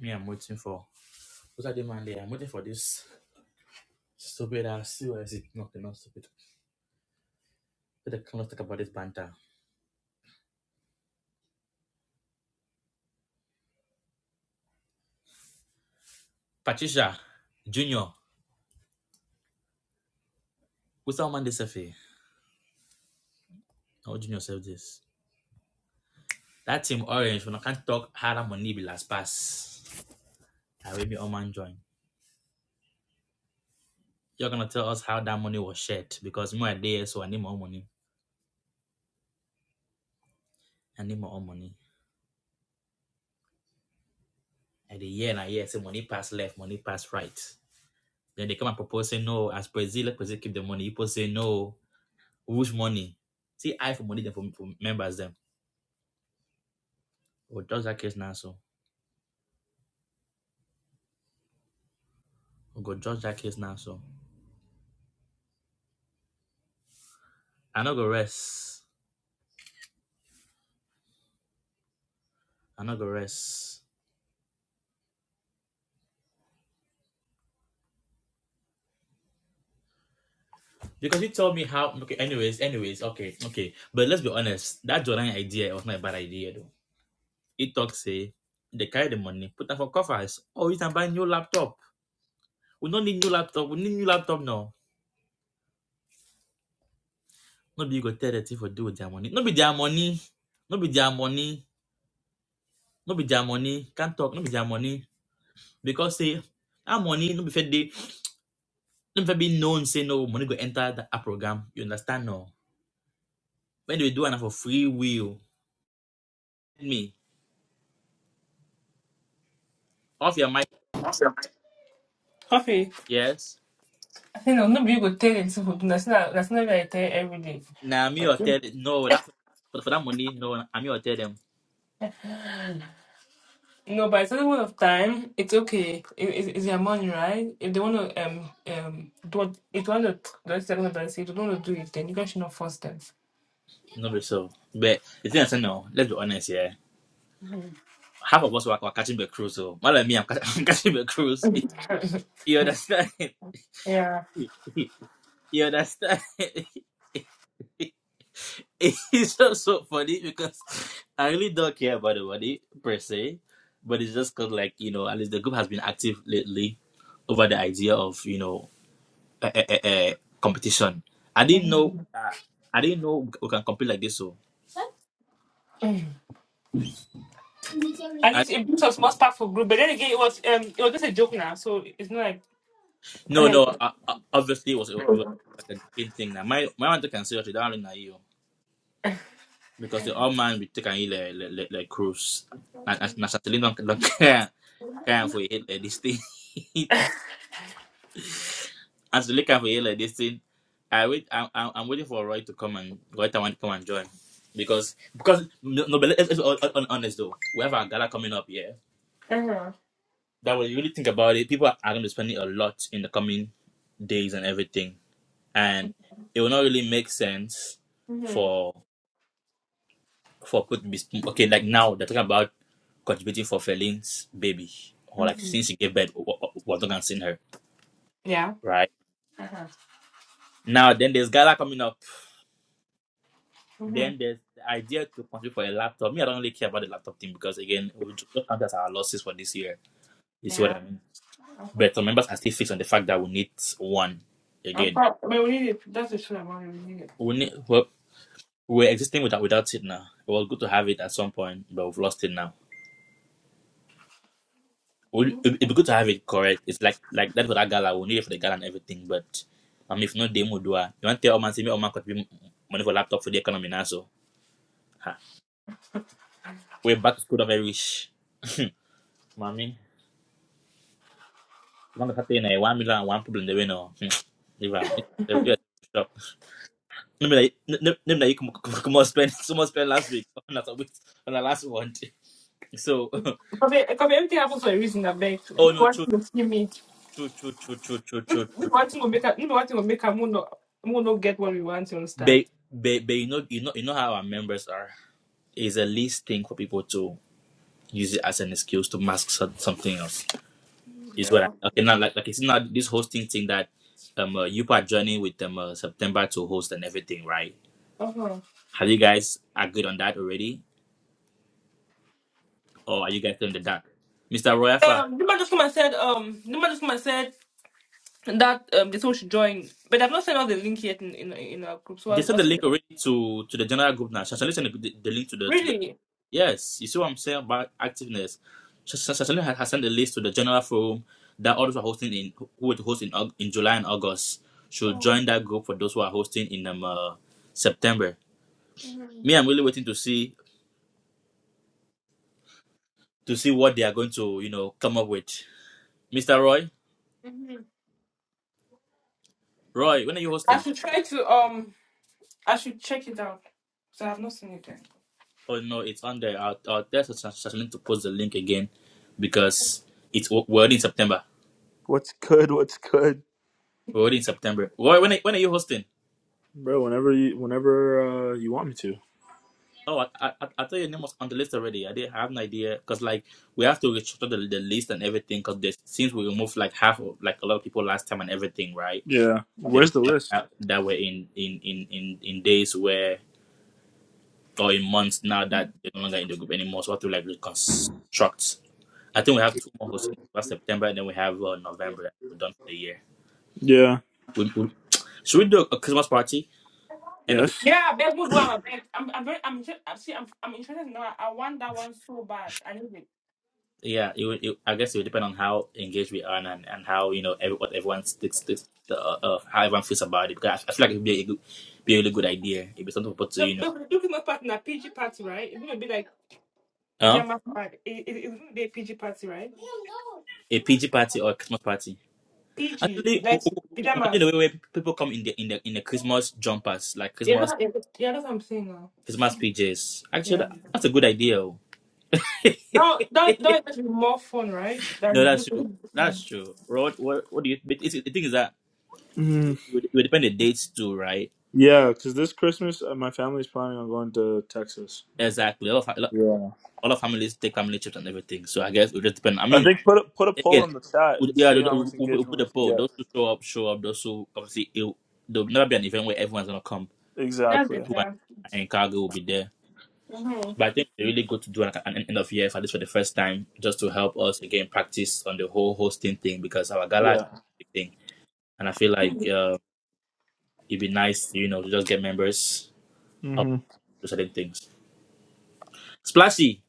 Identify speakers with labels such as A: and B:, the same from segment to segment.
A: Me, I'm waiting for what are they Monday? I'm waiting for this stupid ass COS. No, they're not stupid. But I cannot talk about this banter. Patricia, Junior, who's our man this FA? How Junior said this? That team orange, when I can't talk how that money be last pass. I will be all man join. You're gonna tell us how that money was shared because more there, so I need more money. I need more money. And the year and a year say money pass left, money pass right. Then they come and propose say no, as Brazil, let Brazil keep the money. People say no. Which money? See, I for money, them for, for members, them. We'll judge that case now, so. we go judge that case now, so. I'm not going to rest. I'm not going to rest. Because you told me how. Okay, anyways, anyways, okay, okay. But let's be honest, that Jordan idea was not a bad idea, though. It talks, say, they carry the money, put them for coffers. Oh, you can buy new laptop. We don't need new laptop. We need new laptop now. Nobody go tell the thing for do with their money. Not be their money. Not be their money. Not be their money. Can't talk. Not be their money Because say that money no be fit dey no be fair. be known say no money go enter that app program. You understand no? When they do an for free will, tell me off your mic.
B: Coffee.
A: Yes.
B: I think no, no be you go tell the seafood. That's not that's not what I tell every day.
A: Now me or tell no that for, for that money no. I me or tell them
B: No, but it's a lot of time. It's okay. It, it, it's their money, right? If they want to um um do what if they want to do it, they're going it. If they don't want to do it, then you guys should not force them.
A: no be so. But the thing I say no. Let's be honest here.
B: Mhm.
A: Half of us were, were catching the cruise. So more than me, I'm, catch, I'm catching the cruise. You understand?
B: yeah.
A: you understand? it's just so funny because I really don't care about the money per se, but it's just because, like, you know, at least the group has been active lately over the idea of, you know, uh, uh, uh, competition. I didn't know, uh, I didn't know we can compete like this. So,
B: At
A: I,
B: least it brings us most powerful group. But then again, it was um it was just a joke now, so it's not like.
A: no, no, uh, uh, obviously it was, it was like a joking thing. Now, my my one can say, okay, don't really know you because the old man we take and eat like, like, like, like cruise, and and- and certainly don't don't care care for it like this thing. As you look at here like this thing, I wait. I'm, I'm I'm waiting for Roy to come and Roy Tawan to come and join because because no, no but let's, let's be hon- hon- honest though. We have our gala coming up here.
B: Uh-huh.
A: That when you really think about it, people are going to be spending a lot in the coming days and everything, and it will not really make sense
B: hmm
A: for for people to be sp- okay. Like now they're talking about contributing for Feline's baby or like
B: hmm
A: since she gave birth, what what- what they can send her
B: Yeah.
A: right
B: Uh-huh.
A: now. Then there's gala coming up
B: hmm
A: Then there's the idea to contribute for a laptop. Me, I don't really care about the laptop thing because again, we just count as our losses for this year. You see what
B: Yeah.
A: I mean?
B: Uh-huh.
A: But some members are still fixed on the fact that we need one
B: I'm
A: again.
B: proud. I mean, we need it. That's the truth. I want. We need it.
A: We need well, we're existing without without it now. It was good to have it at some point, but we've lost it now. We- It'd it'd be good to have it correct. It's like like that for that gala. We need it for the gala and everything, but um, if not, demo do I. You want to tell Oman, see me Oman could be money for laptop for the economy now? So, ha. we're back to school, not very rich, mommy. Manga hata ina one million one problem the wino. Iva. Yeah. Stop. Name like name like you come on spend some more spend last week on that week on the last one. So
B: Because everything happens for a reason, I beg. No
A: oh no
B: one
A: true
B: thing go give me.
A: true true true true true
B: No
A: true
B: be
A: true
B: one
A: true.
B: thing go make her. No one thing go make her. We no, we no get what we want. You understand?
A: But, but, but you know you know you know how our members are. It's a least thing for people to use it as an excuse to mask some- something else. Is
B: Yeah.
A: what I okay now like like it's not this hosting thing that um uh, you are joining with them uh, September to host and everything right?
B: Uh-huh.
A: Have you guys agreed on that already? or are you guys still in the dark? Mr. Royafa,
B: Um, Nima just come and said. Um, Nima just come and said that um they told she join, but I've not sent out the link yet in in, in our group. So
A: they
B: I,
A: sent
B: I
A: the
B: should,
A: link already to, to the general group now. Shashali sent the, the, the link to the to the
B: really,
A: yes. You see what I'm saying about activeness. Shash- Shashali has, has sent the list to the general forum that others are hosting in who will host in Aug- in July and August should
B: oh.
A: join that group for those who are hosting in um, uh, September. Me, I'm really waiting to see to see what they are going to you know come up with. Mr. Roy,
B: Mhm.
A: Roy, when are you
B: I
A: hosting?
B: should try to um I should check it out. So I've not seen it yet.
A: Oh no, it's on there. I'll, I'll tell Shashalin to post the link again because it's we're already in September.
C: What's good? What's good?
A: We're already in September. Why- When are, when are you hosting?
C: too.
A: Oh, I, I I I thought your name was on the list already. I didn't have an idea because like we have to restructure the, the list and everything because since we removed like half of like a lot of people last time and everything, right?
C: Yeah.
A: The
C: Where's the
A: people
C: list?
A: that, that were in in in in in days where or in months now that they're no longer in the group anymore, so we have to like reconstruct. I think we have two more hosting. We have September and then we have uh, November. We're done for the year.
C: Yeah.
A: We, we, should we do a Christmas party? End of
C: Yes.
B: Yeah, I beg would one. I beg. I'm I'm very I'm just, see I'm I'm interested now. I want that one so bad. I need it.
A: yeah. It, would- it, I guess it would depend on how engaged we are and and how you know every, what everyone sticks, sticks uh, uh, how everyone feels about it. Because I, I feel like it would be a good, be a really good idea. It'd be something for people to
B: No,
A: you know,
B: no, Dookie's party na PG party, right? It's gonna be like
A: huh?
B: pajamas party. It, it, it's gonna be a PG party, right?
A: A PG party or a Christmas party.
B: PG,
A: Actually, we,
B: like
A: we, we can do the
B: pajamas.
A: way where people come in the in the in the Christmas jumpers, like
B: Yeah,
A: Christmas
B: that's, yeah, that's what I'm saying now.
A: Christmas PJs. Actually,
B: Yeah.
A: that, that's a good idea. oh. no,
B: That that that is actually more fun, right? Than
A: that's true. That's true. Rod, what what do you? But it's, the thing is that it,
C: Mm.
A: would, it would depend on the dates too, right?
C: Yeah, because this Christmas uh, my family's planning on going to Texas.
A: Exactly. A lot of a lot
C: Yeah.
A: a lot of families take family trips and everything, so I guess it would just depend. I
C: I
A: mean,
C: think put a, put a poll
A: again,
C: in the chat
A: we-
C: and
A: yeah,
C: see
A: the-
C: how
A: the-
C: much
A: we we
C: engagement
A: put
C: we
A: a
C: can
A: poll.
C: get.
A: Those who show up, show up. Those who obviously it, there'll never be an event where everyone's gonna come, but the
B: that's
A: those
C: Exactly.
B: it,
A: who are
B: yeah.
A: in cargo will be there.
B: Mm-hmm.
A: But I think they really good to do like an end of year for this for the first time, just to help us again practice on the whole hosting thing because our gala is
C: Yeah.
A: a big thing, and I feel like uh, it'd be nice, you know, to just get members up
C: Mm-hmm.
A: to certain things. Splashy,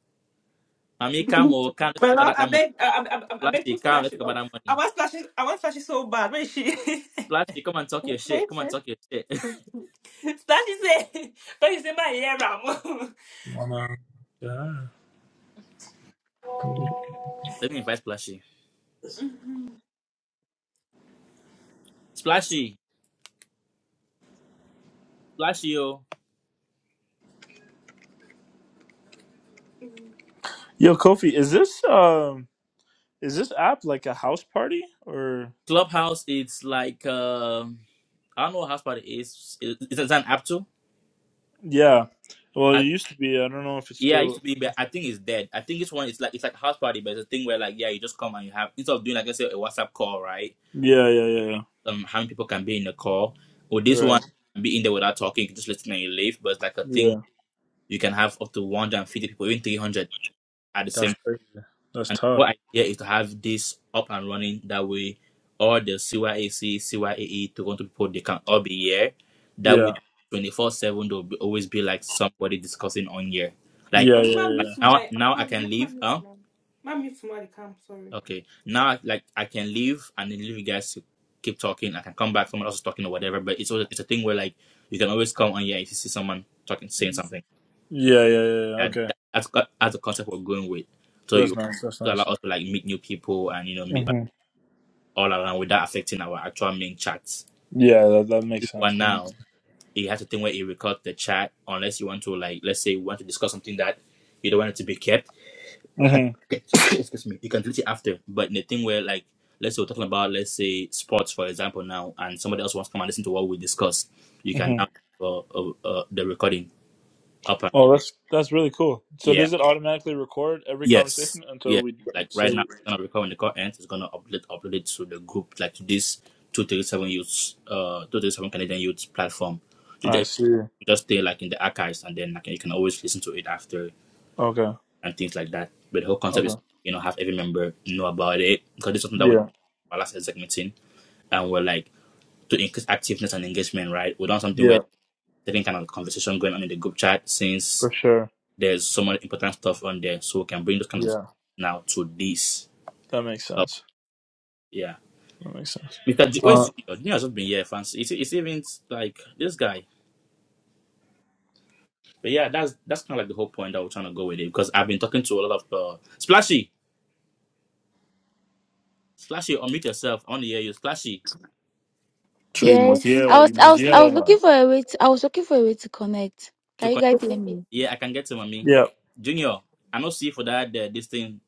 A: Mommy, come over. Come, let's
B: But
A: talk about
B: now
A: that,
B: I
A: that money.
B: beg, I, I, I I beg
A: Splashy,
B: to
A: come,
B: slash
A: let's
B: it
A: talk about
B: up.
A: that
B: I
A: money.
B: want slash it. I want slash it so bad. Where is she?
A: Splashy, come and talk your
B: Okay,
A: shit. Come and
B: sure.
A: talk your shit.
B: slash it say, but you say my hair, Ram.
C: Wanna- Yeah.
A: Let me invite Splashy. Splashy, Splashy, yo.
B: Mhm.
C: Yo, Kofi, is this um is this app like a house party or
A: Clubhouse, it's like, um I don't know what house party is. Is, is it an app too?
C: yeah? Well, it
A: I,
C: used to be. I don't know if it's
A: yeah, it used
C: still.
A: to be, but I think it's dead. I think this one is like, it's like a house party, but it's a thing where like, yeah, you just come and you have, instead of doing like, let's say a WhatsApp call, right?
C: Yeah, yeah, yeah, yeah.
A: Um, how many people can be in the call? Or
C: You're
A: this
C: right.
A: one can be in there without talking, you can just listen and you leave, but it's like a thing
C: Yeah.
A: you can have up to 150 people, even 300 at the same
C: That's crazy. That's
A: And the whole
C: tough.
A: idea is to have this up and running. That way, all the CYAC, CYAE, Toronto people, they can all be here. That
C: Yeah.
A: way, 24 7, there'll be, always be like somebody discussing on here. Like,
C: Yeah. Yeah.
B: Because my mommy
A: like
C: Yeah.
A: now,
B: tomorrow, I'm
A: now I
B: coming.
A: can leave.
B: Mommy
A: Huh?
B: tomorrow. Mommy tomorrow, they come. Sorry.
A: Okay. Now, like, I can leave and then leave you guys to keep talking. I can come back, someone else is talking or whatever. But it's, always, it's a thing where, like, you can always come on here if you see someone talking,
C: Yeah.
A: saying something.
C: Yeah. Yeah. yeah. yeah.
A: And
C: Okay.
A: that, that's, co- that's the concept we're going with. So
C: That's
A: you
C: nice. That's
A: to allow
C: nice.
A: us to like meet new people and you know meet
C: hmm
A: all around without affecting our actual main chats.
C: Yeah. That that
A: This
C: makes sense.
A: one
C: That makes
A: now,
C: sense.
A: it has a thing where it records the chat unless you want to like let's say you want to discuss something that you don't want it to be kept. And-
C: hmm
A: Excuse me. You can delete it after. But in the thing where like let's say we're talking about let's say sports for example now and somebody else wants to come and listen to what we discuss, you can
C: hmm
A: now uh, uh, uh, the recording up and
C: Oh,
A: running.
C: that's that's really cool. So
A: Yeah.
C: does it automatically record every
A: Yes,
C: conversation until
A: yeah.
C: we
A: Like right
C: say?
A: now,
C: We...
A: it's gonna record when the call ends. It's gonna upload upload it to the group, like to this two thirty seven youths, uh, two thirty seven Canadian youths platform. You ju-
C: I
A: you
C: see.
A: just stay like in the archives, and then like you can always listen to it after
C: Okay.
A: and things like that. But the whole concept is
C: Okay.
A: you know have every member know about it because this is something that we did
C: Yeah.
A: our last exec meeting, and we're like to increase activeness and engagement. Right, we done something where
C: Yeah.
A: certain kind of conversation going on in the group chat since
C: For sure.
A: there's so much important stuff on there, so we can bring those kind of
C: Yeah.
A: discussion now to this.
C: That makes sense.
A: Yeah.
C: That makes sense.
A: Mr. J-
C: Uh.
A: where's Junior? Junior has not been here, fancy. It's, it's even like this guy. But yeah, that's that's kind of like the whole point that we're trying to go with it because I've been talking to a lot of uh, Splashy. Splashy, unmute yourself. I want to hear you. Splashy,
D: So you must
E: Yes,
D: hear
E: I
D: all.
E: was,
D: You
E: I
D: must
E: was,
D: hear
E: I
D: all,
E: was
D: man.
E: looking for a way. To, I was looking for a way to connect.
A: to
E: Can you
A: con-
E: guys hear me?
A: yeah, I can get him on me.
C: Yeah.
A: Junior, I not see for that uh, this thing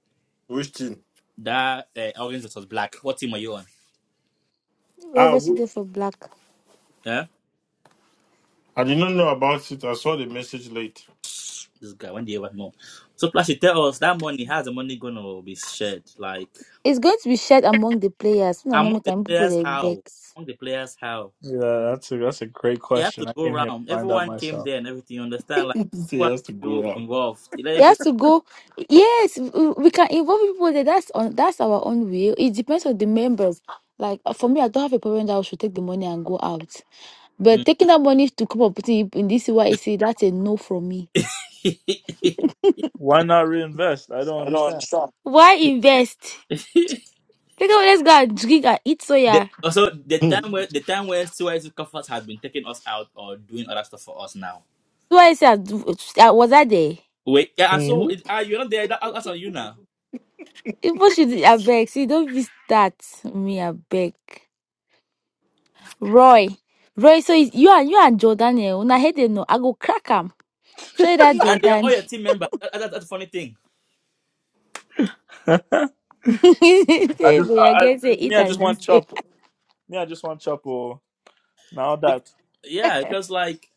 D: Which thing?
A: that uh, orange that was black. What team are you on?
E: We're
D: Ah,
E: obviously
D: wh-
E: there for black.
A: Yeah,
D: I did not know about it. I saw the message late.
A: this guy. When do you ever know? So Splashy, tell us that money. How's the money gonna be shared? Like
E: It's going to be shared among the players. No, no,
A: among the
E: can people
A: players,
E: they beg.
A: how among the players, how?
C: Yeah. That's a that's a great
A: you have to
C: question. I
A: go
C: came here to
A: round.
C: find out
A: Everyone came
C: myself.
A: there and everything. You understand? Like
D: so he
A: what
D: has to
A: you
D: go
A: involved. You Let
E: He
A: it go.
E: has to go. Yes, we we can involve people. There. That's on. That's our own will. It depends on the members. Like uh, for me, I don't have a problem that I should take the money and go out. But
A: Mm.
E: taking that money to come up putting it in this YEC, that's a no from me.
C: Why not reinvest? I don't understand.
E: Why invest? Take away, let's go and drink and eat
A: the,
E: soya.
A: also, the
D: out.
A: time where the time where Suez Comfort had been taking us out or doing other stuff for us now.
E: So I said, was I there?
A: Wait, yeah, and so it, uh, you're not there. That, that's on you now.
E: People should abeg. See, don't be start me abeg. Roy, Roy. So it's, you and you and Jordan here. Una head dey know. I go crack am. Show you that
A: And they're
E: Jordan.
A: all your
E: Say
A: team members. That, that, that's a funny thing.
C: I just, I,
E: you
C: I,
E: get say
C: me,
E: eat
C: I just
E: and drink.
C: want
E: So.
C: chop. Me, I just want chop. Oh, now
A: Bec-
C: that.
A: yeah, because like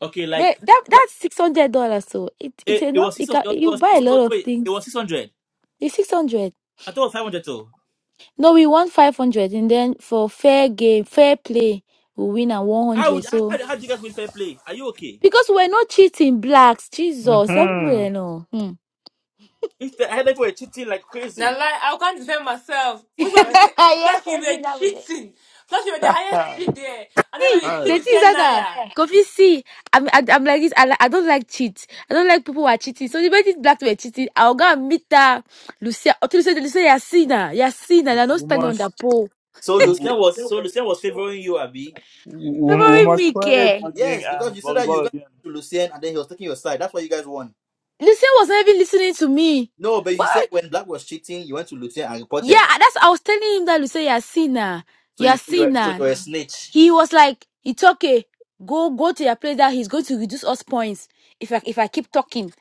A: okay, like
E: But that
A: like,
E: that's six hundred dollars. So it it's
A: it, it
E: enough.
A: was six.
E: It
A: hundred.
E: can,
A: It
E: you
A: was
E: buy a
A: six. hundred.
E: lot of
A: Wait, it
E: things.
A: was six hundred.
E: It's six hundred.
A: I thought it was five hundred too.
E: No, we want five hundred, and then for fair game, fair play, we win at one
A: How
E: hundred.
A: would how,
E: So
A: how do you guys win fair play? Are you okay?
E: because we're not cheating blacks, Jesus, that people
C: Mm-hmm.
E: they know. Hmm.
A: Instead, I had people were cheating like
B: Now,
A: crazy.
B: like, I can't defend myself. Which one be
A: Yeah.
B: say, Flash, you were cheating. Flash, you were the highest cheat there. And then when you
C: All
B: cheat,
E: The
C: right.
B: you
E: things
B: send
E: that are
B: Naya.
E: Kofi, see, I'm, I, I'm like this. I, li- I don't like cheat. I don't like people who are cheating. So the way these black people are cheating, I'll go and meet that Lucia. Or to Lucia, Lucia, you're sinner. You're sinner. You're not
C: We
E: standing on
C: must,
E: that pole.
A: So
C: we,
A: Lucien was so Lucien was favoring you, Abby.
C: we, we we
E: Favoring
C: must
E: me,
C: play
E: care.
C: dodging
A: Yes, because
C: and
A: you said that you
C: volleyball
A: got
C: again.
A: to Lucien and then he was taking your side. That's why you guys won.
E: Lucia was not even listening to me.
A: No, but you said
E: What?
A: when Black was cheating, you went to Lucien and reported.
E: Yeah, that's. I was telling him that Lucia, you're sinner.
A: So you
E: You're
A: so you were, so you
E: sinner.
A: were a snitch.
E: He was like, it's okay. Go, go to your place. That he's going to reduce us points if I, if I keep talking.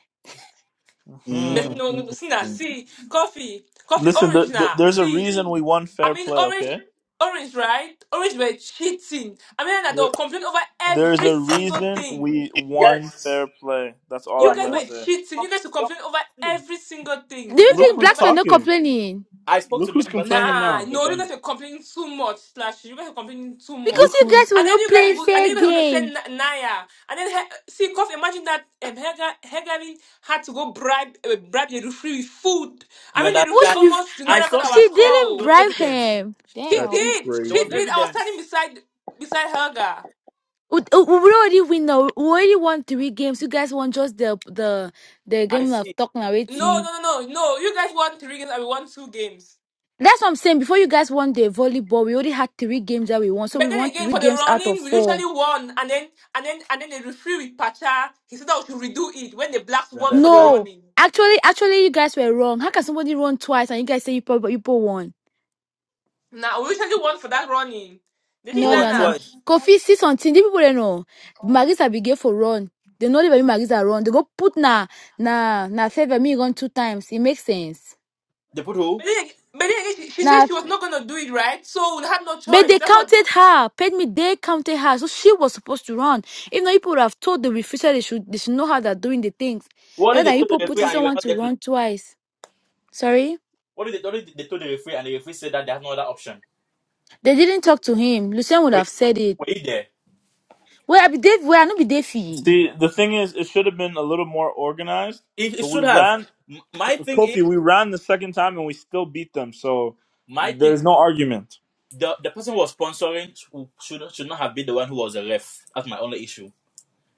B: But
C: hmm
B: no, no,
A: Mm.
B: see now, see, coffee, coffee,
C: Listen,
B: orange
C: th- th-
B: now.
C: there's a
B: See,
C: reason we won
B: I
C: fair
B: mean,
C: play.
B: orange,
C: Okay.
B: orange, right? Orange were cheating. I mean, I
C: There,
B: don't complain over
C: there's
B: every
C: a
B: single
C: reason
B: thing.
C: we won
A: Yes.
C: fair play. That's all
A: Go
B: You
C: I'm
A: ahead.
B: guys
C: gonna
E: What?
A: Go
B: were
C: say.
B: cheating.
A: from-
B: You guys will
A: from-
B: complain over
A: see.
B: every single thing.
E: Do
B: You
E: you
B: guys will
C: Look
E: think
B: complain
C: who's
E: blacks
B: over.
E: were not
C: talking.
E: complaining?
A: I spoke
C: Look
A: to
C: who's
A: members after the
C: complaining
B: Nah,
A: voting
C: now.
A: thing was
B: no, you
A: done.
B: guys were
A: oh.
B: complaining too much, Slash. You guys were complaining too
E: Because
C: Look
B: much,
E: you
C: who's.
E: guys were
B: and then
E: not
B: you guys
E: playing
B: go, and then
E: fair
B: you guys want to
E: game.
B: send Na- Naya, and then he- see, cause imagine that um, Hega Hegari had to go bribe uh, bribe the referee with food. I
A: You
B: mean, the referee
E: What's
A: understand?
E: with?
B: almost did not
A: I
B: record
A: saw it.
B: our
A: e-
E: She
B: score.
A: There
E: didn't
A: was
B: oh.
E: bribe
A: evidence.
E: him.
B: She
C: That's
E: Damn.
B: did,
A: There was
B: she
C: crazy.
B: did. I was standing
A: evidence.
B: beside beside Helga.
E: We we already win now. We already won three games. You guys won just the the the
A: I
E: game of
A: see.
E: talk
B: No,
A: You
E: already.
B: no, no, no, no. You guys won three games, and we won two games.
E: That's what I'm saying. Before you guys won the volleyball, we already had three games that we won. So we
B: But then
E: won
B: again,
E: three
B: for the
E: games out of
B: running, we
E: four.
B: literally won, and then and then and then the referee with Pacha, he said that we should redo it when the blacks won for the
A: understand?
E: No.
B: running.
E: Actually, actually, you guys were wrong. How can somebody run twice and you guys say you people, people won?
B: Now we literally won for that running. The thing is
A: Who
E: No,
B: that
A: won
E: no, no.
B: now,
A: twice?
E: Coffee, see something. These people they know. Marisa be gay for run. They know leave me Marisa run. They go put na na na save me run two times. It makes sense.
A: They put who?
B: but then, ag- but then again, she, she said
E: Now,
B: she was not gonna do it right, so we had no
E: but
B: choice.
E: they
B: That's what
E: counted her. Paid me. They counted her. So she was supposed to run. If not, people would have told the refuser they should they should know how they're doing the things.
A: What
E: And
A: if they
E: then
A: told
E: people
A: the referee
E: putting
A: and you were
E: someone
A: not
E: to
A: there to?
E: run twice. Sorry,
A: What did they, what did they told the referee, and the referee said that they have no other option?
E: they didn't talk to him. Lucien would
A: Were,
E: have said it.
A: were you there?
E: Well, I be Dave. Well, I no be Davey.
C: See, the thing is, it should have been a little more organized.
A: It, it
C: But we
A: should have.
C: ran
A: My thing is,
C: Kofi. We ran the second time and we still beat them. So
A: my thing,
C: there's no argument.
A: the, the person who was sponsoring should, should should not have been the one who was a ref. That's my only issue.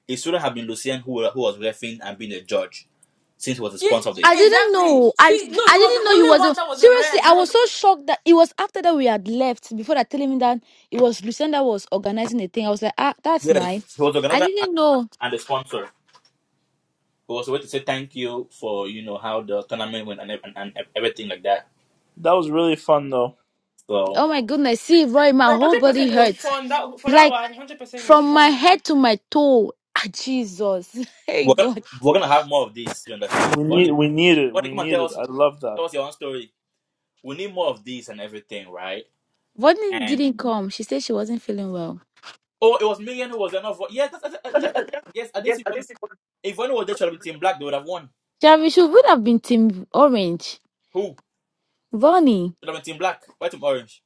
A: It shouldn't have been Lucien who, who was refing and being a judge, since he was the
B: yeah,
A: sponsor of the.
E: I didn't
B: exactly.
E: know. I
B: See, no,
E: I
B: he was
E: didn't
B: the
E: know he
B: only
E: was. A,
B: one that was a
E: seriously,
B: rev. He
E: I
B: was
E: was so shocked that it was after that we had left. Before that, telling me that it was Lucinda was organizing the thing. I was like, ah, that's
A: Yes, he
E: nice.
A: was the
E: I
A: organizer and,
E: didn't know.
A: and the sponsor. It was a way to say thank you for you know how the tournament went and and, and everything like that.
C: That was really fun, though.
A: So
E: Oh my goodness, see, Roy, my
B: no
E: whole
B: hundred
E: body
B: percent. It was
E: hurts,
B: fun. That for that
E: like
B: one, hundred percent was
E: from my
B: fun.
E: head to my toe. Ah, Jesus, hey
A: we're
E: God.
A: we're gonna have more of this. You understand?
C: We
A: Bonnie,
C: need, we need it.
A: Bonnie,
C: We
A: come and
C: need
A: tell
C: it.
A: us
C: I love that.
A: tell us your own story. we need more of these and everything, right?
E: Vonnie
A: And
E: didn't come. She said she wasn't feeling well.
A: oh, it was Megan who was enough. vo- Yes, that's, that's, that's, that's- yes. I didn't see Vonnie. If Vonnie was there, should have been Team Black. They would have won.
E: Javi, she would have been Team Orange.
A: Who
E: Vonnie,
A: should have been Team Black? White and Orange.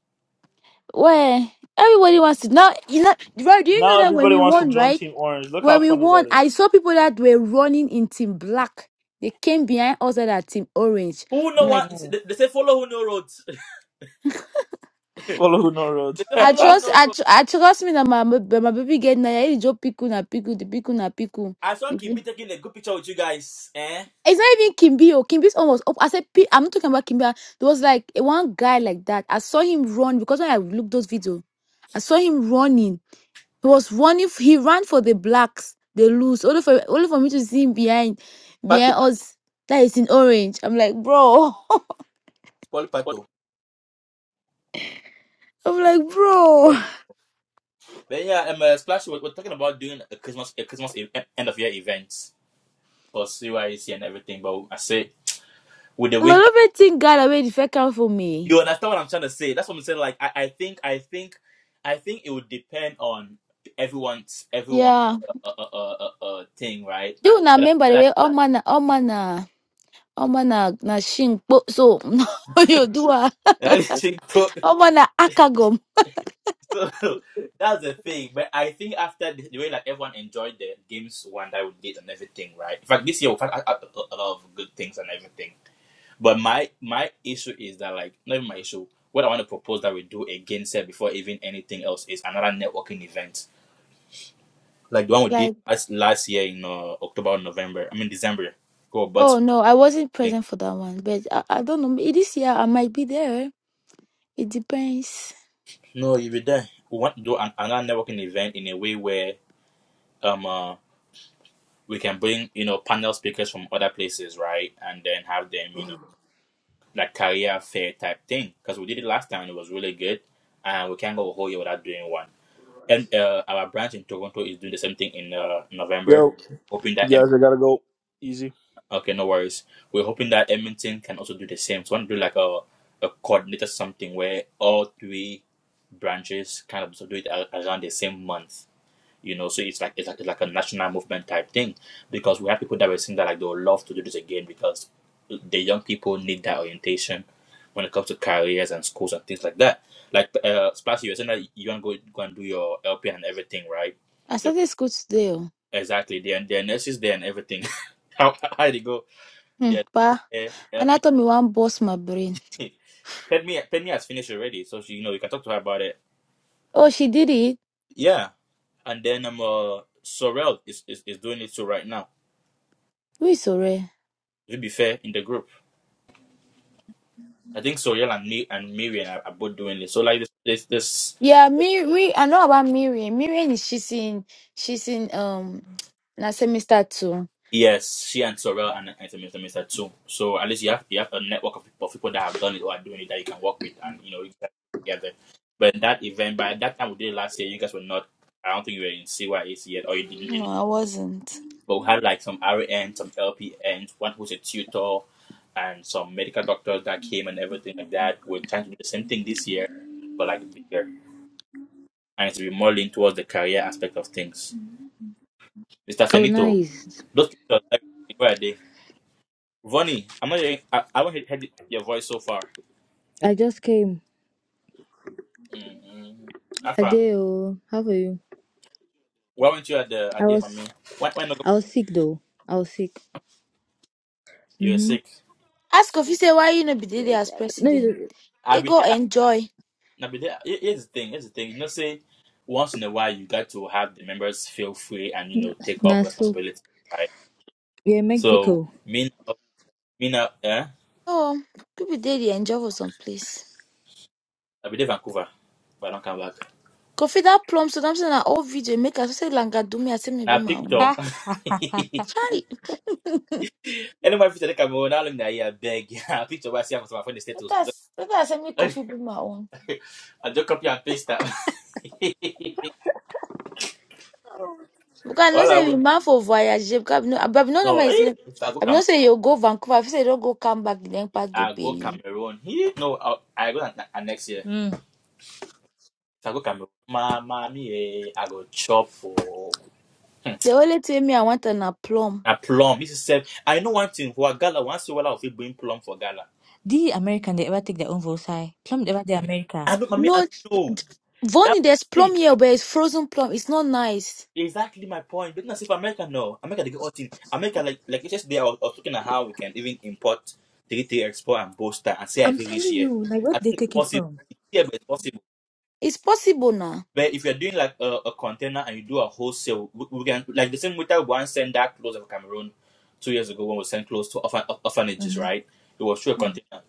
E: where everybody wants to now. You know, Roy, do you
C: Now
E: know that when
C: everybody
E: we
C: wants to
E: won,
C: join
E: right?
C: Team Orange. Look how
E: When we
C: funny
E: won,
C: that
E: I
C: is.
E: saw people that were running in team black. They came behind us that are team orange.
A: Who
E: I'm
A: no one?
E: like,
C: Mhm.
A: They, they say follow who no roads. they
C: Follow no roads.
A: say
E: I
A: follow who
E: trust,
A: no
E: I,
A: roads.
E: tr- I trust me that my, my, my baby get now. I just pick na pickle, the pickle na pickle.
A: I saw
E: Mhm.
A: Kimbi taking a good picture with you guys. Eh?
E: It's not even Kimbi. Oh, Kimbi's almost up. I said, "P- I'm not talking about Kimbi. I- There was like a one guy like that. I saw him run because when I looked those video, I saw him running. He was running. f- He ran for the blacks. They lose. Only for only for me to see him behind,
A: Pato,
E: behind us. That is in orange. I'm like, bro.
A: spoil Pato.
E: I'm like, bro,
A: Well, then yeah, um, uh, Splash. We're, we're talking about doing a Christmas, a Christmas e- end of year event for CYC and everything. But I say with the
E: my
A: winter.
E: lovely thing got away the fake out for
A: You
E: me.
A: understand what I'm trying to say? That's what I'm saying. Like I, I think I think I think it would depend on everyone's everyone's
E: Yeah.
A: uh, uh, uh, uh, uh, thing, right?
E: Do you not
A: But I
E: remember the way
A: feel
E: all man all man uh, all man uh, na shing po- so you do uh,
A: like she cooked.
E: all man uh, akagom.
A: so that's the thing. But I think after the, the way like everyone enjoyed the games one that we did and everything, right? In fact, this year we've had a, a, a lot of good things and everything. But my my issue is that like not even my issue. What I want to propose that we do again, said before even anything else, is another networking event like the one we did
E: Like,
A: last last year in uh, October or November. I mean December. Go but
E: oh no, I wasn't
A: speaking.
E: present for that one, but I, I don't know. Maybe This year I might be there. It depends.
A: No, if you there, we want to do an, another networking event in a way where um uh, we can bring you know panel speakers from other places, right, and then have them you know like career fair type thing because we did it last time. and It was really good, and we can't go a whole year without doing one. And uh, our branch in Toronto is doing the same thing in uh, November,
C: Yo,
A: hoping
C: you
A: that
C: guys, I gotta go. Easy.
A: Okay, no worries. We're hoping that Edmonton can also do the same. So, I want to do like a, a coordinated something where all three branches kind of do it a- around the same month. You know, so it's like it's like it's like a national movement type thing because we have people that were saying that like they would love to do this again because the young people need that orientation when it comes to careers and schools and things like that. Like, uh, Splash, you were saying that you want to go go and do your LP and everything, right?
E: I
A: The,
E: started school today. Oh.
A: exactly. Their their nurses there and everything. how how did it go?
E: Hmm,
A: Their
E: pa.
A: their
E: And I
A: LP.
E: thought me one boss my brain.
A: Penny. Penny has finished already, so she, you know you can talk to her about it.
E: Oh, she did it.
A: Yeah, and then um uh, Sorel is, is is doing it too right now.
E: Who is sorry.
A: To be fair, in the group, I think Sorel and me and Miriam are, are both doing it. So like this this this
E: Yeah, Miri. I know about Miriam. Miriam is she's in, she's in. Um, Now say me start too.
A: yes, she and Sorel and and Mr. Mister too. So at least you have you have a network of, of people that have done it or are doing it that you can work with and you know you can get together. But in that event, by that time we did it last year, you guys were not. I don't think you were in CYAC yet, or you didn't.
E: No, I wasn't.
A: But we had like some RN, some LPNs, one who's a tutor, and some medical doctors that came and everything like that. We're trying to do the same thing this year, but like bigger. And it's to be more leaned towards the career aspect of things. Mr.
F: Oh,
A: Fenito,
F: nice.
A: those people, like where are they? Vonnie, I'm not hearing, I, I haven't heard your voice so far.
F: I just came.
A: Mm-hmm. Afa,
F: Adeo, how are you?
A: why weren't you at the
F: I
A: at the
F: was
A: mommy? Why, why not? go-
F: I was sick though. I was sick.
A: You are
F: Mm-hmm.
A: sick.
E: Ask Kofi say why you no be there as
F: No,
E: president.
F: you
A: I
E: He
A: will be
E: go
A: there.
E: enjoy.
A: Now, but there, here- here's the thing. Here's the thing. You know, say once in a while, you got to have the members feel free and you know take
F: nah,
A: up
F: so
A: responsibility, right?
F: yeah,
A: So
F: Mexico.
A: me now, me now, eh?
E: Oh, people there dey enjoy for some place.
A: I be there Vancouver, but I don't come back.
E: Kofi that plum so I'm saying an old video make us say langa do me I say me
A: Now
E: be my own.
A: picture.
F: Ha!
E: Try
A: anyway, if you take Cameroon, how long that I beg? Now, Picture what I see on my phone the
E: let
A: status.
E: us let us say me
A: I just
E: Kofi be my own.
A: I just copy and paste that.
E: Because I know
A: All I
E: say we
A: will.
E: man for voyage because I no but I be no know
A: No,
E: my
A: eh,
E: say
A: if I go
E: I be no
A: Cameroon,
E: say you go Vancouver I fit say you don't go come back then part go
A: I go
E: Bali.
A: Cameroon. Eh, No, I, I go na- na- next year.
F: Mm.
A: I go Cameroon. Ma, ma, me, eh, I go chop for hmm,
E: The only thing me I want an a plum.
A: na plum. This is self. I know one thing for a gala. Once you will bring plum for gala.
F: The American, they ever take their own votes high. Plum, they ever the America.
A: I don't, mommy, I
E: No,
A: know. That's
E: Vonnie, there's plum
A: see,
E: here, but it's frozen plum. It's not nice.
A: exactly my point. But not if America, no. America, they get all thing. America, like, like yesterday, I was, I was looking at how we can even import, they, they export and bolster and say I
F: I'm
A: feel rich
F: telling
A: here.
F: you, like, where
A: I
F: they
A: think it's
F: take it
A: possible.
F: from?
A: It's here, but it's possible.
E: It's possible now.
A: But if you're doing like a, a container and you do a wholesale, we, we can like the same way that one sent that clothes of Cameroon two years ago when we sent clothes to orphan, orphanages,
F: hmm
A: right? It was through a container.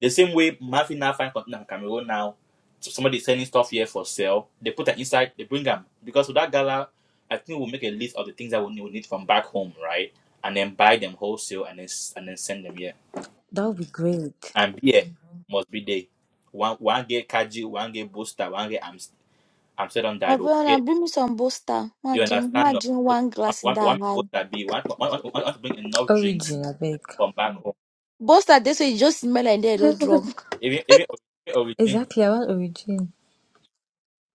A: The same way Murphy now find container in Cameroon now, so somebody is selling stuff here for sale. They put an inside, they bring them because with that gala, I think we'll make a list of the things that we need, we need from back home, right? And then buy them wholesale and then s- and then send them here.
F: That would be great.
A: And beer must be there. One one get Kaji, one get Booster, one get Amst- Amsterdam
E: I
A: Dive,
E: wanna bring me some Bosta.
A: You
E: Imagine,
A: understand? No?
E: imagine
A: So
E: one
A: one,
E: glass in
A: one, one
E: that high.
A: people that be one, one, one, one want to bring enough drinks
F: Origin, I beg.
A: from back home.
E: Bosta, this way you just smell like they're all drunk.
A: Even even origin,
F: exactly, I want origin.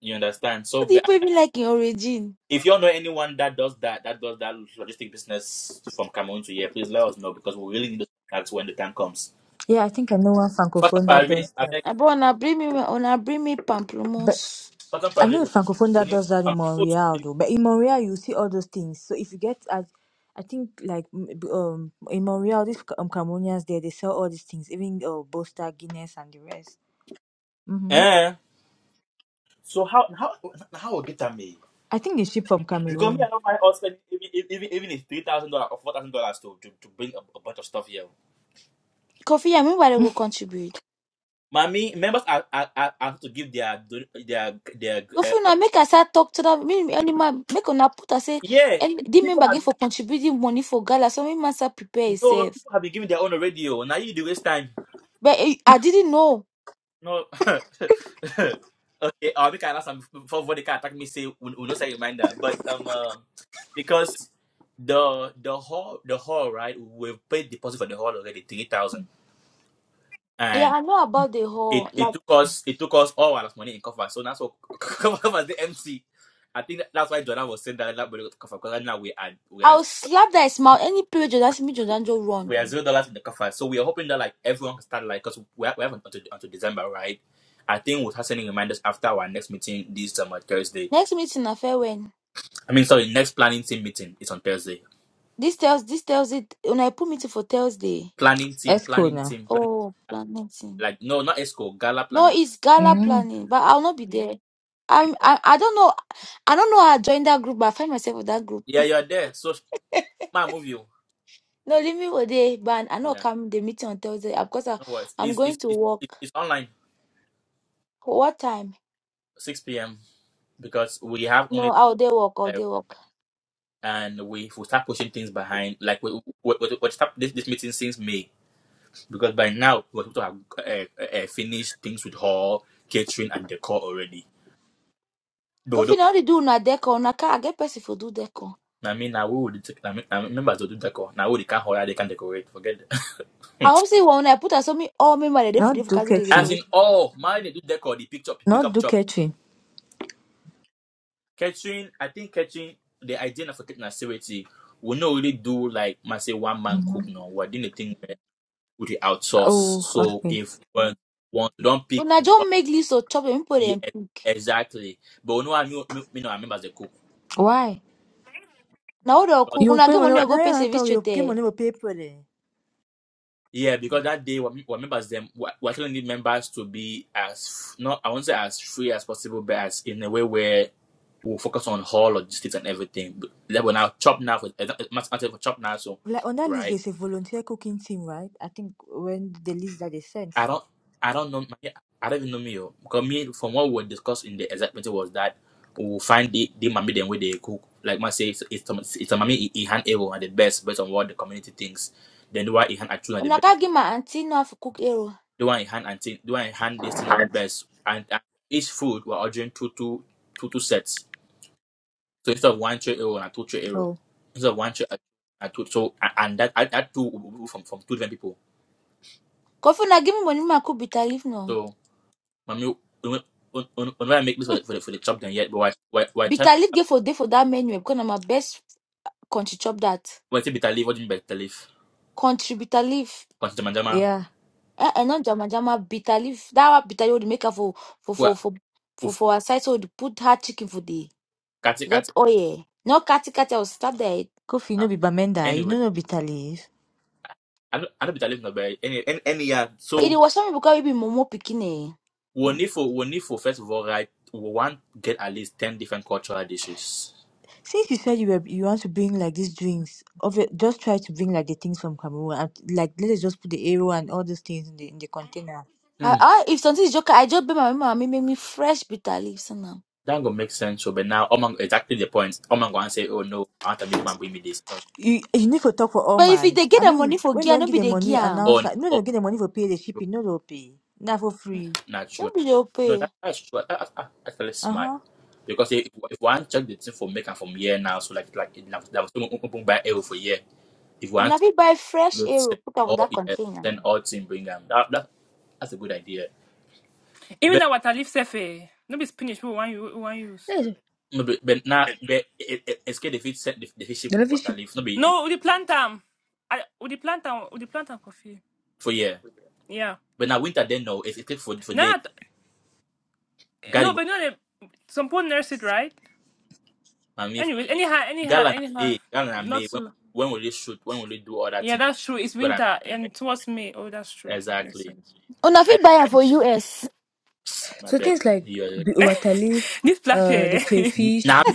A: you understand? So
E: What do you
A: but
E: put me like in origin?
A: if you all know anyone that does that, that does that logistic business from Cameroon to here, please let us know because we really need those contacts when the time comes.
F: Yeah, I think I know one
A: First of
F: francophone
A: all,
F: that
A: we-
F: does
A: I beg,
E: I wanna bring me, wanna bring me
F: that.
E: pamplemousse.
A: first of
F: I know a
A: we
F: francophone
A: we
F: that
A: need
F: does that in
A: some people to
F: Montreal
A: be-
F: though, but in Montreal you see all those things. So if you get at, I think like m- b- um in Montreal these Ca- um, Cameroonians there they sell all these things, even uh, Bosta, Guinness, and the rest. Mm-hmm.
A: Eh. So how how how will get at me?
F: I think they ship from
A: Because me,
F: Cameroon.
A: I don't mind us spending even even even if three thousand dollars or four thousand dollars to to to bring a, a bunch of stuff here.
E: Coffee, I mean, why they go contribute?
A: Mommy, members are, are, are are to give their don- their their uh,
E: Coffee, now make I start talk to that. Me, animal, make una put I say,
A: yeah.
E: and
A: People,
E: the
A: people
E: member
A: have
E: get
A: been
E: for contributing money for gala. So me must prepare
A: no
E: itself.
A: people have been giving their own already. oh. Now you do waste time.
E: But eh, I didn't know.
A: No. okay, I'll make an answer before before they can attack me. Say we will not say reminder, but um uh, because the the hall the hall right we paid deposit for the hall already three thousand
E: Yeah,
A: and
E: I know about the
A: it
E: whole.
A: it
E: Like,
A: took us it took us all our money in cover so that's what cover the MC. I think that- that's why Jordan was saying that that cover because right now we are we are
E: I'll slap that smile. Any period you ask me, Jodanjo, run.
A: we are zero dollars in the cover, so we are hoping that like everyone can start like because we, have- we haven't until, until December, right? I think we'll have sending reminders after our next meeting this um, Thursday.
E: Next meeting, I fair when.
A: I mean, sorry, next planning team meeting is on Thursday.
E: This tells this tells it. When I put meeting for Thursday.
A: Planning team,
F: Esco
A: planning
F: now.
A: team, planning
E: Oh, plan meeting.
A: like no, not ESCO, Gala
E: No,
A: planning.
E: it's gala
F: Mm-hmm.
E: planning, but I'll not be there. I'm. I, I don't know. I don't know how I joined that group, but I find myself with that group.
A: Yeah, you're there. So man, move you.
E: No, leave me for there, but I know
A: Yeah,
E: come the meeting on Thursday uh, because I,
A: no worries.
E: I'm
A: It's
E: going
A: it's
E: to
A: it's,
E: work.
A: it's it's online
E: What time?
A: six p.m. because we have
E: No,
A: only
E: I'll day work. I'll
A: uh,
E: day work.
A: and we will start pushing things behind. Like we we, we, we start this this meeting since May because by now we're supposed to have uh, uh, uh, finished things with hall, catering, and decor already. But
E: Coffee,
A: though,
E: now they do na deco. Na car, I get person for do deco.
A: I mean, now we would I mean, I mean, members will do decor. Now we they can't hire, they can't decorate. Forget that.
E: I hope Obviously wanaiputa somi au member ya refu
F: Not
E: refu
F: do
E: kazi
A: As
F: catering.
A: in,
E: decoration.
A: oh, my, they do decor, they pick up, pick
F: Not
A: up
F: do
A: chop.
F: catering.
A: Catering, I think catering, the idea of catering activity we not really do like, must say, one man cook. No, we're doing the thing where we outsource.
F: Oh,
A: So
F: okay.
A: if one, one don't pick, the,
E: Unajua mmake list of chop mpo
A: yeah,
E: dem pick.
A: exactly. But we know, I know, me, me know, our members they cook
F: Why?
E: Na ode oku
F: You
E: kuna
F: pay
E: game
F: money.
E: one
F: No,
E: go pay
F: yeah, I
E: service
F: thought you pay
E: chete.
F: money for people for
A: Yeah, because that day, what, what members them, we we actually need members to be as not I won't say as free as possible, but as in a way where we'll focus on hall logistics and everything. But that we're now chop now for matter for chop now, so
F: Like on that list,
A: right.
F: there's a volunteer cooking team, right? I think when the list that they sent.
A: I don't, I don't know. my- I don't even know me. oh. Because me, from what we were discussing in the exact meeting was that we'll find the the mommy them where they cook. Like man say, it's it's, it's a mommy he he hand able and the best based on what the community thinks. Then the why he hand actually the best.
E: Unaka give my auntie no have cook ero.
A: the one in hand and thing, the one in hand this thing are the best. And, and each food we're ordering two two two two sets. So instead of one tray euro and two tray euro,
F: Oh,
A: instead of one tray uh, and two so and that that two will will- from from two different people.
E: Kofi na give me money ma cook bitter leaf no.
A: So mommy, we when I make this for the for the, for the chop done yet, but why why why trying
E: Bitter leaf get for day for that menu eh, because na my best country chop that.
A: why say bitter leaf? What do you mean bitter leaf?
E: Country bitter leaf.
A: Consider jama.
F: yeah.
E: Eh, eh, not jama jama bitter leaf. That one bitter leaf dey make her for for for
A: What?
E: for for
A: Uf,
E: for her side so they put her chicken for the
A: kati kati.
E: red oil. No kati kati I will stop there.
F: Kofi, no
A: Ah,
F: be Bamenda, you
A: Anyway,
F: no no be leaf.
A: I don't I don't bitter leaf no but any any any yeah.
E: It
A: So
E: was something because we be momo picking eh.
A: We'll
E: Mm.
A: need for we'll need for first of all, right? We want to get at least ten different cultural dishes.
F: Since you said you were you want to bring like these drinks, of it, just try to bring like the things from Cameroon. And, like let us just put the arrow and all those things in the in the container.
A: Hmm.
E: I, I, if something is joke, I just be my mama make me fresh bitter leaves now.
A: That gonna make sense. So, but now, oh my, exactly the point. Oh my, gonna say, oh no, I want to meet them and bring me this. Oh,
F: You you need to talk for all
E: But if it-
F: man.
E: they get
F: I
E: the money
F: mean,
E: for
F: when
E: gear,
F: don't
E: no
F: get
E: be
F: the
E: the
F: money
E: gear. ah.
F: announce
A: oh,
F: that no
A: oh,
F: don't get the money for pay the
A: no,
F: shipping, no don't pay. Not for free.
A: not
E: No
A: true.
E: be the
A: No,
E: pay.
A: that, that's true. That, that, that's actually
F: Uh
A: smart.
F: huh.
A: Because if, if one check the thing for make and from here now, so like like it, that was open, open by arrow for year. If one
E: Una fit buy fresh arrow
A: send
E: put am for
A: all
E: that
A: yeah,
E: container.
A: send all team bring them. That, that that's a good idea.
B: Even that water leaf Sefe, no be spinach. Who want you? Who want you?
F: Yes,
A: No, but, but now, but it, it, it's good if it set the, the fish
F: delivery
A: water
F: ship.
A: leaf. No, be
B: No, we dey plant am. I- We dey plant am. We dey plant am coffee.
A: for year.
B: Yeah.
A: But now winter then no, it's good for for day.
B: Now,
A: Garden,
B: no, but no, they, some people nurse it, right?
A: I mean,
B: Anyway, anyhow, anyhow,
A: gala and
B: anyhow,
A: May, gala and
B: not
A: May. When
B: so.
A: when will they shoot? When will they do all that
B: Yeah,
A: thing?
B: that's true. It's
A: But I mean.
B: winter
A: Right.
B: and towards May. Oh, that's true. Makes
A: exactly.
B: sense.
E: Una
A: I
E: fit buy am for US.
A: my
F: So
A: back.
F: things like
A: Yeah.
F: the water
B: This plashe.
F: uh, the
A: Now,
F: crayfish.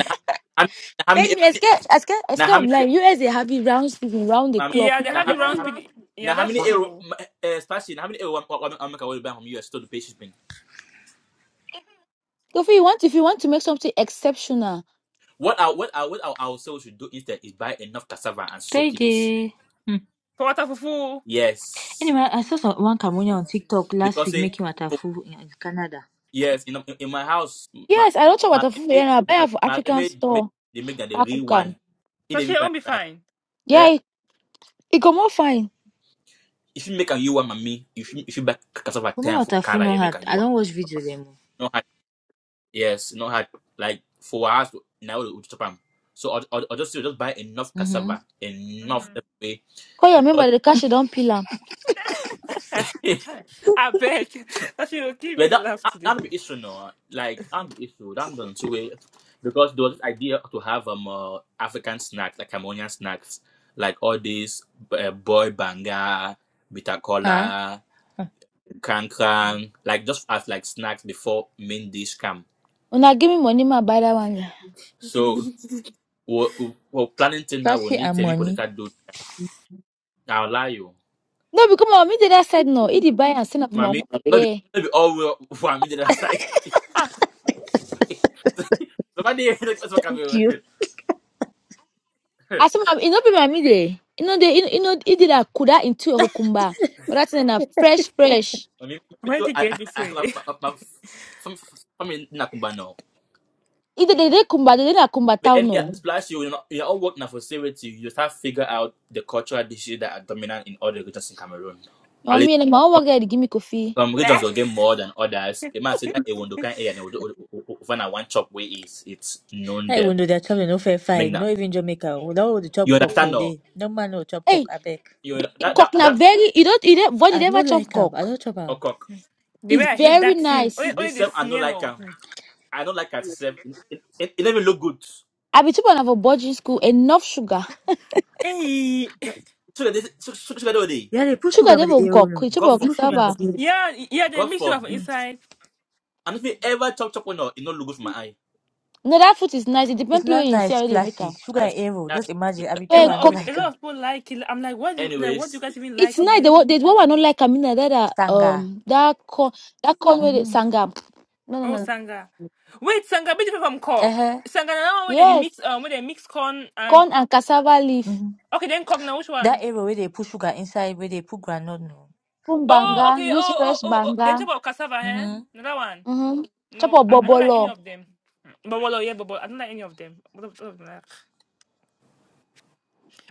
A: how
E: Then
A: many?
E: you escape, escape,
A: Now
E: escape
A: how many?
E: online. US they have it round, round the
A: Now how many?
E: clock.
B: yeah, they
E: Yeah,
A: Now how
B: have
E: they
A: many?
B: it
E: have it
B: round
E: round.
B: spin. Yeah,
A: now how
B: that's
A: many
B: true
A: euro?
B: though.
A: Uh, Stacy, how many euro? I'm I'm going to buy from you. Store the patience bin.
E: So if you want, if you want to make something exceptional,
A: What our what our what our ourselves should do instead is buy enough cassava and soak it.
F: Payday. Hmm.
B: For water fufu,
A: Yes.
F: Anyway, I saw some, one Cameroonian on TikTok last
A: because
F: week
A: say
F: making
A: for
F: watafu in in Canada.
A: yes in, in my house my
E: yes, I don't know what
A: my
E: the food.
A: roommate
E: I buy
A: my,
E: am for
A: my
E: African
A: roommate they make
E: store.
A: they make that the real one
E: Kakuka.
A: in
B: plashe
A: even buy
B: won't be
A: am.
B: fine.
A: eh
E: Yeah, it, it come out fine.
A: if you make a you one mommy if you if you buy cassava
F: For me,
A: ten for
F: waterful
A: color
F: no
A: you make
F: hard.
A: a you
F: I
A: one
F: don't watch video them.
A: no hard yes no hard like for us now we chop am so I I just you just buy enough
F: Mm-hmm.
A: cassava enough that way
E: Cause you
A: because
E: remember the cash you don't peel am.
B: I beg. That she will give
A: But
B: me
A: that,
B: laugh
A: that
B: today.
A: that'll be issue now. Like that'll be issue. That going to way because there was this idea to have um uh, African snacks, like Cambodian snacks, like all these uh, boy banga, bitter
F: Ah,
A: cola, krang krang, like just as like snacks before main dish come.
E: Una give me money, ma buy that one. yeah.
A: So we we we're planning thing now. We
F: Tracy
A: need
F: and
A: to make people
F: money.
A: that do. I'll lie you,
E: No, because my mom did that said no. He did buy and send up my
A: mommy. Not be
E: uncle.
A: not be all we want me to decide. Somebody, that's what
F: Thank you.
A: coming.
E: Asema inopima mide. Inode in- ino idira kuda into your hukumba. Rather than a fresh fresh.
A: I mean, me
B: Why
A: too.
B: did you
A: I, I,
B: get this way?
A: my, my, my f- fam- nakumbano.
E: Either they dey kumba they na kumba
A: But
E: town
A: any
E: no.
A: last year, you know, you all work now for charity. You start figure out the cultural dishes that are dominant in all the regions in Cameroon.
E: You know
A: At
E: what I
A: least
E: mean Like, my own
A: some
E: girl give me coffee.
A: some regions will get more than others. It might say
B: Nah.
A: that a Wondokan area, and when I one chop way is it's known
F: I
A: there.
F: even know their chop dey no fair
A: Make
F: fight.
A: na
F: No even Jamaica. We don't hold the chop
A: you
F: cock
A: understand
F: all
A: no?
F: day. No man no chop cock.
E: Hey,
F: I beg.
A: You that that
E: cock na
A: that
E: very you don't you don't what you
F: I
E: never
F: no
E: chop
F: like am. I
E: cock.
F: don't chop am.
A: okay.
B: The way
E: It's
B: I
A: Me,
B: hate
E: very
B: that thing. Only,
E: nice.
A: me
B: only the
A: self, I don't
B: smell
A: like
B: of
A: am. I don't like myself. It, it, it, it never look good.
E: I be chop on a boarding school enough sugar.
B: hey.
A: So that this, so, so, so that day,
F: Yeah, they put
E: Sugar
F: sugar for
E: dey
F: the
E: for
F: arrow
E: cock.
F: no.
E: You chop
A: God
F: They
E: on
F: put sugar
A: forbid.
F: for
E: cassava.
F: the.
B: Yeah, yeah, they
A: God
B: mix you up
F: Hmm.
A: forbid.
B: inside.
A: and if not ever chop chop on you not look good for my eye.
E: No that food is nice. It depends
F: It's
E: play
F: not
E: where you see
F: nice,
E: how they make
F: splashy.
E: them.
F: Sugar
A: That's
F: and arrow.
A: that's
F: Just imagine. I be
B: A
F: chop.
E: Well,
F: I
B: lot
F: no
E: cock
B: of a
F: like
B: lot
F: am.
B: of people like it. I'm like, what do you like what do you
A: anyways.
B: guys even
E: it's
B: like in
E: nice.
B: it?
E: The one the one I don't like I mean na that uh,
F: Stanga.
E: um that corn that corn with they
F: Mm-hmm.
E: sangam. No no
B: Oh
E: no.
B: Sanga. Wait, Sanga, bit different from Cork.
F: Uh-huh.
B: Sanga now where they
E: Yes.
B: mix um where they mix corn and
E: corn and cassava leaf,
F: Mm-hmm.
B: okay then Cork now which
F: That
B: one?
F: arrow where they put sugar inside, where they put granite no.
E: put
B: Oh
E: banga,
B: okay,
E: use
B: oh oh
E: fresh
B: oh oh then
E: banga,
B: talk about cassava, eh?
F: Mm-hmm.
B: Another one.
E: mm-hmm. chop
B: No,
E: up
B: I, I don't like any
E: bobolo.
B: of them. Mm, But well, yeah, but, but I don't like any of them. What of- what of them I like?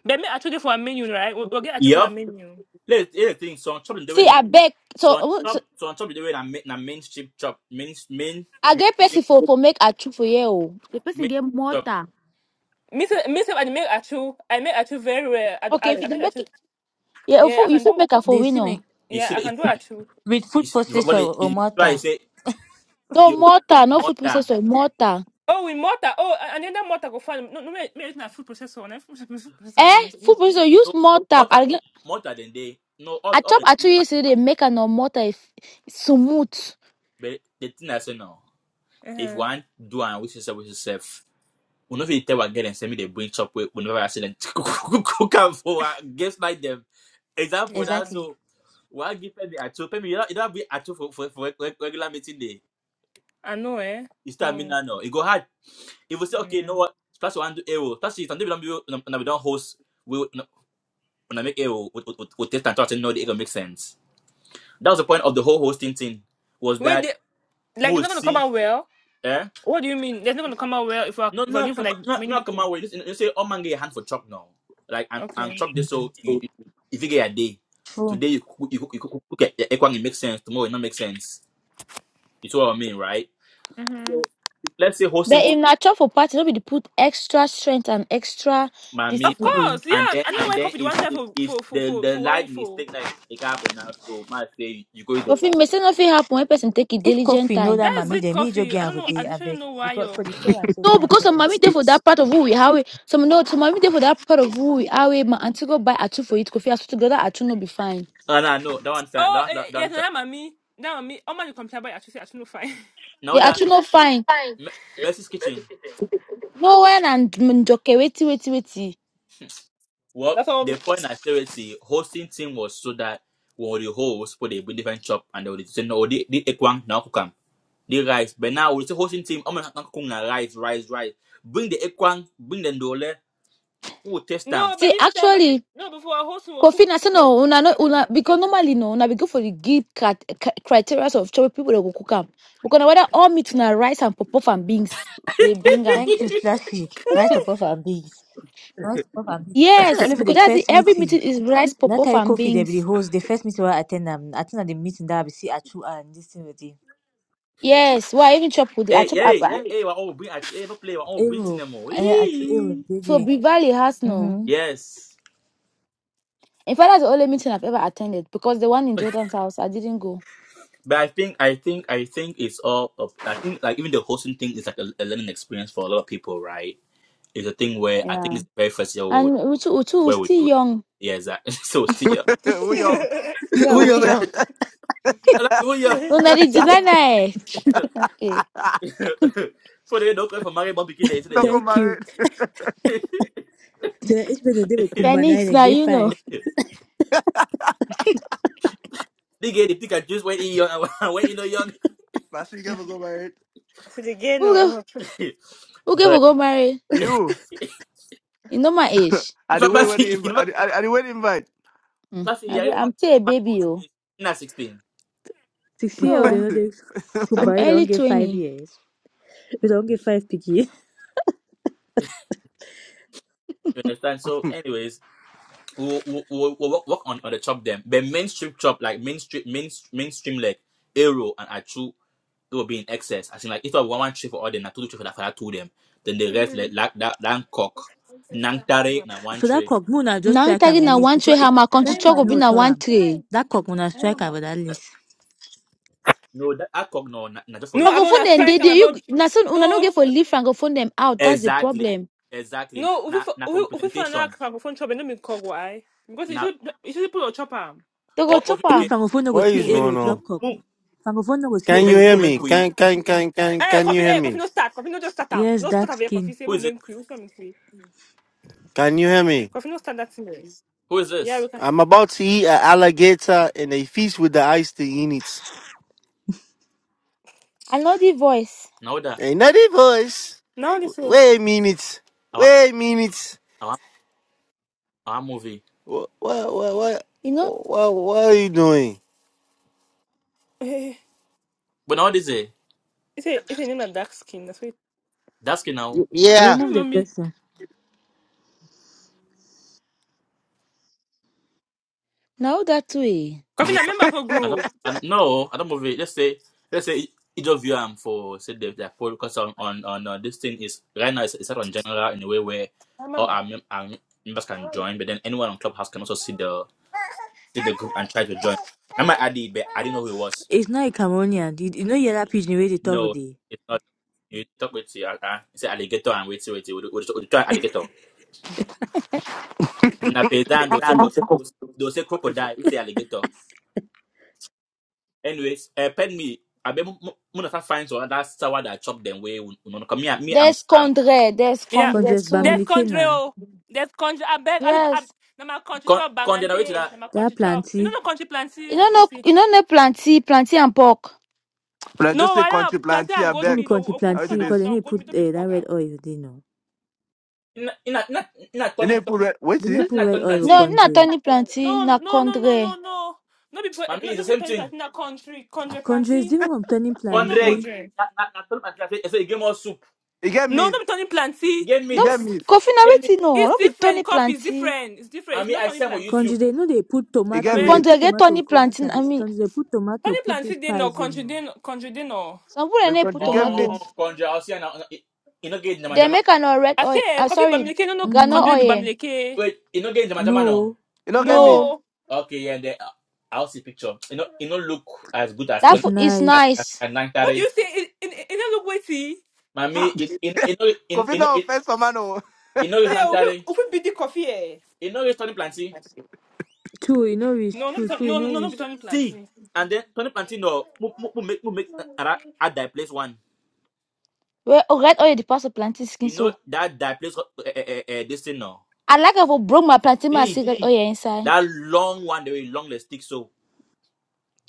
B: But me actually for a menu, right? We'll, we'll get actually for a
A: Yep.
B: menu.
A: Let here's the thing, so I'm chopping the way
E: See,
A: now.
E: I beg. So,
A: So I'm
E: uh, so
A: chop so I'm chopping the way na main na mainstream chop main main
E: I get
A: mainstream
E: person for, for make a chew for you. oh. The person
A: main
E: get
A: chop.
E: mortar.
B: Me self, I make achu. I make achu very well. I,
E: Okay,
B: I, I
E: if you
B: make
E: make
B: achu.
E: it, yeah, if
B: Yeah,
E: you,
B: I
E: if
B: can
E: you
B: do.
E: make a for
F: They see
E: winner.
F: me.
A: You
B: Yeah,
A: see
B: I
A: the it's
B: can do
A: and
B: achu.
F: With food
A: it's when
F: processor
A: it,
F: or
A: it try
F: mortar.
A: say
E: No
A: you
E: mortar, no food
A: mother
E: processor, mortar.
B: Oh, with mortar. Oh, and then that mortar go find. No, no, me, me it's not food processor. Not food processor. I dey
E: Eh,
B: use.
E: food processor, use
A: no
E: mortar.
A: mother
E: I, get-
A: mother than they no all
E: I
A: all
E: chop
A: the
E: a two
A: things fine.
E: years they make a no mortar if smooth.
A: But the thing I say now, if
B: Uh,
A: one do and which is which is safe. We no fit tell one girl and send me the brain chop where we never accident. Cook am for her, guess like them. Example for that
B: yeah,
F: Exactly.
A: so why give Femi Acho? Femi, you don't, you don't be Acho for, for, for reg- regular meeting day.
B: I know. Eh,
A: You start me
B: no.
A: now, no. It go hard. If we say, okay, you
B: Yeah.
A: know what? Plus one do arrow. Plus you something we don't do, and we don't host. We no, when I make arrow, we, we, we, we test and thought and know the arrow make sense. That was the point of the whole hosting thing. Was
B: Wait,
A: that
B: they,
A: we
B: like it's not
A: would
B: gonna come
A: see?
B: out well.
A: Eh?
B: What do you mean? It's not gonna come out well if we're
A: No,
B: if we're doing
A: not
B: for
A: come,
B: like
A: not
B: many
A: not come my
B: people.
A: way. Listen, you say, "Oh man, get a hand for chop now." Like and and
B: Okay.
A: chop this so you you- if you get a day
F: True.
A: today you cook, you cook, you cook, cook it, it can make sense tomorrow it not make sense. You see what I mean, right?
B: Mhm.
A: So if, let's say hosting
E: But
A: to
E: if na chop for party, no be to put extra strength and extra
A: Miami
B: Of
A: and
E: discipline.
B: course. Yeah.
A: and
B: I
A: then
B: don't know
A: and
B: why
A: then
B: coffee. The one
A: if
B: try
A: if,
B: for
A: if
B: for for
A: the
B: for
A: the
B: for worry
A: line
B: for.
A: mistake like it can happen now, so might say you go to the
E: You
A: wall.
E: fit may say no fit happen when person take a
F: If
E: diligent
F: coffee know
E: time.
F: that
B: That is
F: mommy
B: it.
F: then me just
B: Coffee. I
F: get am
B: don't
F: with
B: know. I
F: the
B: literally don't
F: abeg
B: know why.
F: because
B: Yo.
F: for the share and
E: No,
F: saving a
E: because some
F: problem.
E: mommy dey for that part of who we how we some no some mommy dey for that part of who we how we my auntie go buy atu for it kofi as together atu no be fine.
A: No, no, no, that one's that
B: Oh,
A: that
B: eh,
A: that
B: eh, yes,
A: one's
B: now mommy, now mommy, oh man, you complain about actually, actually no fine.
E: The
A: now that
E: atu no fine.
A: Me- Mercy's kitchen.
E: No when and njoke wait wait wait. See
A: Well,
B: That's
A: the
B: all.
A: point I share with the hosting team was so that when the host put a different shop and they would say no, they they equang now come. They rise. But now we say hosting team, I'm not going to rise, rise, rise. Bring the equang, bring the dollar, we will test them.
B: No, but this time,
E: actually
B: no, before our host will
E: Kofi,
B: cook,
E: I said no,
B: will
E: una,
B: mix
E: no
B: chop them
E: una,
B: now.
E: because normally no, una we go for the give cat, criteria of choice people that go cook am. Because na whether all meat na rice and popof and beans, they bring them.
F: Thank you, Slashy. Rice pop and beans. Rice pop and beans. I think na
E: Yes,
F: only for the
E: because that's it.
F: first
E: Every
F: meeting.
E: meeting is rice,
F: That
E: popof
F: time
E: and
F: coffee they be the
E: beans.
F: host. The first meeting where I attend am. I think na the meeting that I be see Achu and this thing with the
E: Yes, why I even chop with the I
A: Hey,
E: chop at
A: hey, yeah, hey, we all bring hey, no play, we all bring to
F: Aero.
A: them all.
F: Eh, Achu Aero
A: Eee.
F: dey
E: so
F: there.
E: Bivali has no.
F: Mhm.
A: Yes.
E: In fact, that's the only meeting I've ever attended because the one in Jordan's house I didn't go.
A: But I think I think I think it's all up- I think like even the hosting thing is like a, a learning experience for a lot of people, right? It's a thing where I think
E: Yeah,
A: it's very first year
E: and Uchu Uchu was
A: where we're
E: still
A: doing.
E: young.
A: Yeah, exactly. So still ya.
G: we young.
F: Yeah,
A: Who you?
F: we are.
A: And that's what ya.
B: no, this
E: No, na
B: will
E: the
B: see
E: deny
B: them.
E: na eh. Okay,
G: Ah,
A: For the no for Mario Bob begin there today,
G: no
A: yo.
G: go
F: Thank you.
G: married.
F: So it's been a day with Kumba nine
E: Phoenix,
F: and
E: now
F: get
E: you know.
F: five.
A: They get the pick and juice when he young and when you know young.
G: Last week ever go married.
B: So again,
E: Who go
B: oh.
E: who go for
A: But
E: go marry?
G: You.
E: You know my age.
G: I the
A: but
G: wait
A: but
G: wedding inv-
A: you know,
G: I the I the wait invite.
E: Mm.
A: plus
E: I
A: yeah,
E: be-
A: I
E: I'm
A: remember
E: still a
A: my my
E: baby,
A: old
E: oh.
A: age, not sixteen.
F: Six year old they
E: No,
F: no dey
E: I'm
G: but
F: Kumba they don't
E: early
F: get five
E: 20.
F: years. We don't get five picky.
A: You understand? So, anyways. we'll, we'll, we'll we'll work, work on, on the chop them. But mainstream chop, like mainstream, main, mainstream like Aero and Achu, it will be in excess. I think like if I want one trade for all them, I two trade for that for that two them. Then the rest
B: no.
A: like like that that cock, Nangtare na one
F: For that
A: trade.
F: cock, Mona just
E: Now I'm
F: strike and
E: tagging na
F: release
E: one tray,
F: because
E: how
F: if
E: my country
F: first
E: truck
F: pony
E: will be
F: no
E: na
F: chop
E: one
F: am,
E: tray.
F: that cock Mona strike and with that list.
A: No, that, that cock no, not, just for
B: No,
A: rep-
B: I want
E: Francophone
B: to
E: them, they,
B: strike and I
E: they, you,
B: about.
E: na so una no
B: no,
E: get for
B: f-
E: leave francophone them out. That's the
A: exactly,
E: problem.
A: exactly.
B: no. If
A: Not
B: we
A: not
B: if
A: for
B: we we find out
A: representation.
B: microphone chop, no me call why because you
A: Not
B: should you should put a chopper.
E: They go
A: oh,
E: chop
A: okay.
F: Even
A: okay.
E: am.
F: francophone no go
H: What
F: see
H: is
A: Mu make
F: arrow
H: going
A: mu
F: chop
H: on?
F: cock.
A: mu
F: Francophone no go see
A: mu
H: Can you
F: arrow
A: make mu
H: hear
F: chop
H: me?
A: make
F: cock.
A: we.
H: Can can can can
B: Eh,
H: can
B: coffee,
H: you hear
B: eh, coffee
H: me?
B: no start, coffee no just start am,
F: Yes,
B: no start
F: dark
B: am here coffee.
F: skin.
B: Say
A: Who
B: we
A: is it?
B: make crew, we say me
H: Can you hear me?
B: Coffee no start that thing. eh.
A: Who is
B: Yeah,
A: this?
B: we can.
H: I'm about to eat an alligator and a fish with the eyes to in it.
E: I know the voice.
A: Now that
H: Ain't that a voice?
B: Now this one.
H: Wait a minute.
A: I want
H: Wait a minute.
A: I want I want movie.
H: What what what what
E: You know,
H: what, what are you doing?
A: But now what is it?
B: Is it is it name that dark skin? That's it.
A: That's it now.
F: I
H: Yeah.
B: I
F: remove
B: don't know
F: the
B: me.
F: person.
E: now that way.
A: I
B: Coffee
A: mean,
B: na member for
A: I don't,
B: group.
A: I, no, I don't move it. Let's say, let's say each of you I'm for say the their focus on on on uh, this thing is right now it's, it's not on general in a way where
B: Hi
A: all
B: mama.
A: our, mem- our members
B: How
A: can
B: are
A: join,
B: you?
A: but then anyone on Clubhouse can also see the see the group and try to join. I might add it, but I didn't know who it was.
F: It's not a Cameroonian. You, you know yellow pigeon where they top of
A: No,
F: the
A: it's not. You talk with you, uh, uh, say alligator and wait, wait, wait, wait, wait, wait, alligator. Na paysan, they'll say croc- they'll they'll say crocodile, it's alligator. Anyways, uh, pen me. I be muna find so that sour that I chop them way. We no come here. Me, I'm
E: There's
A: I'm
E: Condre, there's
B: Yeah.
E: Condre
F: country is
E: too.
B: Death country
F: Bamilikena.
B: oh. Death country. I beg. I, I,
E: Yes.
B: na my country
A: con
B: chop
A: con the way to
B: bangante.
A: that.
B: Na my
F: That
B: country chop. You know
F: planty.
B: no country
E: You
B: planty
E: don't know,
B: coffee.
E: you don't know planty, planty and pork.
G: I just
B: No,
G: say
B: why don't
G: country plant
B: planty and
G: here
B: gold
F: No
G: back.
F: be
B: meat.
F: country
G: I wait
B: Okuka
F: planty
B: na
F: because they
G: this.
B: na
F: need
B: gold
F: put
B: meat don't be
F: uh, that
B: pork
F: red
B: out.
F: oil they know.
A: Ina ina ina ina
G: Then they
A: turning
G: put red wait
F: They
A: ina
G: see.
F: need put
A: ina
F: red
A: turning
F: oil for
E: No,
A: planty.
E: not
F: country.
E: Tony planty,
B: No
E: na
B: no no no
E: Condre.
B: no no. No be po- eh,
A: Mami,
B: no,
A: it's the
B: no be
A: same
B: turning
A: thing.
B: planty na country country
F: Country is
B: planty.
F: different from turning
B: No no
A: Condre
F: planty.
B: country.
A: na na na turning planty. I say I say you gave more soup.
G: You get
B: No,
G: meat.
B: no be turning
A: You
B: planty.
A: gave
G: You
A: meat.
E: No,
G: get meat.
E: coffee na
A: You gave meat.
E: waiting, no,
B: It's
E: no be Tony
B: different. Coffee is
E: planty.
B: different. It's different. It's
A: Mami,
B: not
A: I
B: Tony
A: sell for
F: Konji,
A: YouTube.
B: planty.
F: they know they put
G: You get
F: tomato,
B: Well,
F: they
G: meat.
E: Conte
F: put
E: get
F: tomato
E: Tony
F: corn
E: plantain. I
F: plants.
E: mean,
F: Konji, they put tomato,
B: Pani
F: put
B: planti
F: this
B: de no
F: poison.
B: country
F: No.
B: de no country de no.
E: some people
G: The
E: they put
G: country get
E: tomato.
G: meat.
A: Oh, Condre, I'll see you now. You no get jama
E: They
A: jama.
E: make an oil red
B: I say
E: oil.
B: eh,
E: Ah,
B: coffee
E: sorry,
B: bamileke no no
E: gano
F: Mm-hmm.
B: country be
E: oil.
B: bamileke.
A: Wait, you no get jama jama no.
F: No,
G: You don't get meat.
E: No,
B: No.
A: Okay, yeah, then uh, I'll see picture. You know, you no look as good as
E: that
A: turning
F: it's
E: food is
F: nice.
A: at
E: nice.
A: at nine thirty.
B: What do you say? It it it don't look weighty.
A: Mami,
B: Ha.
A: it in it in
G: Coffee
A: in it in
G: no
A: it
G: offense for man. oh.
A: it no use
B: Say
A: nang
B: open
A: tare.
B: open be the coffee eh.
A: It no use Tony Planty.
F: True, you know rich.
B: No no be
F: True,
B: Tony-
F: true, you
B: no
F: know
B: no no be
F: rich.
B: Tony
A: See,
B: planti.
A: and then Tony Planty no move move move move make at that place one.
E: Well, oh, red oil the pass the plantain skin.
A: You know
E: So
A: that that place uh, uh, uh, uh, uh, this thing no.
E: I like if I broke my plantain my
A: See
E: cigarette oil inside.
A: that long one the way long the stick so.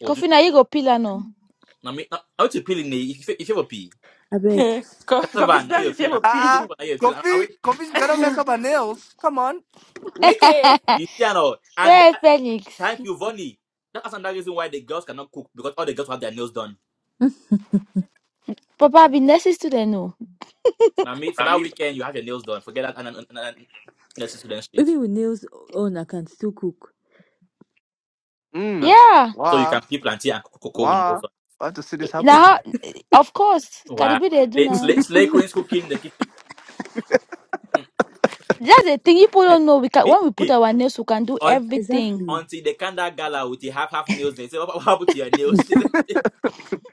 A: Oh, do
E: Coffee now
A: that.
E: you go peel am no.
A: Mami, I want to peel in the if you- if you have a peel.
F: I beg.
B: Co- Coffee
A: Cassava na
B: splash
A: you
B: if you
A: peel
B: have a
A: and
B: pee.
G: Ah
A: this
G: uh-uh.
A: one na you peel and I
G: Coffee Coffee you cannot mess up her nails. Come on.
A: wish
B: Okay.
A: you see and all. And
E: Yeah,
A: that,
E: Felix.
A: thank you, Vonnie. That's another reason why the girls cannot cook because all the girls have their nails done.
E: Papa be nursing student no.
A: Now, me for that weekend, you have your nails done. Forget that. next student street.
F: Even with nails on, I can still cook.
A: Ah,
G: Mm.
E: Yeah.
A: so you
G: Wow.
A: can peel plantain and co- cocoa with no
G: Wow.
A: fun.
G: I want to see this happen.
E: Now, of course,
A: Wow.
E: Caribbean they do
A: Slay,
E: now.
A: slay, slay queens cooking in the kitchen.
E: That's the thing people don't know. We can,
A: Me-
E: when we put our nails, we can do
A: Un-
E: everything.
F: Exactly.
A: Until they can that gala with the half half nails, they say, "What what happened to your nails?" They say,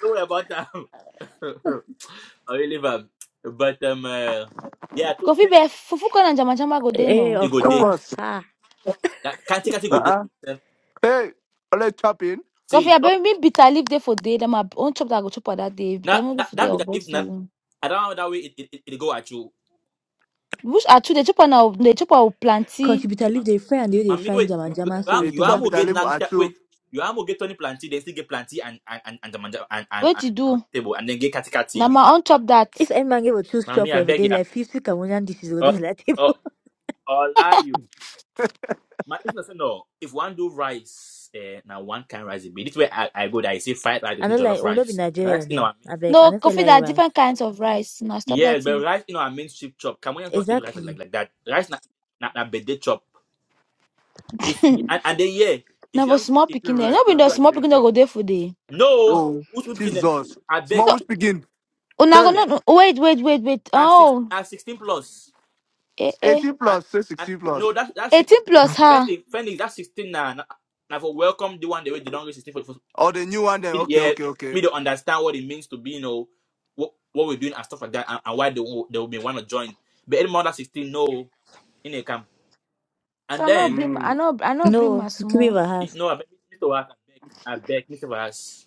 A: Don't worry about that. I will leave them. But um, uh, yeah, to
E: Coffee be
A: take
E: fufu and jama jama go
F: Eh,
E: there
F: eh,
E: no.
A: it
F: of
A: go
G: Of
A: day.
F: course.
G: course.
F: Ah.
A: That can't take it go day.
G: Uh-uh. Hey, only chopping.
E: Coffee,
A: See,
E: I
A: top,
E: bury me bitter leaf there for day. Then my own chop that I go chop on that day. Bitter
A: that that
E: leaf for
A: that
E: day
A: bit
E: of
A: of leaf,
E: what
A: na-
E: you.
A: I don't know that way it it, it, it go at you.
E: Bush are two. They chop on now. They chop on planty.
F: Contributor leave they fry and they, they
A: Mami,
F: fry
A: wait,
F: jam and
A: you, you,
F: jam so
G: They
F: with
A: you are
G: chop
A: going to
G: it.
F: tomato
G: I
A: get
F: no.
G: live
A: nan
G: at you.
A: wait. You are going to get Tony Planty, then still get Planty and and and and the manja and, and,
E: What
A: and,
E: you
A: and
E: do?
A: table, and then get Kati
E: Now
A: Kati. You,
E: my
A: ma-
E: own chop that.
F: If any man give a two straw
A: Mami,
F: for
A: I
F: every
A: beg
F: day,
A: you.
F: like fifty Cameroonian dishes go dey
A: Oh,
F: like
A: oh,
F: table.
A: all are you? My business no. If one do rice, eh, now one can rice it be. This way I, I go there. I say fried rice, I
F: I
A: say
F: don't like,
A: jollof
F: we no be
A: rice. Rice,
F: Nigerian
A: you know
F: then.
A: what I mean?
F: I beg, I
E: No
F: don't feel
E: coffee.
F: like
E: There are different
F: rice.
E: kinds of rice. Now stop
A: Yeah,
E: that
A: but
E: thing.
A: rice, you know, I mean chip chop. Cameroonians don't eat rice like, like,
F: Exactly.
A: like that. Rice na na, na bede chop. If and, and then yeah,
E: now
A: if you
E: for
A: am-
E: small
A: if
E: picking
G: Still
E: there.
A: if,
G: right
E: No be
A: if,
G: now.
E: the
A: you
G: They
A: are-
E: small
G: big
E: picking that
G: chop.
E: go there for day.
A: no,
G: Oh,
A: who's speaking?
G: Jesus.
A: I beg.
G: Small
E: So
G: which begin.
A: I
E: una go
G: Hey,
A: beg.
E: not wait wait wait wait.
A: Now six
E: Oh
A: now sixteen plus.
E: eh eh.
G: 18
A: And
G: plus, say
A: and
G: 16
A: no
G: plus.
A: that that's six
E: Eighteen plus her.
A: Fenix Fenix that's sixteen now. Now now for welcome the one the way they don't reach sixteen for, for
G: Oh, the new one then.
A: me,
G: Okay,
A: yeah,
G: okay, okay.
A: me to understand what it means to be, you know, what what we're doing and stuff like that and, and why they will they will be want to join. But any more than sixteen, no in a camp.
E: So
A: And
E: I not
A: then
E: bring my- I
G: Mm.
E: not I not bring
F: No,
E: my
F: keep it
E: small.
F: for
A: it
F: house.
A: no I beg Mr. Wallace, I beg, I beg, Mr. Wallace,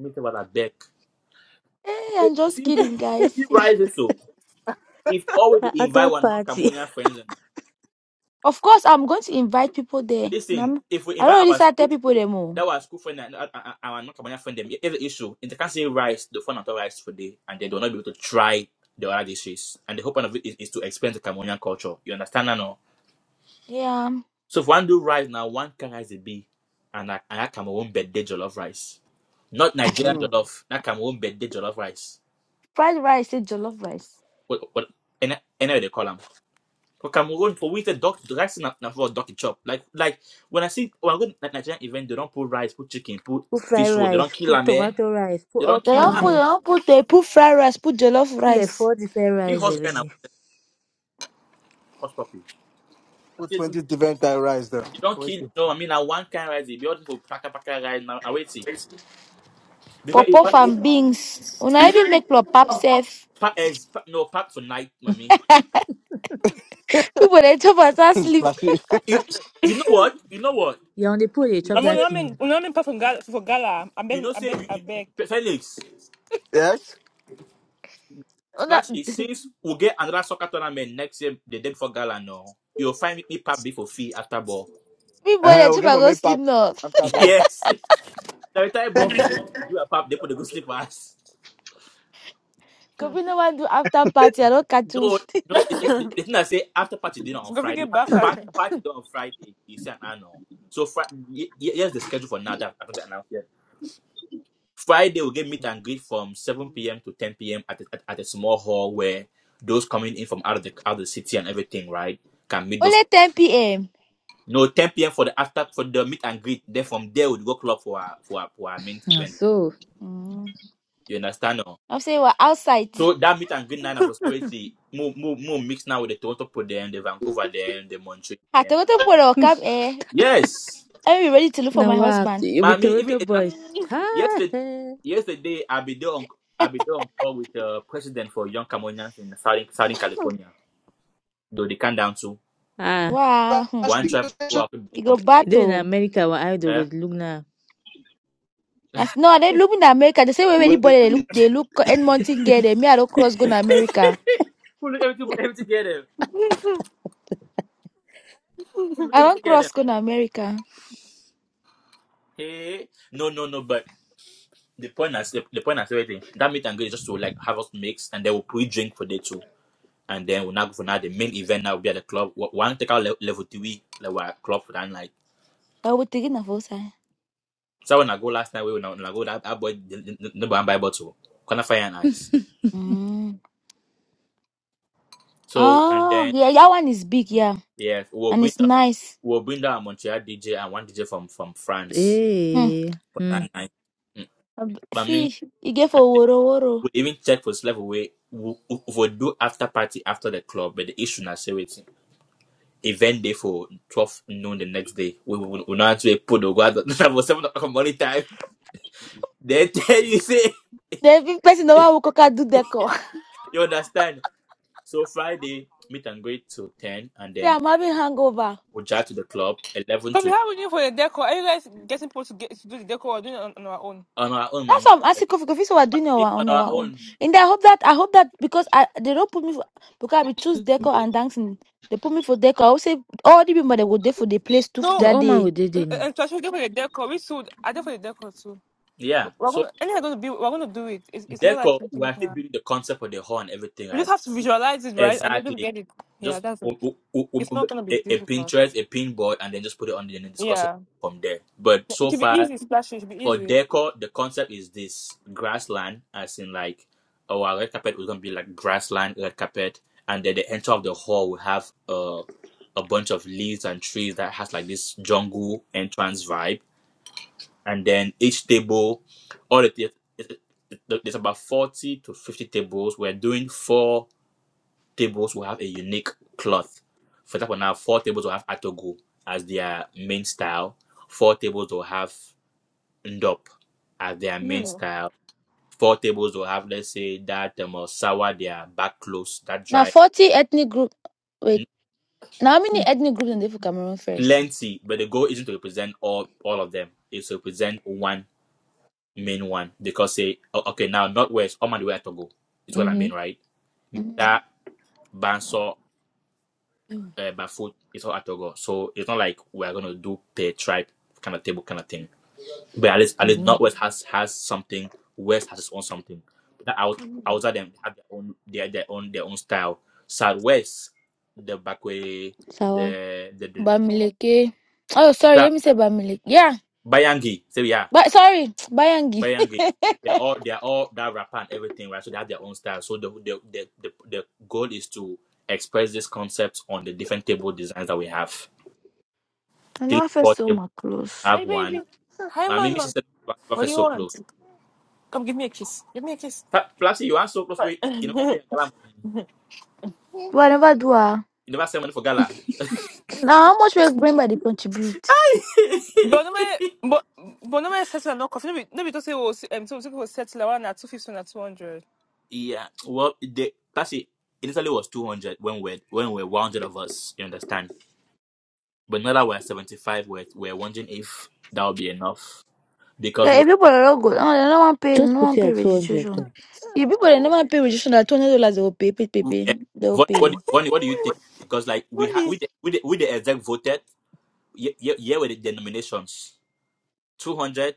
A: Mr. Wallace, I beg.
E: Hey,
A: Because
E: I'm
A: You
E: just
A: see if
E: kidding, guys.
A: it rises so if all we
F: A
A: dey
F: a
A: invite
F: third
A: our non
F: party
A: Cameroonian friends and
E: Of course, I'm going to invite people there.
A: listen,
E: Nam-
A: if we
E: I
A: invite
E: don't really start
A: our
E: tell people them all.
A: that was school friend and uh, uh, our not Kabanya friend them. Here's the issue. If they can't say rice, the phone not rice today, and they will not be able to try the other dishes. And the whole point of it is, is to explain the Cameroonian culture. You understand that no?
E: Yeah,
A: So if one do rice now, one can rice the bee, and I, I have Cameroon birthday jollof rice, not Nigerian
G: Mm-hmm.
A: jollof. That Cameroon birthday jollof rice.
E: fried rice, say jollof rice.
A: What what? Any any they call them. For Cameroon, for we the doc, the rice is not not for donkey chop. Like like when I see when I go to Nigerian event, they don't put rice, put chicken, put
F: put fried
A: fish roll. They don't
F: rice,
A: kill
F: put
A: them. Eh?
F: tomato rice, put
A: They don't
F: all
E: They
A: kill
F: kind
E: don't
A: 'em.
E: put, they
F: rice,
E: don't put, they put fried rice, put jollof
F: put like
E: rice,
F: four different
A: This
F: rice
A: husband
F: every
A: and now
F: day.
A: horse puppy. I
G: Put
A: say no,
G: 20 different type rice there.
A: you don't
G: Wait,
A: kill. No, I mean now one kind rice. They be all for paka paka rice now. I wait see because
E: pop
A: if
E: off
A: if,
E: and beans. Una
A: if
E: even make pop pap safe.
A: pack is no pack tonight, mommy.
E: People they chop and start sleep.
G: Splashy.
A: You, you know what? You know what?
F: You on the pole they
A: You
F: chop
A: know
B: I'm
A: say
B: on
F: that
B: ramen
F: thing. oh.
B: I'm ramen pa for gala for gala. I
A: you
B: beg
A: know
B: I
A: say
B: beg
A: you,
B: I beg.
A: you, Felix
G: yes?
E: Una,
A: Splash is since we get another soccer tournament next year the day before gala no. You'll find me pap before fee after ball.
E: people
G: Hey,
E: they
G: we'll
E: chop
G: get
E: and
G: from
E: go
G: a
E: sleep
G: pack
E: now.
G: after ball.
A: Yes, the entire ball finish, we do a pap. They put the go sleep for us
E: Cause we no want do after party. I don't catch you.
A: No, no. it- The, the thing I say after party dinner on
B: Coffee
A: Friday,
B: get
A: pa-
B: bad
A: pa-
B: fashion.
A: party dinner on Friday is an annual. So Fri y- y- here's the schedule for now that I don't announce yet. Friday we get meet and greet from 7 p.m. to 10 p.m. at, a- at at a small hall where those coming in from out of the out of the city and everything, right, can meet those.
E: Only 10 p.m.
A: No, 10 p.m. for the after for the meet and greet. Then from there we go club for our for our, for our main
F: Ah,
A: event.
F: so
E: Mm.
A: You understand? No?
E: I'm saying we're outside.
A: So that meet and greet nine of us, we see more more more mixed now with the Toronto, people, then the Vancouver, then the
E: I
A: Montreal.
E: tell you, people they will come here.
A: Yes,
E: I'm ready to look for
F: now
E: my
F: what
E: husband.
F: with
A: Mami. Even
F: Toronto
A: it-
F: boys.
B: Mm.
F: Ah,
A: yesterday,
F: eh.
A: yesterday I be there on I be there on call with the president for young Cameroonians in Southern, Southern California. Though they come down to
F: Ah,
E: Wow, hmm.
A: one try for have after be
E: you go
F: they in
E: battle.
F: America where idol
A: Cameroonian. Eh?
F: was look now.
E: As, no, they look in America. The same way anybody they look, they look Edmonton get They Me, I don't cross go to America.
A: who look everything everything get them? Who look
E: I don't
A: everything get
E: cross
A: them?
E: go to America.
A: Hey, no, no, no. But the point is the, the point is everything. That meet and greet is just to like have us mix and then we'll pre drink for day two. And then we'll now go for now. The main event now will be at the club. One take out le- level three, like our club for that night.
E: I would take it for side.
A: So when I go last night, we when I, when I go that, that boy no buy buy bottle, gonna fire and ice.
E: Mm.
A: So and
E: Oh,
A: then
E: yeah, that one is big, yeah,
A: yeah, we'll
E: and
A: bring
E: it's
A: down,
E: nice.
A: we'll bring down a Montreal DJ and one DJ from from France
E: Hmm.
F: Hey,
A: for
F: hmm.
A: that night. Mm.
E: Ab-
A: But I mean,
E: See, you get for
A: and then
E: woro woro.
A: we even check for slave away. we we will do after party after the club, but the issue now say waiting. Event day for twelve noon the next day. We will we, we not have to put the guard for seven o'clock morning time. Then tell you say
E: The big person no one will cook do deco.
A: you understand. So Friday meet and greet till ten, and
E: See,
A: then
E: I'm having hangover.
A: would drive to the club 11
B: Coffee
A: to
B: how are we doing for the decor? Are you guys getting people to get to do the decor or doing it on, on our own?
A: on our own. I
E: That's
A: mean,
E: what I'm
A: like,
E: asking Kofi. Kofi, so we're doing it on our,
A: on
E: on
A: our
E: our own.
A: own.
E: And then I hope that I hope that because I they don't put me for because we choose deco and dancing. They put me for deco. I will say all the people that go there for the place too
B: No.
F: No
E: that
F: all man
E: day.
F: would did
B: And
F: it no.
B: especially for the decor, We sold. I did for the decor too.
A: Yeah.
B: We're
A: So
B: gonna anything gonna be. We're gonna do it. It's, it's not like
A: Deco, we're
B: something
A: actually
B: now.
A: building the concept of the hall and everything,
B: We just
A: right?
B: have to visualize it, right? And you'll just
A: Exactly.
B: get it. Yeah,
A: Just
B: that's it.
A: o- o- o- o-
B: It's
A: o-
B: not gonna be
A: a, a
B: difficult.
A: Pinterest, a pin board, and then just put it on the and then discuss it
B: Yeah,
A: from there. But
B: it
A: so
B: should be
A: far,
B: easy. Splashy. It should be
A: for
B: easy.
A: decor, the concept is this grassland, as in like our red carpet was gonna be like grassland red carpet, and then the entrance of the hall will have a a bunch of leaves and trees that has like this jungle entrance vibe, and then each table, all the it, it, it- there's about forty to fifty tables. We're doing four tables will have a unique cloth. For example, now four tables will have atogo as their main style. Four tables will have ndop as their main
B: Mm.
A: style. Four tables will have, let's say, that um, or sour, their back close, that
E: Now
A: dry,
E: forty ethnic group. Wait, now how many ethnic groups in there for Cameroon 1st
A: plenty. But the goal isn't to represent all all of them. It's to represent one main one because say, o- okay, now northwest, all man the way at Togo. It's what I
F: Mm-hmm.
A: mean, right? That
E: Mhm.
A: Banso,
B: Mm.
A: uh, Bafut, it's all at Togo. So it's not like we're gonna do per tribe kind of table kind of thing. But at least at least Northwest has has something. West has its own something. But that out outside them have their own their their own their own style. Southwest, the back way,
F: Sour.
A: the the the,
E: Bamileke. Oh, sorry.
A: the
E: Let me say Bamileke. Yeah.
A: Bayangi. So yeah,
E: But sorry, Bayangi.
A: Bayangi. They're all they're all that rapper and everything, right? So they have their own style. So the the the the, the goal is to express this concept on the different table designs that we have.
E: I know
A: Three,
E: I feel
A: four
E: so
A: tables
E: much close.
A: have
B: Hi, baby.
A: one.
B: Hi,
A: My mimi
B: mama.
A: sister,
B: What
A: professor
B: do you
A: so close.
B: want? Come give me a kiss. Give me a kiss.
A: Plasty, you are so close.
B: Right.
A: Wait, you know, I pay a lot of money.
E: Do I never do ah?
A: You never send money for gala.
E: Now how much we bring by the contribute?
B: But no me, but but no me settle or not coffee. No be no be to say oh um so so people settle one at two fifty and at two hundred.
A: Yeah. Well, the Pasi initially was two hundred when we when we were one hundred of us. You understand? But now that we're seventy five, we're we're wondering if that will be enough because
E: But
A: we
E: if people are not good, no, they don't want to pay, they don't
F: Just put
E: want
F: it
E: to pay
F: at two hundred
E: registration.
F: though.
E: If people they never pay registration, that two hundred dollars they will pay, pay, pay, pay,
A: eh,
E: they will
A: what
E: pay.
A: what Vonnie, what do you think? Because like we had with the with the, with the exec voted yeah yeah yeah with the denominations 200,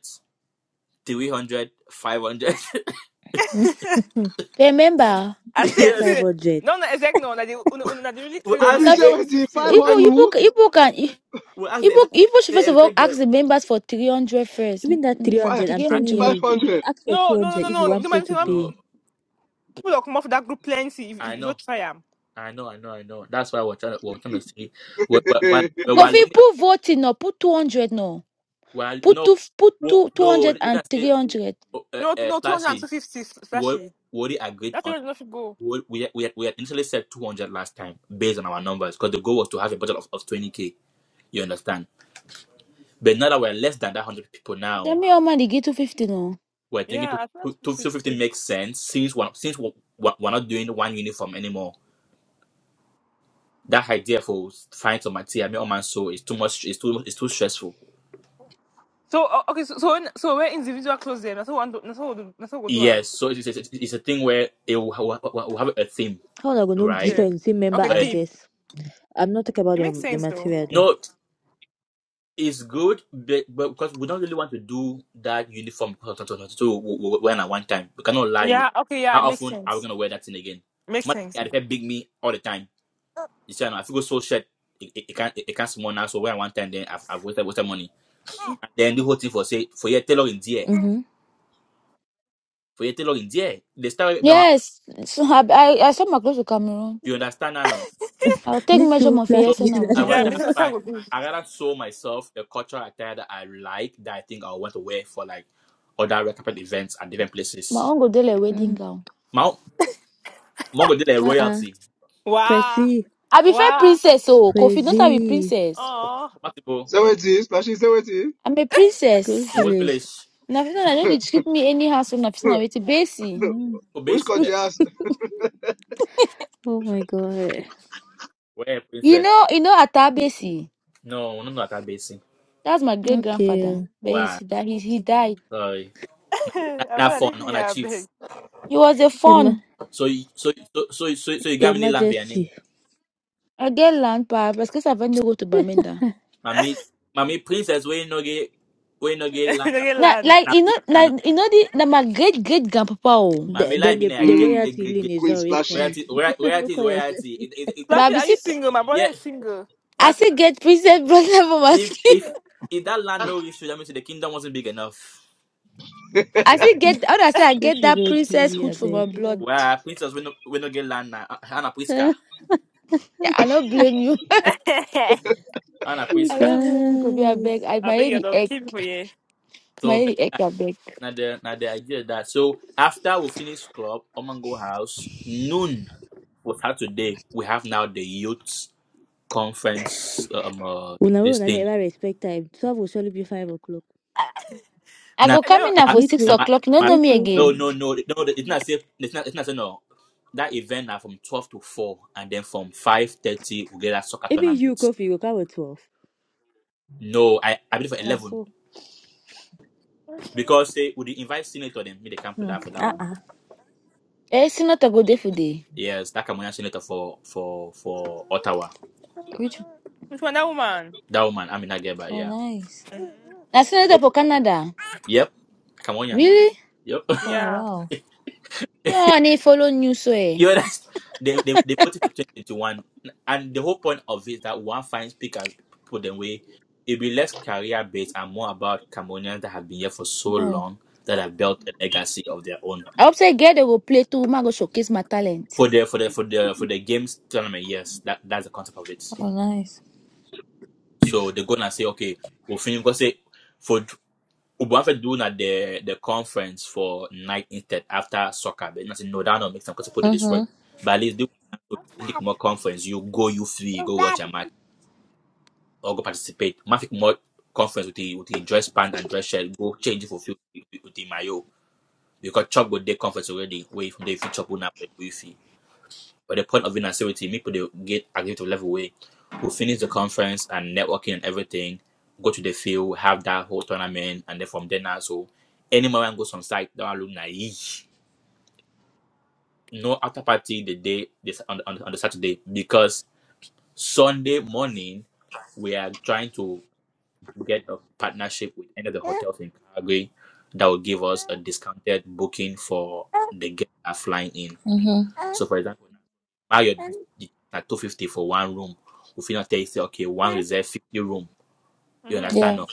A: 300, 500?
E: But remember,
B: I
F: Say
B: said,
A: yes,
F: five
B: see,
F: hundred.
B: non na exec non, on a des, on a, on a des really
A: we
B: creative non
G: Kofi
A: asked
G: say
E: Nafi,
B: executive
G: wetin
B: team.
A: we
G: five
E: people,
A: asked the,
E: people,
G: hundred
E: people can,
A: we asked the
E: people,
A: exec,
E: people should
A: the
E: first of all
A: exec the,
E: ask the members for three hundred first.
F: Even that
E: Mm,
F: three
G: five
F: hundred,
E: Three
F: I'm
A: I
F: telling
E: hundred.
G: five
F: you,
G: hundred.
F: ask for
B: No,
F: two
B: no,
F: hundred
B: no,
F: if you
B: no, no.
F: want
B: No
F: people
B: man,
G: Jesus.
B: see,
F: to
B: one
F: pay.
A: no
B: people that come off that group plenty. If, if,
A: I
B: if you
A: know
B: try them,
A: I know, I know, I know. That's why we're trying to, we're trying to see. We're, we're, we're, we're,
E: Coffee
A: li-
E: put voting no, put two hundred no,
A: we're,
E: put
A: no,
E: two, put
A: no,
E: two, two
A: no,
E: hundred and
A: that's
E: three
A: it.
E: hundred.
A: Oh, Uh,
B: no,
A: uh,
B: no, two hundred and two
A: Plasty,
B: fifty
A: we
B: flashy.
A: we already agreed
B: That's
A: on,
B: the enough to go.
A: we, we, we had we had initially said 200 last time based on our numbers because the goal was to have a budget of, of 20K. You understand? But now that we're less than that 100 people now,
E: Then me, man, they get two fifty no.
A: we're thinking
B: Yeah,
A: to,
B: I think
A: to,
B: that's
A: to
B: which is
A: 250
B: good.
A: makes sense since we're, since we're, we're we're not doing one uniform anymore. That idea for find some material, my own man, so it's too much, it's too, it's too stressful.
B: So uh, okay, so so when, so when individual close them, that's what one, do- that's what we do- that's what we do am.
A: Yes, so it's, it's, it's a thing where it will, ha- will will have a theme,
F: How am I gonna know
A: right?
B: Okay,
F: difference between member
B: okay,
A: But
F: and
B: team.
F: guest? I'm not talking about
B: It makes
F: the, the
B: sense though.
F: material though.
A: no, it's good, but, but because we don't really want to do that uniform so when at one time. We cannot lie you.
B: Yeah, okay, yeah,
A: How
B: it makes
A: often are we
B: sense.
A: gonna wear that thing again?
B: Makes
A: Man,
B: sense.
A: I prefer big me all the time. You see, I know, I feel so shirt. It, it, it can't it, it can't small now. So when at one time, then I've, I've wasted wasted money. And then the
B: Yeah,
A: whole thing for say for your tailor in there,
F: Mm-hmm.
A: for your tailor in there. They start with me.
E: Yes, so I, I, I saw my clothes to Cameroon.
A: You understand now? no?
E: I'll take
F: Me
E: measure
F: too,
E: of
A: So
E: yes
F: flashy.
E: and over
F: that
A: I
F: is
E: that
B: yeah, it
A: rather
B: makes
E: side.
F: also.
B: sense. That's
A: find
B: how we do.
A: I rather show myself the cultural attire that I like that I think I want to wear for like other red carpet events and different
E: My
A: places.
E: uncle did a wedding
F: Mm.
E: gown.
A: My Mongo did a
F: Uh-uh.
A: royalty
B: Wow,
F: Prezi,
E: I be fair
B: wow.
E: princess, oh, Kofi, not I be
F: Prezi,
E: princess.
B: Oh,
A: compatible
G: Say wetin Splashy say
E: I'm a
F: Good
A: in
E: princess.
A: which
F: village.
A: village?
E: Nafisa, I know they treat me anyhow, so Nafisa, wait Basi.
F: Mm.
A: For
G: Which
A: basic, yeah.
G: country ask?
F: Oh my god.
A: Where
E: You
A: princess?
E: know, you know Atabesi.
A: No, no, no, not that basic.
E: That's my great grandfather,
F: Okay.
E: but he's,
A: Wow,
E: he, di- he he died.
A: sorry. Not,
B: I
A: not
B: better leave
A: fun
B: me
A: on a
B: a
A: chief.
B: bit.
E: He was a
F: Your, ma-
E: fun.
A: So you, so so so so, so you
F: your
A: got me land for your name,
F: Majesty.
E: I get land power parce que ça va nous go to Bamenda.
A: Mami, mami, princess, where you no get where you no get land.
B: Look
E: Na
B: land.
E: like you know na
A: Now
E: you know the na my great great grandpapa oh.
A: My
F: The,
A: life
F: then
A: been
F: the,
A: a
F: the
A: get get
F: royalty
A: get
F: lane
A: get
F: is
G: Queen
A: get
F: already
A: get.
F: cut.
G: Splashy
A: royalty roy-
F: no
A: royalty is
F: call yourself
A: royalty. It, it, it,
F: princess.
E: But
A: it,
E: I
B: Flashy, are
A: it-
E: see
B: you single? My brother
A: yeah,
B: is single.
E: I
A: that's it.
E: still get princess blood from my
A: if
E: skin.
A: if if that land no issue, that means the kingdom wasn't big enough.
E: I still get how do I say I get
F: Kofi
E: that
F: don't give
E: princess
F: you a
E: hood from my
F: beg.
E: blood.
A: Well, princess we no we no get land now. Ah, Anna Priska,
E: I don't blame you.
B: I
A: Anna
F: Ah, you
E: I
A: Priska.
E: don't blame you Kobe I
F: guys.
E: beg. I my
B: beg
E: head
B: you,
E: the
B: dog.
E: egg.
B: Keep for you.
E: My
A: So but
E: head the egg
A: yeah,
E: I beg.
A: now the now the idea that so after we finish club, Omango House noon for Saturday we have now the youth conference um uh,
F: Una will
A: this thing.
F: never respect time. 12 will surely be 5 o'clock.
E: I
A: Nah,
E: go
B: I
E: come
B: know.
E: in
A: nah,
E: now
A: my,
E: for
F: Me
E: six
A: nah,
F: too.
A: my,
E: o'clock. You don't
A: my,
E: know
F: Me
E: me
F: too.
A: no,
E: again.
A: no, no, no. It's not safe. It's not. It's not say no. That event are from twelve to four, and then from five thirty we get a soccer
F: Even you,
A: tournament.
F: Kofi, you go with 12.
A: No, I I believe for
F: Na
A: eleven
F: so.
A: because say would they invite senator them. me they come to
F: Hmm.
A: that for that
F: Uh
A: one.
F: uh.
E: Eh, senator go there for day.
A: Yes, that Cameroonian senator for for for Ottawa.
F: Which?
B: Which one? That woman.
A: That woman, I mean, I get
F: Oh,
A: yeah.
F: nice.
B: Mhm.
E: Na senator
A: So,
E: for Canada.
A: yep, Cameroonian.
E: Really?
A: Yep.
F: Oh,
B: Yeah.
F: wow.
E: Yeah, and he follow news so eh.
A: You understand? They, they, they put it for 2021. And the whole point of it is that one finds speakers, people, then way it'll be less career based and more about Cambodians that have been here for so
F: Oh,
A: long that have built a legacy of their own.
E: I hope say girl they go play too. Ma go showcase my talent.
A: For the for the for the for the games tournament, yes, that that's the concept of it.
F: oh nice.
A: So they go and say, okay, we'll finish because say for Ubuafe doing at the the conference for night instead after soccer, but not say no, that don't make sense because people do
F: Mm
A: this work.
F: hmm.
A: But at least do league more conference, you go, you free, go watch a match or go participate. Mafic Mod conference with the with the dress band and dress shirt, go change it for few with the mayo. Because chop go day conference already, way from the feature chop una wifi. But the point of being say with the people they get active to level way. We finish the conference and networking and everything, go to the field, have that whole tournament and then from there now so any moment goes on site, that one look naive. No after party the day this on, on, on the Saturday because Sunday morning we are trying to get a partnership with any of the hotels in Calgary that will give us a discounted booking for the guests that are flying in.
F: Mm hmm.
A: So, for example, Marriott is at two fifty for one room. If you not tell you say okay, one reserve fifty room, you
B: Mm-hmm.
A: understand?
F: Yeah.
A: No,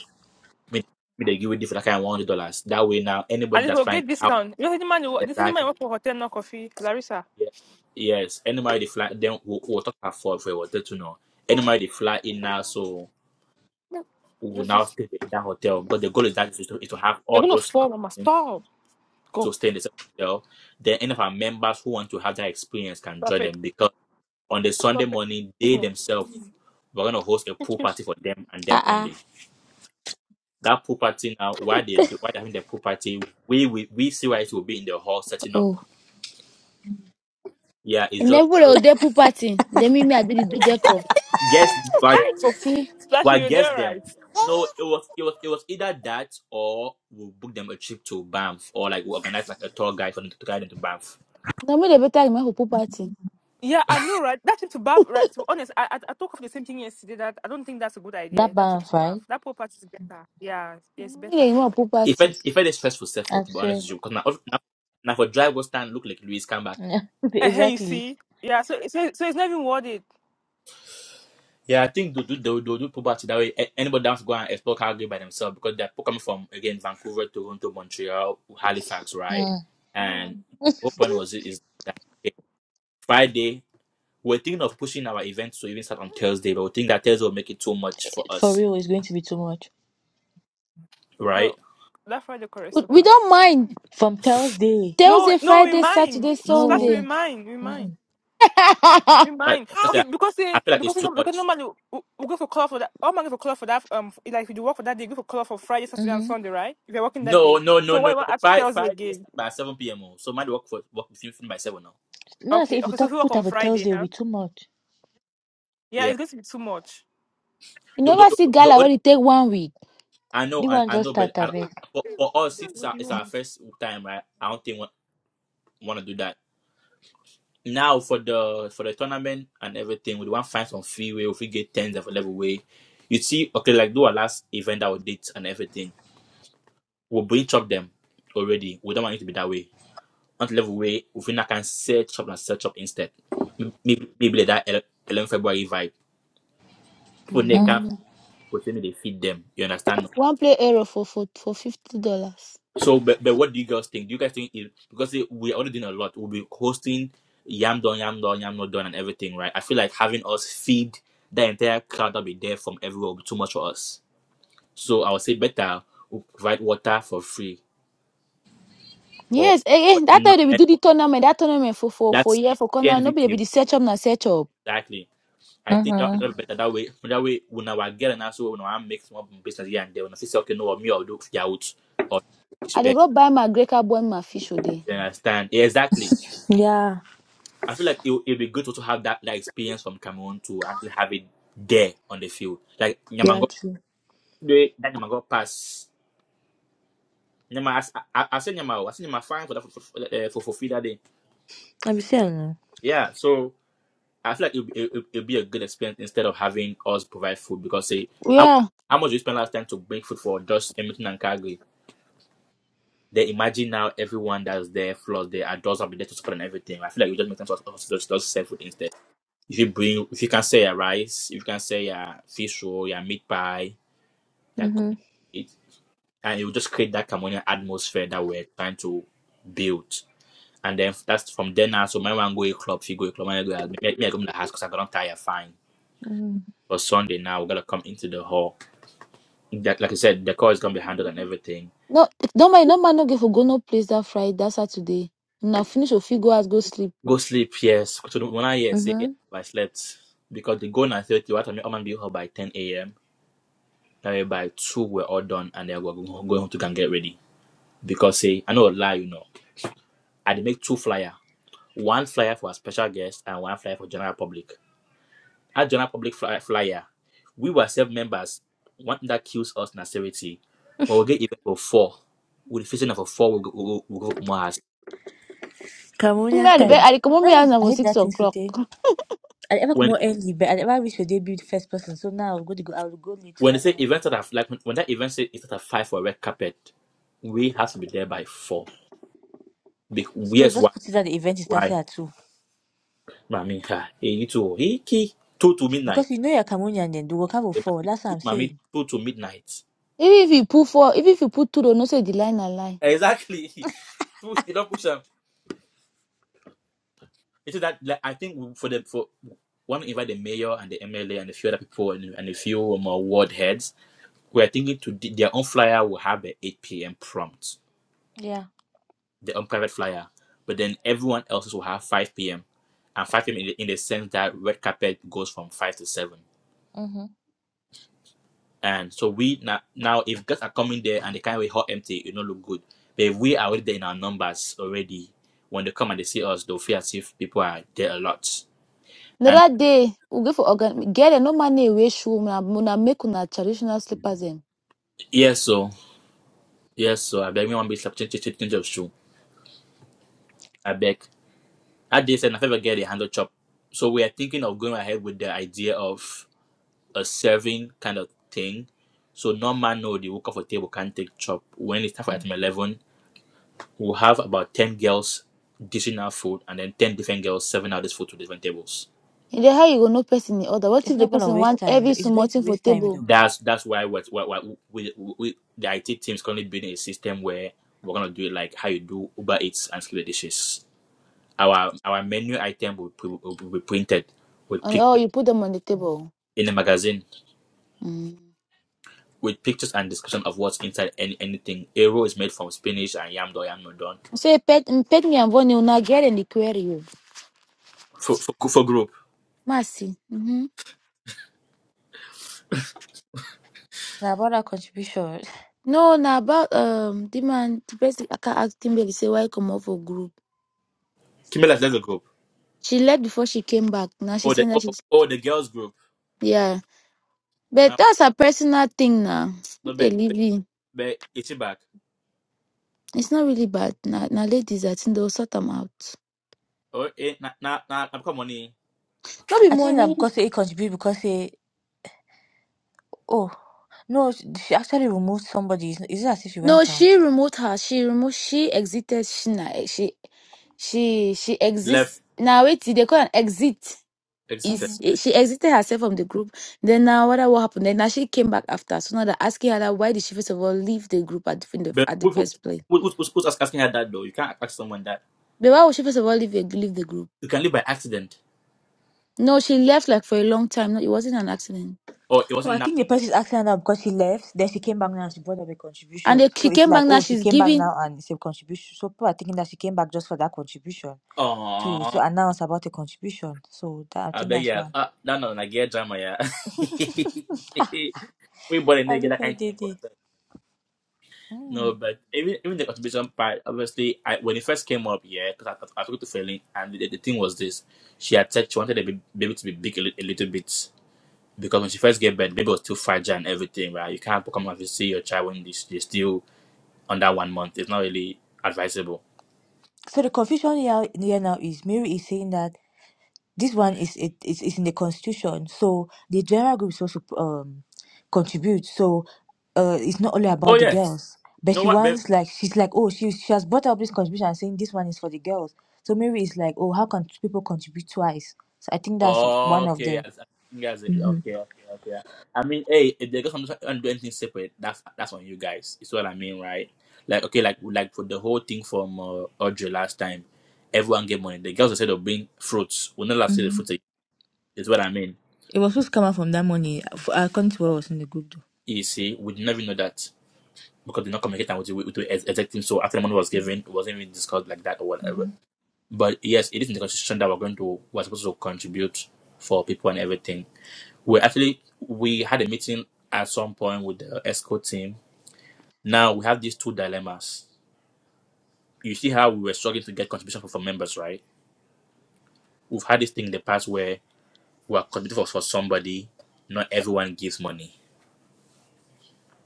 A: me, me they give you different like, kind of one hundred dollars. That way now, anybody
B: And it
A: that's
B: will
A: flying
B: get
A: out
B: discount. You know, the man, you- work- this man you
A: exactly,
B: work for hotel, not coffee. Larissa.
A: yes, yes, anybody they fly, then we'll, we'll talk about for for a hotel to know. Anybody they fly in now, so
B: No.
A: we will
B: Just,
A: now
B: just,
A: stay in that hotel because the goal is that is to, is to have
B: you're
A: all
B: gonna
A: those.
B: fall, mama. Stop.
A: To
B: Go.
A: sustain the same hotel, then any of our members who want to have that experience can
B: Stop
A: join
B: it.
A: them because on the Sunday
B: Stop it.
A: morning,
B: Kiss
A: they
B: me.
A: themselves we're gonna host a
B: Kiss,
A: pool
B: kiss.
A: party for them and them only. That pool party now, why they do, why they're having the pool party, we we we see why it will be in the hall setting up.
F: Oh,
A: Yeah, it's
E: And
A: just
E: everybody will dey pool party. They mean me I did do deco.
A: guess like
E: Hi Sophie.
B: Flashy,
A: well
B: you
A: guess
B: there,
A: them.
B: right?
A: No, it was it was it was either that or we'll book them a trip to Banff or like we we'll organize like a tour guide for them to guide them to Banff
E: No me they better remember pool party.
B: Yeah, I know, right? That trip to Bath, right? To be honest, I, I I talked of the same thing yesterday. That I don't think that's a good
F: that
B: idea. That trip
F: bath,
B: to Bath,
F: right?
B: that poor part is better. Yeah,
E: Me
B: it's
E: they
B: better.
E: remember pool
A: It
E: party.
A: felt it felt a stressful, self
F: I
A: to be honest
F: swear.
A: with you. Because now, now, now for drive was stand look like Louis come back.
F: Yeah.
B: Uh, hey, you
F: exactly.
B: see? Yeah, so so so it's not even worth it.
A: Yeah, I think they'll do they'll, they'll do probably that way. a- Anybody down to go and explore Calgary by themselves because they're coming from again Vancouver, Toronto, Montreal, Halifax, right?
F: Mm.
A: And open was it is that okay, Friday. We're thinking of pushing our events to even start on Thursday, but we think that Thursday will make it too much for
F: For
A: us,
F: real, it's going to be too much.
A: right?
B: No, that Friday core is
E: We we
B: super.
E: don't mind.
F: From Thursday.
B: No,
E: Thursday,
B: no, we
E: Friday,
B: mine.
E: Saturday,
B: Splash,
F: No.
B: we
E: Sunday.
B: mine, we mine,
F: Mm
B: we
A: But
B: mine.
A: but
B: Okay,
A: I
B: because
A: I
B: eh,
A: feel like it's
B: because you
A: too
B: know, because
A: much.
B: normally we, we go for color for that. All man go for color for that. Um, like if you work for that day, you go for color for Friday, Saturday, and
F: hmm.
B: Sunday, right? If you're working that day,
A: No, no, no,
B: so why
A: no,
B: why
A: no.
B: ask
A: Five
B: Thursday
A: five days
B: again?
A: start by seven p.m. oh. So might work for work between by seven now.
F: No, I say
B: Okay,
F: if you
B: okay. So if you
F: talk
B: work
F: put
B: on
F: up a
B: Friday,
F: Thursday, it'll
B: huh?
F: be too much.
B: Yeah, it's going to be too much.
E: you
A: the, the,
E: never
A: the,
E: see gala
A: only,
E: when it take one week.
A: I
F: The
A: know, I,
F: one
A: I
F: just
A: know,
F: start
A: but
F: a
A: I, I-
F: bit.
A: for, for us, since it's
B: What
A: our,
B: do you
A: it's our
B: want?
A: first time, right? I don't think we want to do that. Now for the for the tournament and everything, we want to find some free way. If we get tens of level way, you see, okay, like do our last event, our dates and everything. We'll bring chop them already. We don't want it to be that way. Not level way. If we not can set chop and set chop instead, M- maybe maybe like that ele- 11 February vibe. People they
F: Mm
A: can't
E: Mm.
A: for me they feed them. You understand? no?
E: One play arrow for for for fifty dollars.
A: So, but, but what do you guys think? Do you guys think it, because it, we're already doing a lot, we'll be hosting Yam Don, Yam Don, Yam Not done, and everything, right? I feel like having us feed the entire crowd that'll be there from everywhere will be too much for us. So, I would say better we provide water for free or
E: Yes, eh,
A: for
E: eh, that
A: anyone.
E: time they be do the
A: anyone.
E: tournament, that tournament for for for
A: That's
E: year for corner. Nobody be
A: CNVT,
E: the search up na search up.
A: exactly. I think that
F: hmm.
A: that'll be better that way. That way, when I get an answer, when I make small business here and there, when I say, okay, no, me, I'll do it out or
E: I dey
A: you
E: go buy my grey carbon my fish today.
A: understand? Yeah, exactly.
F: Yeah.
A: I feel like it it'd be good to also have that, that experience from Cameroon to actually have it there on the field. Like
F: Yeah,
A: Nyamango,
F: true.
A: that Nyamango pass. Nyama, I, I, I said Nyama, I said Nyama fine for that for for, uh, for, for free that day.
F: I be saying.
A: Yeah, so I feel like it'd, it, it- it'd be a good experience instead of having us provide food because say how
E: Yeah.
A: how much we spend last time to bring food for just Edmonton and Calgary. Then imagine now everyone that's there, floors there, adults will be there to support and everything. I feel like it would just make sense for us to just, just sell food instead. If you bring, if you can sell your rice, if you can sell your fish roll, your meat pie, your
F: Mm hmm.
A: corn, it, and it will just create that communal atmosphere that we're trying to build. And then that's from then now. So my one go a club, she go a club, and I go out. me, me I go in the house because I don't tire fine.
F: Mm
A: But Sunday now we're gonna come into the hall. That, like I said, the call is gonna be handled
E: No,
A: and everything.
E: no man, no man no get for go no place that Friday, that Saturday. Now finish your fit go out go sleep.
A: Go sleep, yes. So the- when I hear say
F: hmm.
A: I slept because they go nine thirty, what I mean, I'm gonna be home by ten a.m. That way by two we're all done, and then we're go- going home to go and get ready. because say I know lie, you know. I dey make two flyer, one flyer for our special guest and one flyer for general public. That general public fly, flyer, we were seven members. One thing that kills us na serity. But we get event for four. With the facing of a four. We go, we go, we go more as
E: Me
F: Cameroonian
E: I dey
F: time.
E: I dey come home me house
F: Hey,
E: now
F: I
E: for
F: hate
E: six
F: that thing,
E: o'clock.
F: Sote. I ever come
A: when
F: out early, but I never reach your debut the first person. So now I'm going to go. I will go later.
A: when they
F: Like
A: say
F: other
A: event
F: people.
A: that have, like when when that event say it's at five for a red carpet, we have to be there by four. Be-
F: so
A: Yes, why?
F: just put it that the event is starting
A: Why?
F: at two
A: Mami, ha, eh, you too. Iki, two to midnight.
F: because you know you're Cameroonian. Then the workout will
A: Eh,
F: fall.
A: Mami,
F: That's what
A: two,
F: I'm
A: mami,
F: saying.
A: two to midnight.
E: Even if you put four, even if you put two, do don't know say the line na line.
A: Exactly. Push it up, push them. It's just that like, I think for the for want to invite the mayor and the MLA and a few other people and, and a few more ward heads. We are thinking to d- their own flyer will have the 8 p.m. prompt,
F: Yeah.
A: their own private flyer, but then everyone else's will have 5 p.m. and 5 p.m. in the, in the sense that red carpet goes from 5 to 7.
F: Mhm.
A: And so we now, now if guys are coming there and they can't wait hot empty, it don't look good. But if we are already there in our numbers already, when they come and they see us, they'll feel as if people are there a lot. And
E: Another day we go for organ. Get a no money we shoe. Una una make una traditional slippers them.
A: yes, so yes, so I beg me one bit chop change, change, change of shoe. I beg. That day said I never get a handle chop. So we are thinking of going ahead with the idea of a serving kind of thing. So no man know the work of a table can take chop. When it's time for
F: Mm.
A: item eleven, we'll have about ten girls dishing out food and then ten different girls serving out this food to different tables.
E: In the how you go no person the other. What if
F: It's
E: the
F: not gonna
E: person
F: waste
E: want
F: time.
E: every
F: Though. It's
E: small
F: going
E: thing
F: to
E: for
F: waste time
E: table
F: though.
A: That's that's why what why, why we, we, we the IT team is currently building a system where we're gonna do it like how you do Uber Eats and split the dishes Our our menu item will, will, will be printed with
E: and oh
A: pictures
E: you put them on the table.
A: in a magazine
E: Mm.
A: with pictures and description of what's inside any, anything. Aero is made from spinach and yam or yam nodon.
E: Say pet mm, pet me and Vonnie una get in the query you.
A: For for for group.
E: Mercy. Mm-hmm.
F: Now about that contribution,
E: No, na about um the man, the person I can ask him say why come off for group.
A: Kimela left the group.
E: She left before she came back. Now she
A: Oh the
E: said that
A: oh,
E: she's
A: oh the girls group.
E: yeah. But
A: Uh,
E: that's her personal thing now.
A: no
E: They
A: be be
E: leave it.
A: but it's back.
E: It's not really bad. Now, now ladies, I think they'll sort them out.
A: Oh eh na na na I'm come money
E: Not be
F: I think that
E: money.
F: because they contribute because they. oh no, she she actually removed somebody. It's it's not as if she
E: No,
F: went out.
E: she removed her. She removed. She exited. She na. She she she
A: left
E: exists. Now wait, they call an exit.
A: exited.
E: is she exited herself from the group. Then now, what what happened? Then now she came back after. So now they're asking her that why did she first of all leave the group at the, in the
A: But
E: at the
A: who, who,
E: first place?
A: who, who, who's who's asking her that though? You can't ask someone that.
E: But why would she first of all leave the- leave the group?
A: You can live by accident.
E: No, she left like for a long time. No, it wasn't an accident.
A: Oh it
F: Oh, I
A: wasn't
F: think the person is asking her now because she left. Then she came back now and she brought up a
E: And
F: contribution.
E: then
F: So
E: she
F: it's
E: came
F: like,
E: back now.
F: oh, she
E: She's
F: came back
E: giving.
F: now and it's a contribution. So people are thinking that she came back just for that contribution to
A: that.
F: to announce about a contribution. So that I
A: I
F: think
A: beg
F: that's
A: ya
F: why.
A: ah no no, na get drama ya we born a
F: I
A: nigga
F: don't
A: that
F: know if I
A: kind of thing
F: did
A: for
F: it.
A: ourselves.
F: Hmm.
A: No, but even even the contribution part, obviously, I when it first came up, yeah, because I, I, I talked to Failing, and the, the thing was this: she had said she wanted the ba- baby to be big a, li- a little bit because when she first gave birth, baby was too fragile and everything, right? You can't come and see your child when they, they're still under one month. It's not really advisable.
F: So the confusion here, here now is Mary is saying that. This one is it is is in the constitution, so the general group is supposed to um contribute. So uh, it's not only
A: Oh
F: about the
A: yes,
F: girls,
A: you
F: but
A: no
F: she
A: one.
F: wants like she's like oh she she has brought up this contribution and saying this one is for the girls. So maybe it's like oh how can people contribute twice? So I think that's one of
A: Okay, I,
F: the.
A: I think that's it.
F: hmm
A: Okay, okay, okay. I mean, hey, if they got something and do anything separate, that's that's on you guys. It's what I mean, right? Like, okay, like like for the whole thing from uh, Audrey last time, everyone gave money. The girls said they'll bring fruits. We're not allowed to see the
F: hmm
A: fruits. again. Is what I mean.
F: It was supposed to come out from that money. f- According to what was in the group
A: You see, we did not even know that because they're not communicating with the with the ex- exec team. So after the money was given, it wasn't even discussed like that or
F: though.
A: whatever. But yes, it is in the constitution that we're going to we're supposed to contribute for people and everything We actually we had a meeting at some point with the ESCO team. Now we have these two dilemmas. You see how we were struggling to get contribution from from members, right? We've had this thing in the past where we are contributing for, for somebody, not everyone gives money.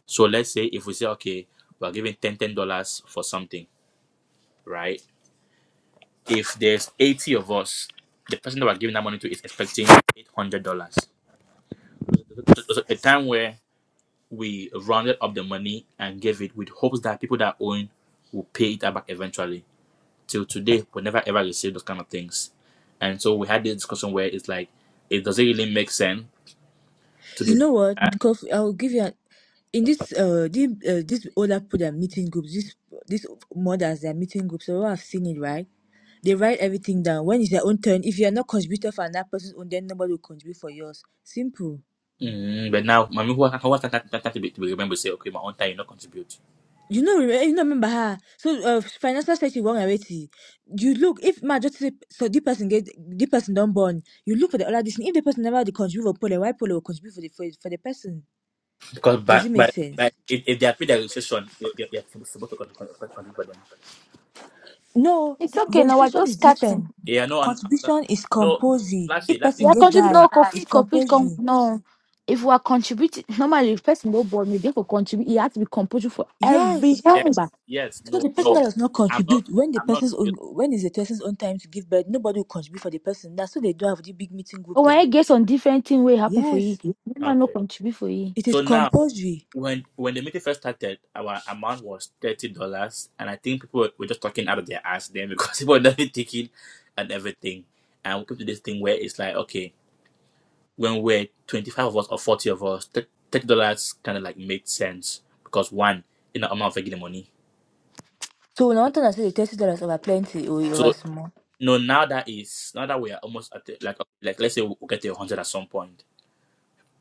A: So let's say if we say, okay, we're giving ten ten dollars for something, right? If there's 80 of us, the person that we're giving that money to is expecting $800. There's a time where we rounded up the money and gave it with hopes that people that own will pay it back eventually. Till today, we never ever received those kind of things. And so we had this discussion where it's like, it doesn't really make sense to be
F: You
A: doing
F: know what?
A: that.
F: Kofi, I'll give you an in this uh this, uh, this older people that meeting groups, this this mothers that meeting groups, so I've seen it right. They write everything down. When it's their own turn, if you are not contributor for another person's own, then nobody will contribute for yours. Simple.
A: Mm, but now, I mean, who has who has that, that, that to, be, to be remembered? Say, okay, my own time, you not contribute.
F: You know, remember, you know, remember her. So, uh, financial strategy one already. You look if ma just say, so the person get the person don't born. You look for the other this. thing. If the person never the contribute for pole, why pole will contribute for the for, for the person?
A: Because
F: Does
A: by,
F: it make
A: by,
F: sense?
A: by, if, if they are paid their registration, you- you- you're supposed to con- con- con- contribute for them.
F: No,
E: It's okay. No, we're
F: registration
E: just
F: is
E: starting.
F: different.
A: Yeah, no, and,
F: Contribution is
A: no,
F: compulsory.
A: lastly,
F: If
A: that
E: We
A: thing,
F: person
E: are
F: get
E: contributing.
A: uh,
E: No,
F: die,
E: copy,
F: it's
E: copy, com-
F: compulsory.
E: no. If we are contributing, normally the person no board me. They could contribute. It has to be compulsory for every
F: Yes.
A: yes,
E: member.
A: yes,
F: So the
A: no,
F: person that does not
A: I'm not,
F: contribute when the
A: I'm not,
F: person's own when is the person's own time to give birth, nobody will contribute for the person. That's so they don't have the big meeting group
E: But when I
F: then.
E: guess on different thing, will happen for you.
F: Yes.
E: Member
A: okay.
E: no contribute for you.
F: It is
A: So now,
F: compulsory.
A: when when the meeting first started, our amount was thirty dollars, and I think people were, were just talking out of their ass then because people were not thinking, and everything. And we came to this thing where it's like, okay, when we're twenty five of us or forty of us, thir- thirty dollars kind of like made sense because one, you know, amount of the money.
F: So when I want to say the thirty dollars over plenty or over
A: So
F: small.
A: no, now that is now that we are almost at the, like like let's say we'll get to hundred at some point.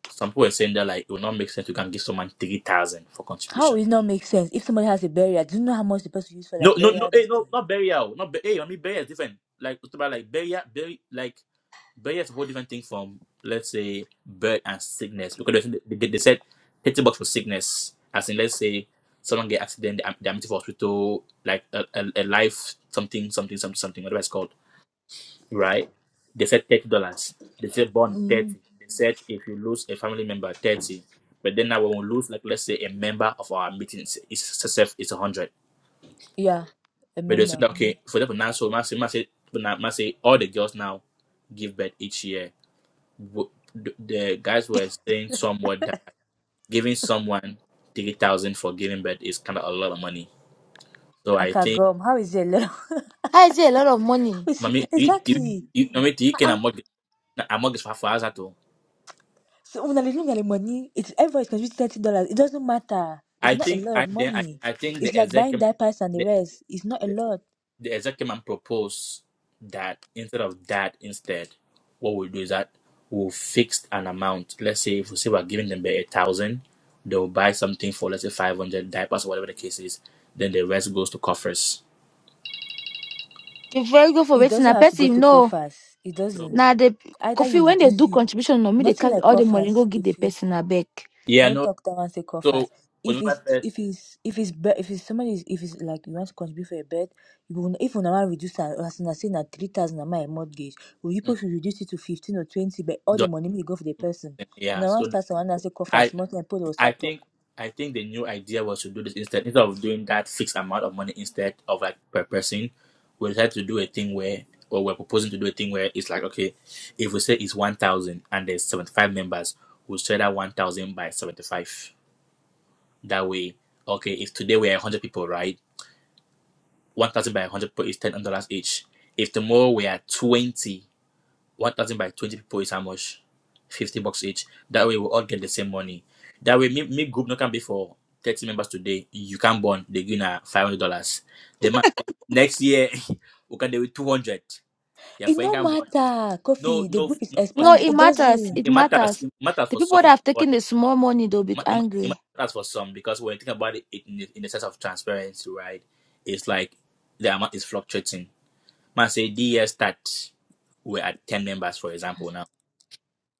A: Some people were saying that like it will not make sense to can give someone three thousand for
F: How
A: contribution
F: will it not make sense if somebody has a barrier, Do you know how much the person use for
A: No,
F: like
A: no, no,
F: burial these
A: hey, no,
F: things?
A: not burial. Not bu- hey, I mean burial is different. Like talk about like burial, bury, like burial is a whole different thing from let's say birth and sickness because they, they, they said thirty bucks for sickness, as in let's say someone get accident, they admitted for hospital, like a, a, a life something something something something whatever it's called, right? They said thirty dollars. They said born
F: Mm,
A: thirty. They said if you lose a family member thirty, but then now when we lose like let's say a member of our meeting, it's it's, it's a hundred
F: yeah,
A: but they're saying
F: remember.
A: that, okay, for example, now, so must say, must say, now, must say all the girls now give birth each year. W- The the guys were saying somewhat that giving someone 3000 for giving birth is kind of a lot of money. So I think,
F: Akagom, how is it?
E: How is it a lot of money?
A: mommy, do you, do you,
F: Exactly.
A: you- mommy, do you can
F: Ah,
A: among among for us at all?
F: so when I look at the money, it's everyone is be thirty dollars. It doesn't matter. It's
A: I
F: not a
A: think
F: lot
A: I
F: of
A: then I,
F: money.
A: I think
F: It's
A: the
F: like
A: exec
F: buying
A: came.
F: diapers and the rest. It's not a lot.
A: the executive man proposed that instead of that, instead, what we'll do is that we'll fix an amount. Let's say if we say we're giving them a thousand, they'll buy something for let's say five hundred diapers or whatever the case is. Then the rest goes to coffers.
E: The very good for
F: It
E: waiting.
F: doesn't
E: A
F: have to go
E: person
F: to
E: no.
F: coffers. It
A: So
F: doesn't.
E: Now the
F: Either
E: coffee
F: you
E: when they
F: reduce
E: do
F: it.
E: contribution, no me they
F: Nothing
E: can't
F: like
E: all the money go
F: coffers,
E: give the
F: Kefi.
E: person a back.
A: yeah,
F: No
A: no.
F: talk that one say call
A: So
F: fast. If
A: November
F: it's
A: first,
F: if it's if it's be, if it's somebody is, if it's like you want to contribute for a bed, you will if una wan reduce am as una say na three thousand na my mortgage, Oyibo
A: mm,
F: to reduce it to fifteen or twenty, but all the
A: dollar,
F: money will go for the person.
A: yeah.
F: Una wan
A: So
F: start someone and say call
A: that-
F: fast, more time people will
A: I
F: start talk.
A: think I think the new idea was to do this instead instead of doing that fixed amount of money instead of like per person, we decided to do a thing where or we're proposing to do a thing where it's like okay, if we say it's one thousand and there's seventy five members, we'll share that one thousand by seventy five. That way, okay, if today we are hundred people, right? One thousand by hundred people is ten dollars each. If tomorrow we are twenty 1,000 by 20 people is how much? 50 bucks each. That way, we all get the same money. That way, me, me group not can be for 30 members today. You can bond. They give na $500. They might say, next year, we can do it 200. Yeah,
F: It
A: friend
F: no
A: can bond.
F: matter,
A: No,
F: Coffee. The
A: no,
F: group is
A: no. For,
E: No,
F: expanding.
E: it
A: for,
F: It
E: matters.
F: doesn't.
E: It
A: it matters.
E: matters.
A: It matters
E: The
A: for
E: people that
A: some.
E: have taken
A: Bonding.
E: the small money they'll
A: It,
E: be
A: ma- it ma-
E: angry.
A: it matters for some because when you think about it, it in, the, in the sense of transparency, right? It's like the amount is fluctuating. Man, say, the year start, we're at 10 members, for example, now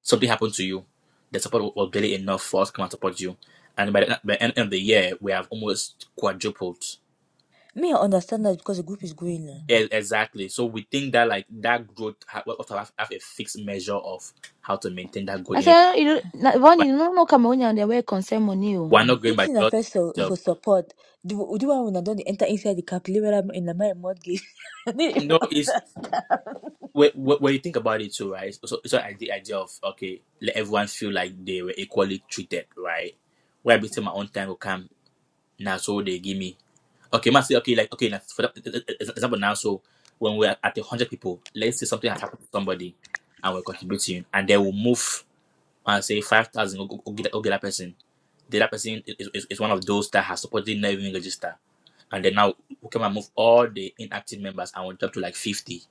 A: Something happened to you. The support was barely enough for us to come and support you. And by the, by the end of the year, we have almost quadrupled.
F: Me, I understand that because the group is growing. eh.
A: E- exactly. So we think that like that growth, ha- we have have, have a fixed measure of how to maintain that growth.
E: I
A: You know,
E: say you know, you know, one
A: We're
E: you don't know no Cameroonian they wear concern money. Oh.
A: we're not going
F: This
A: by
F: thing
A: just
F: na first
A: the
F: for,
A: idea
E: Hmm.
A: of-
F: for support. The, the one when I don't enter inside the calculator in the my mortgage.
A: No, it's when, when when you think about it too, right? So it's not like the idea of okay, let everyone feel like they were equally treated, right? Where I became my own time will come now, so they give me Okay, must say okay, like okay, like for the example now, so when we're at a hundred people, let's say something has happened to somebody, and we're contributing, and they will move and say five thousand, go, go, go get go get that person. The that person is, is, is one of those that has supposedly never even registered, and then now we can move all the inactive members and we drop to like fifty,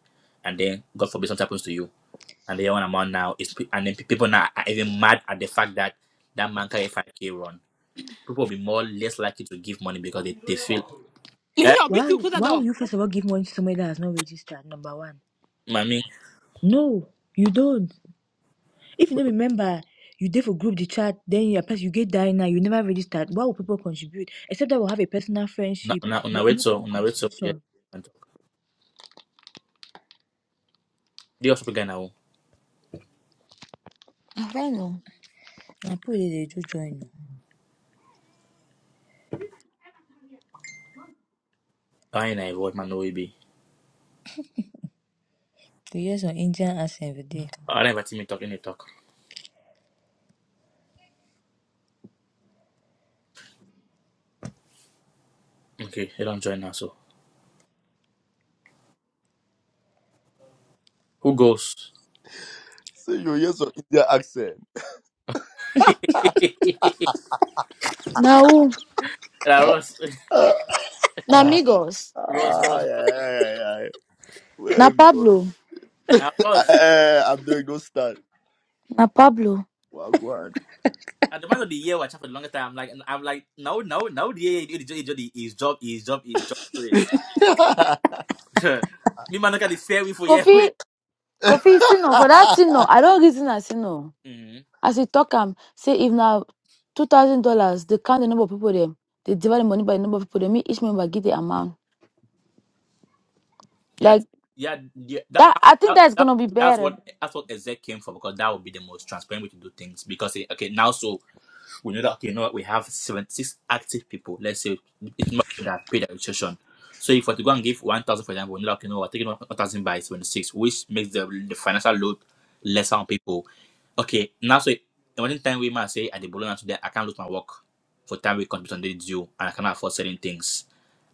A: and then God forbid something happens to you, and the one amount now is pe- and then pe- people now are even mad at the fact that that man carry five k run. People will be more less likely to give money because they, they feel
B: You see
A: eh,
B: your
F: Why,
B: bitch, you
F: would-
B: close the
F: why would
B: door.
F: you first of all give money to somebody that has not registered? Number one.
A: mommy.
F: No, you don't. If you don't remember, you did for group the chat, then you person you get dying now, you never registered. Why will people contribute? Except that we'll have a personal
A: una,
F: friendship,
A: una,
F: but you know
A: unaweza
F: the
A: unaweza
F: constitution.
A: ndio kupiga na huu
E: I don't know.
F: I put it they do join. oh.
A: aina na hivyo man oib
F: They hear some Indian accent every day.
A: ana vati mi talk ini talk okay you don't join us so who goes
I: So you hear some Indian accent.
E: Now, who?
A: na Ross
E: now amigos.
A: Ross
I: Ah,
A: Ross Ross
I: yeah, yeah, yeah.
E: Now
I: Well, God.
E: Pablo.
A: now
I: Eh,
A: Ross
I: eh, I'm doing no start.
E: Na Pablo.
I: Well, go on.
A: at the man of the year watch out for the longest time I'm like I'm like no no no the year the job the his job his job his job today me man look at the fair we for yeah wait
E: Kofi, Kofi, see no, for that thing no, I don't reason as you know.
A: mm-hmm.
E: As he talk am, say if now two thousand dollars, they count the number of people them, they divide the money by the number of people them. Me each member get the amount.
A: yeah
E: Like
A: yeah yeah that,
E: that, I think
A: that,
E: that's
A: that
E: gonna be
A: that's
E: better.
A: what that's what exec came for because that would be the most transparent way to do things because eh, okay now so we know that okay, you know what, we have 76 active people. Let's say it's people that paid the registration. So if we're to go and give 1,000, for example, we know that okay, you know, we're taking 1,000 by 76, which makes the, the financial load lesser on people. Okay, now so in one time we might say at the Bologna today, I can't lose my work for time we contribute on the due and I cannot afford certain things.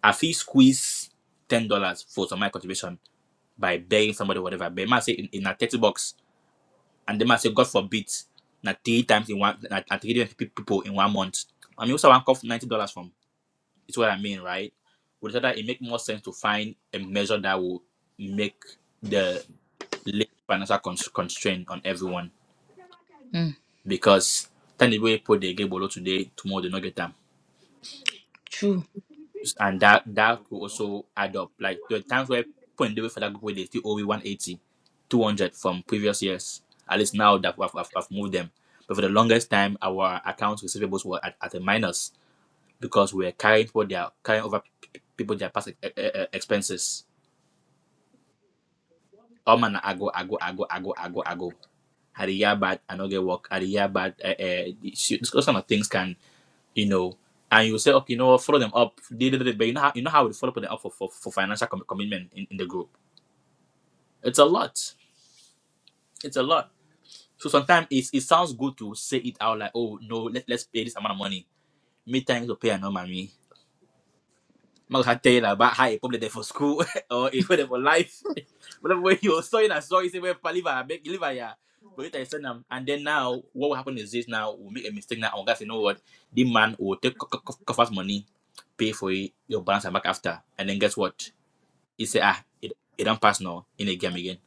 A: I feel squeeze ten dollars for some of my contribution by begging somebody whatever. But it might say in, in a 30 bucks and the man say God forbid na three times in one na, na three different pe- people in one month. I mean, also one cough ninety dollars from. It's what I mean, right? Would that it make more sense to find a measure that will make the late financial cons- constraint on everyone
F: Mm,
A: because ten the way put the game below today, tomorrow they no get them.
F: true.
A: and that that could also add up. Like there are times where point delivery for that group where they still owe me 180, from previous years. At least now that I've, I've, I've moved them. But for the longest time, our accounts receivables were at, at a minus because we are carrying for their carrying over p- p- people their past e- e- e- expenses. Oh man, I go, I go, I go, I go, I go, I go. Had a year bad, I don't get work. Had a year bad, uh, uh, those kind of things can. you know, and you say, okay, you know what, follow them up. They did it, but you know how you know how we follow them up for, for, for financial com- commitment in, in the group. It's a lot. It's a lot. So sometimes it, it sounds good to say it out like, oh no, let, let's pay this amount of money. Me time to pay another money. I'm not gonna tell you about how you probably there for school or if there for life. Whatever way you saw it and saw it, say well live I beg live yeah. But later you send them and then now what will happen is this now we make a mistake now and guys you know what? The man will take coffers money pay for it, your balance and back after. And then guess what? You say, ah, it, it don't pass now in a game again.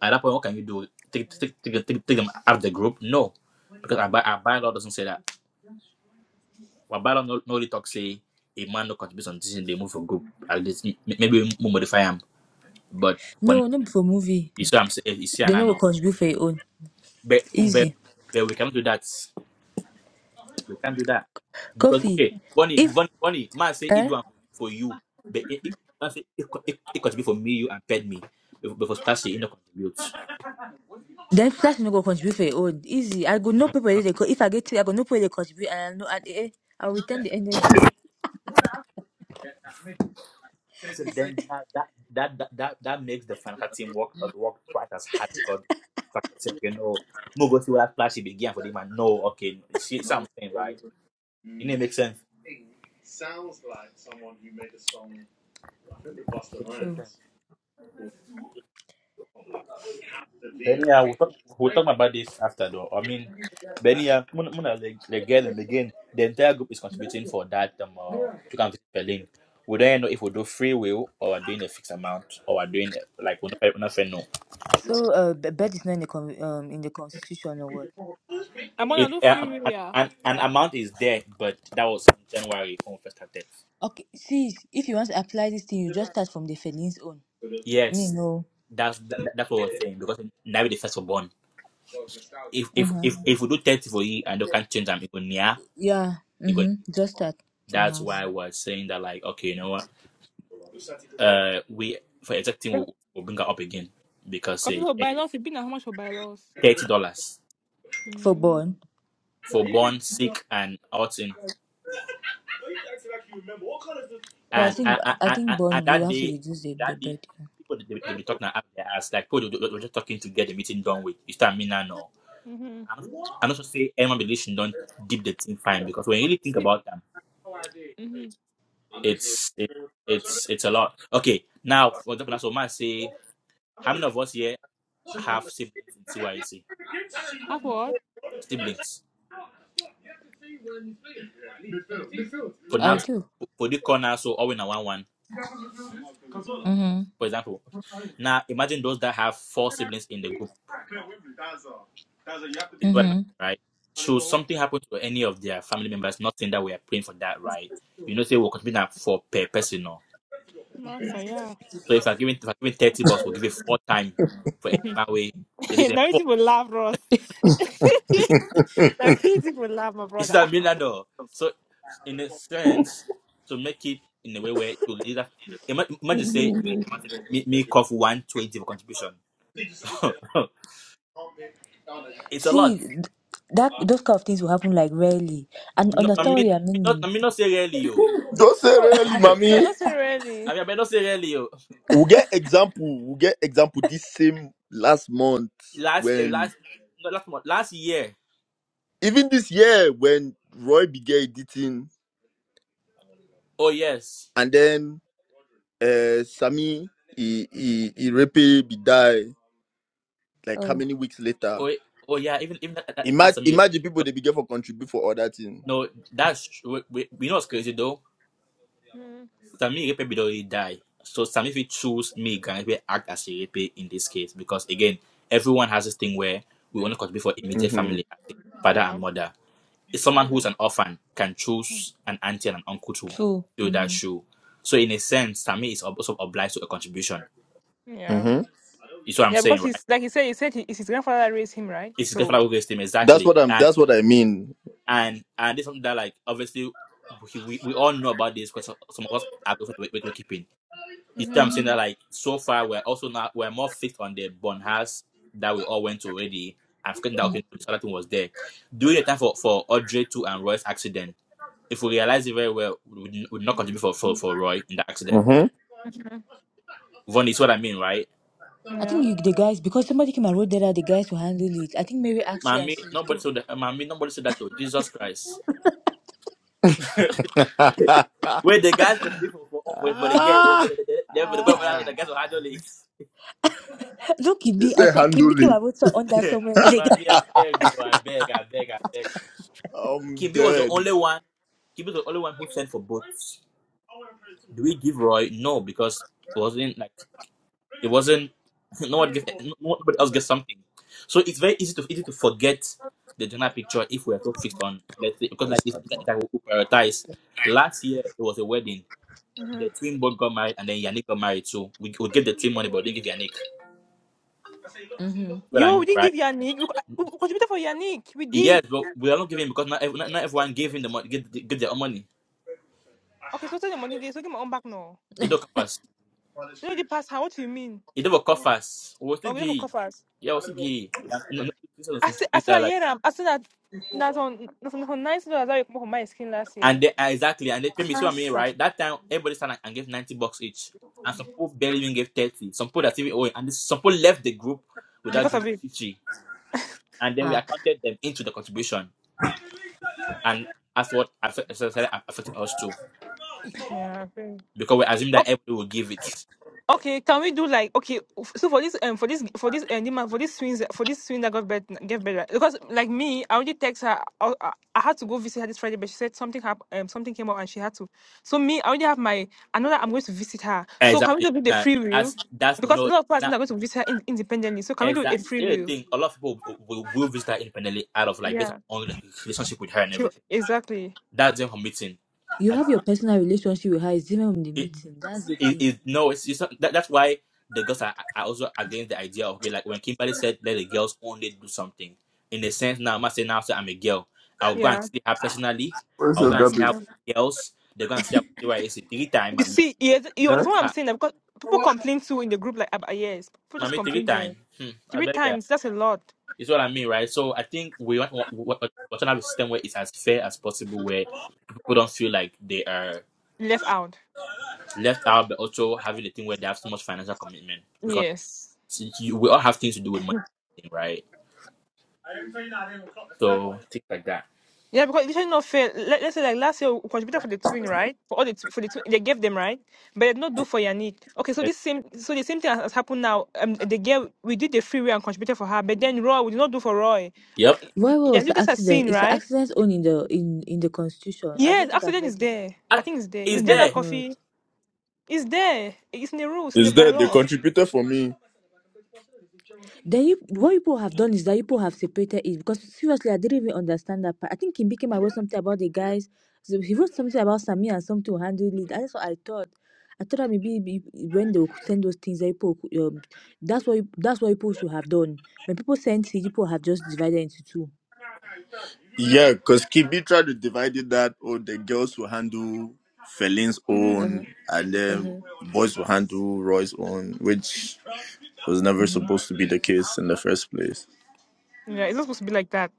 A: At that point, what can you do? Take take take, take, take them out of the group? No. Because our, by, our bylaw doesn't say that. Our bylaw no, no really talk say a man no contributes on decision, they move for group. At least m- maybe we modify them. But when
F: No, not for movie.
A: you see I'm saying you see
F: They
A: and I
F: know will
A: know.
F: contribute for your own.
A: But, but
F: Easy.
A: but we cannot do that. We can't do that Because
F: Coffee.
A: okay, Bonnie,
F: If
A: Bonnie, Bonnie, man say it
F: eh?
A: do am for you, but it it man say it co- it, it contribute for me, you and ped me. But but for start say it not contribute.
F: Then Flash no go contribute for your own. Easy. I go no people where they go. If I get three, I go no people where they contribute, and I know and eh, I'll return the energy.
A: So then that that that that that, that makes the financial team work uh, work twice as hard because the fact say okay no, no go see what that flashy began for the man. No, okay, you see something right? It didn't make
F: True.
A: sense. Benny, yeah, we'll talk, we'll talk about this after though. I mean, Benny, yeah, Muna, Muna, the, the girl and again the entire group is contributing for that. Um, uh, you can visit Berlin. We don't know if we do free will or we're doing a fixed amount or we're doing like we're not, we're not fair, no.
F: So, uh, b- bed is not in the con- um in the constitution or what?
B: I'm
A: It
B: gonna do
A: uh,
B: free
A: um,
B: will,
A: an,
B: yeah.
A: an, an amount is there, but that was in January when we first started.
F: Okay. See, if you want to apply this thing, you just start from the Feline's own. You
A: Yes,
F: know.
A: that's that, that's what we're saying because now we're the first born. If if
F: Mm-hmm.
A: if if we do thirty for you and they can't change them, it go near,
F: Yeah.
A: it go.
F: Mm-hmm. Just start from
A: That's
F: hers
A: why I was saying that like okay, you know what. uh, we for exacting
B: Because
A: will will bring her up again because
B: for
A: uh,
B: by loss, it been how much for by loss?
A: thirty dollars
F: for
B: Mm.
F: born.
A: for born sick and outing
F: I
A: and
F: think
A: and, and,
F: I think
A: and
F: born
A: and
F: you
A: that
F: have to
A: day
F: reduce the the
A: that day
F: bed. Yeah.
A: people they, they be talking out their ass like people they, they, they just talking to get the meeting done with you start mean now no
B: Mm-hmm.
A: I'm not I'm not sure to say anyone relation don't deep the thing fine because when you really think
B: Sleep.
A: about them
B: Mm-hmm.
A: it's it, it's it's a lot okay now for example now so man say how many of us here have siblings in TYC
B: That's what?
A: siblings for
F: I
A: now
F: do.
A: for the corner so all in a one one
B: Mm-hmm.
F: Mm-hmm.
A: for example now imagine those that have four siblings in the group it's what
F: Mm-hmm.
A: right should something happen to any of their family members not saying that we are praying for that right you know say we'll continue that for per person no.
B: Master, yeah.
A: so if i'm giving if i'm giving 30 bucks we'll give it four times for any man way they did it four
B: Narrative will laugh, Ross. Narrative will laugh, my
A: this is
B: brother.
A: a million dollar so in a sense to make it in a way where you either ima- imagine say you enter my me, me cough 120 for contribution it's a lot
F: See, th- that those kind of things will happen like rarely, and
A: No, I
F: understand what
A: mean,
F: you are
A: me not,
F: meaning.
A: I mean not say really, oh.
I: Don't say
B: No,
I: really,
A: I
B: no,
I: mommy.
B: not so really.
A: mean, I mean not say really, oh.
I: We'll get example. We'll get example this same last month
A: Last, eh,
I: when,
A: last, no, last month, last year.
I: even this year, when Roy began editing
A: Oh yes.
I: and then uh, Sammy, he, he, he raped, be die. Like how
F: Oh,
I: many weeks later?
A: Oh, eh, oh yeah. Even even that, that, that
I: Imagine,
A: Samir
I: imagine people
A: Epe-
I: they begin for contribute for other things.
A: No, that's true. We, we know what's crazy though.
B: Mm.
A: Samir Epe did already die, so Samir if choose me, can we act as a Epe in this case because again, everyone has this thing where we only contribute for immediate
I: Mm-hmm.
A: family, father and
B: Yeah.
A: mother. is someone who's
B: hmm
A: an orphan can choose an auntie and an uncle to
F: true.
A: do that
F: Mm-hmm.
A: shoe. So in a sense, Tammy is also obliged to a contribution.
B: Yeah.
I: Mm-hmm.
A: You see what I'm
B: Yeah,
A: saying,
B: because
A: right?
B: he's like he said, he said he, it's his grandfather that raised him, right?
A: It's his
B: So.
A: grandfather who raised him
I: That's
A: exactly,
I: what I'm.
A: and
I: That's what I mean.
A: and and this something that like obviously we, we, we all know about this because some of us are going we we're keeping. You see what
B: Mm-hmm.
A: I'm saying that like so far we're also not we're more fixed on the born house that we all went to already. I've forgotten that
F: Mm.
A: okay, this other thing was there. During the time for for Audrey too and Roy's accident if we realize it very well, we would not contribute for, for, for Roy in the accident.
I: Mm-hmm.
B: hmm
A: Von is what I mean, right?
F: I think
B: Yeah.
F: you, the guys, because somebody came and wrote there that the guys will handle it. I think Mary asked it and
A: Mami,
F: she
A: nobody
F: came.
A: said that. Mami, nobody said that to Jesus Christ. Where the guys contribute for for for, for the game, oh, they,
I: Ah,
A: they, they, they, for the boy, oh,
I: ah.
A: the guys will handle it.
F: Look, Kibi,
I: It's
F: I
I: a
F: saw
I: handle
F: Kibi came
I: it.
F: and wrote so- on that somewhere. I think.
A: Mami, I beg, oh, I beg, I beg, I beg.
I: I'm
A: Kimbi was the
I: dead.
A: only one. Kimbi was the only one who sent for boats. Do we give Roy? No, because it wasn't like. It wasn't no one gave no- nobody else gets something. So it's very easy to easy to forget the general picture if we are so fixed on let's say because
I: I
A: like it's,
I: start
A: it's
I: now.
A: like we prioritize. Last year it was a wedding. The twin both got married and then Yannick got married too. We would give the twin money but we didn't give Yannick.
F: Mm-hmm.
A: What I
B: Yo, we
A: mean,
B: didn't
A: right?
B: give Yannick. We, we we contributed for Yannick. We
A: Yes,
B: did.
A: but we are not giving because not, ev- not, not everyone gave him the money give, the- give their own money.
B: Okay, so tell the money there. So give my own back now.
A: It don't cover us.
B: You know the past. How? What do you mean?
A: It don't cover us. We will still
B: Oh, Okay, for
A: give.
B: coffers.
A: Yeah, we will still give. Yeah, no, no, no, this is
B: I
A: something
B: said, I
A: like
B: said, I
A: that.
B: hear them. I said that that's on that's on that's on nice dollars that you come from my skin last year
A: And they, uh, exactly, and they pay me, see what I mean,
B: Asa.
A: right? That time, everybody stand and and gave 90 bucks each. And some people barely even gave 30. Some people that even owe, and this, some people left the group without
B: because
A: giving
B: of it.
A: 50. And then we
F: Ah.
A: accounted them into the contribution. And that's what affect- started affecting us too.
B: Yeah. Okay.
A: Because we assumed that everybody will give it.
B: Okay, can we do like okay? f- So for this um for this for this uh, Nima- for this twins for this twin that got bed gave birth right? because like me I already text her I, I, I had to go visit her this Friday but she said something happened um something came up and she had to so me I already have my I know that I'm going to visit her so can we
A: Exactly.
B: just do the
A: Nah,
B: free will
A: that's, that's
B: because a
A: not,
B: lot of people
A: now,
B: are going to visit her in, independently so can we do a
A: exactly.
B: free
A: The other
B: will
A: thing, a lot of people will, will, will visit her independently out of like based
B: yeah
A: on the relationship with her and
B: she,
A: everything.
B: exactly
A: That's them her meeting.
F: You have your personal relationship with her. It's different from the meeting. That's the
A: it,
F: thing.
A: it no, it's, it's not, that, that's why the girls are, are also against the idea of okay, like when Kimberly said let the girls only do something. In the sense now, I'm not saying now say I'm a girl. I'll go and
B: yeah
A: see her personally.
I: Where's
A: I'll
I: your
A: go and see her
I: garbage?
B: Mhm.
A: with girls. They're gonna see her with YAC three time,
B: you
A: mommy.
B: see yes you
I: Huh?
B: understand what I'm
A: Ha,
B: saying now? because people complain too in the group like ab- yes people just
A: mommy three
B: complain
A: time.
B: there
A: Hmm, I
B: three
A: beg ya.
B: times that's a lot
A: It's what I mean, right? So I think we want we want we want to have a system where it's as fair as possible, where people don't feel like they are
B: left out.
A: left out, but also having the thing where they have so much financial commitment because
B: Yes.
A: you, we all have things to do with money, right? So things like that.
B: Yeah, because it's not fair. Let, let's say like last year we contributed for the twin, right? For all the tw- for the twin, they gave them right, but they did not do for Yannick. Okay, so
A: Uh,
B: this same so the same thing has, has happened now. Um, the girl we did the freeway and contributed for her, but then Roy we did not do for Roy. Uh,
A: Yep.
B: y-
F: Why
B: y- yeah,
F: was
B: you
F: the
B: guys have
F: accident?
B: seen,
F: It's an
B: right?
F: accident on in the in in the constitution. I don't
B: Yes,
F: think I've
B: accident is
F: read it.
B: there.
A: And
B: I think it's there.
F: Oh
A: it's
B: It's there
F: my
B: now,
A: there.
F: god.
B: coffee. It's there. It's in the rules, in the
I: Is that they
B: bylaws.
I: contributed for me?
F: The Yip- what people have done is that people have separated it because seriously, I didn't even understand that part. I think Kim Kim wrote something about the guys. So he wrote something about Samir and something to handle it. That's what I thought. I thought that maybe be- when they would send those things, that people could, um, that's what that's what people should have done. When people sent it, people have just divided into two.
I: Yeah, because Kimbi tried to divide it that oh the girls will handle Feline's
F: Uh
I: own
F: huh.
I: and
F: Uh
I: then
F: huh.
I: boys will handle Roy's own, which was never
F: Mhm.
I: supposed to be the case in the first place.
B: Yeah, it's not supposed to be like that.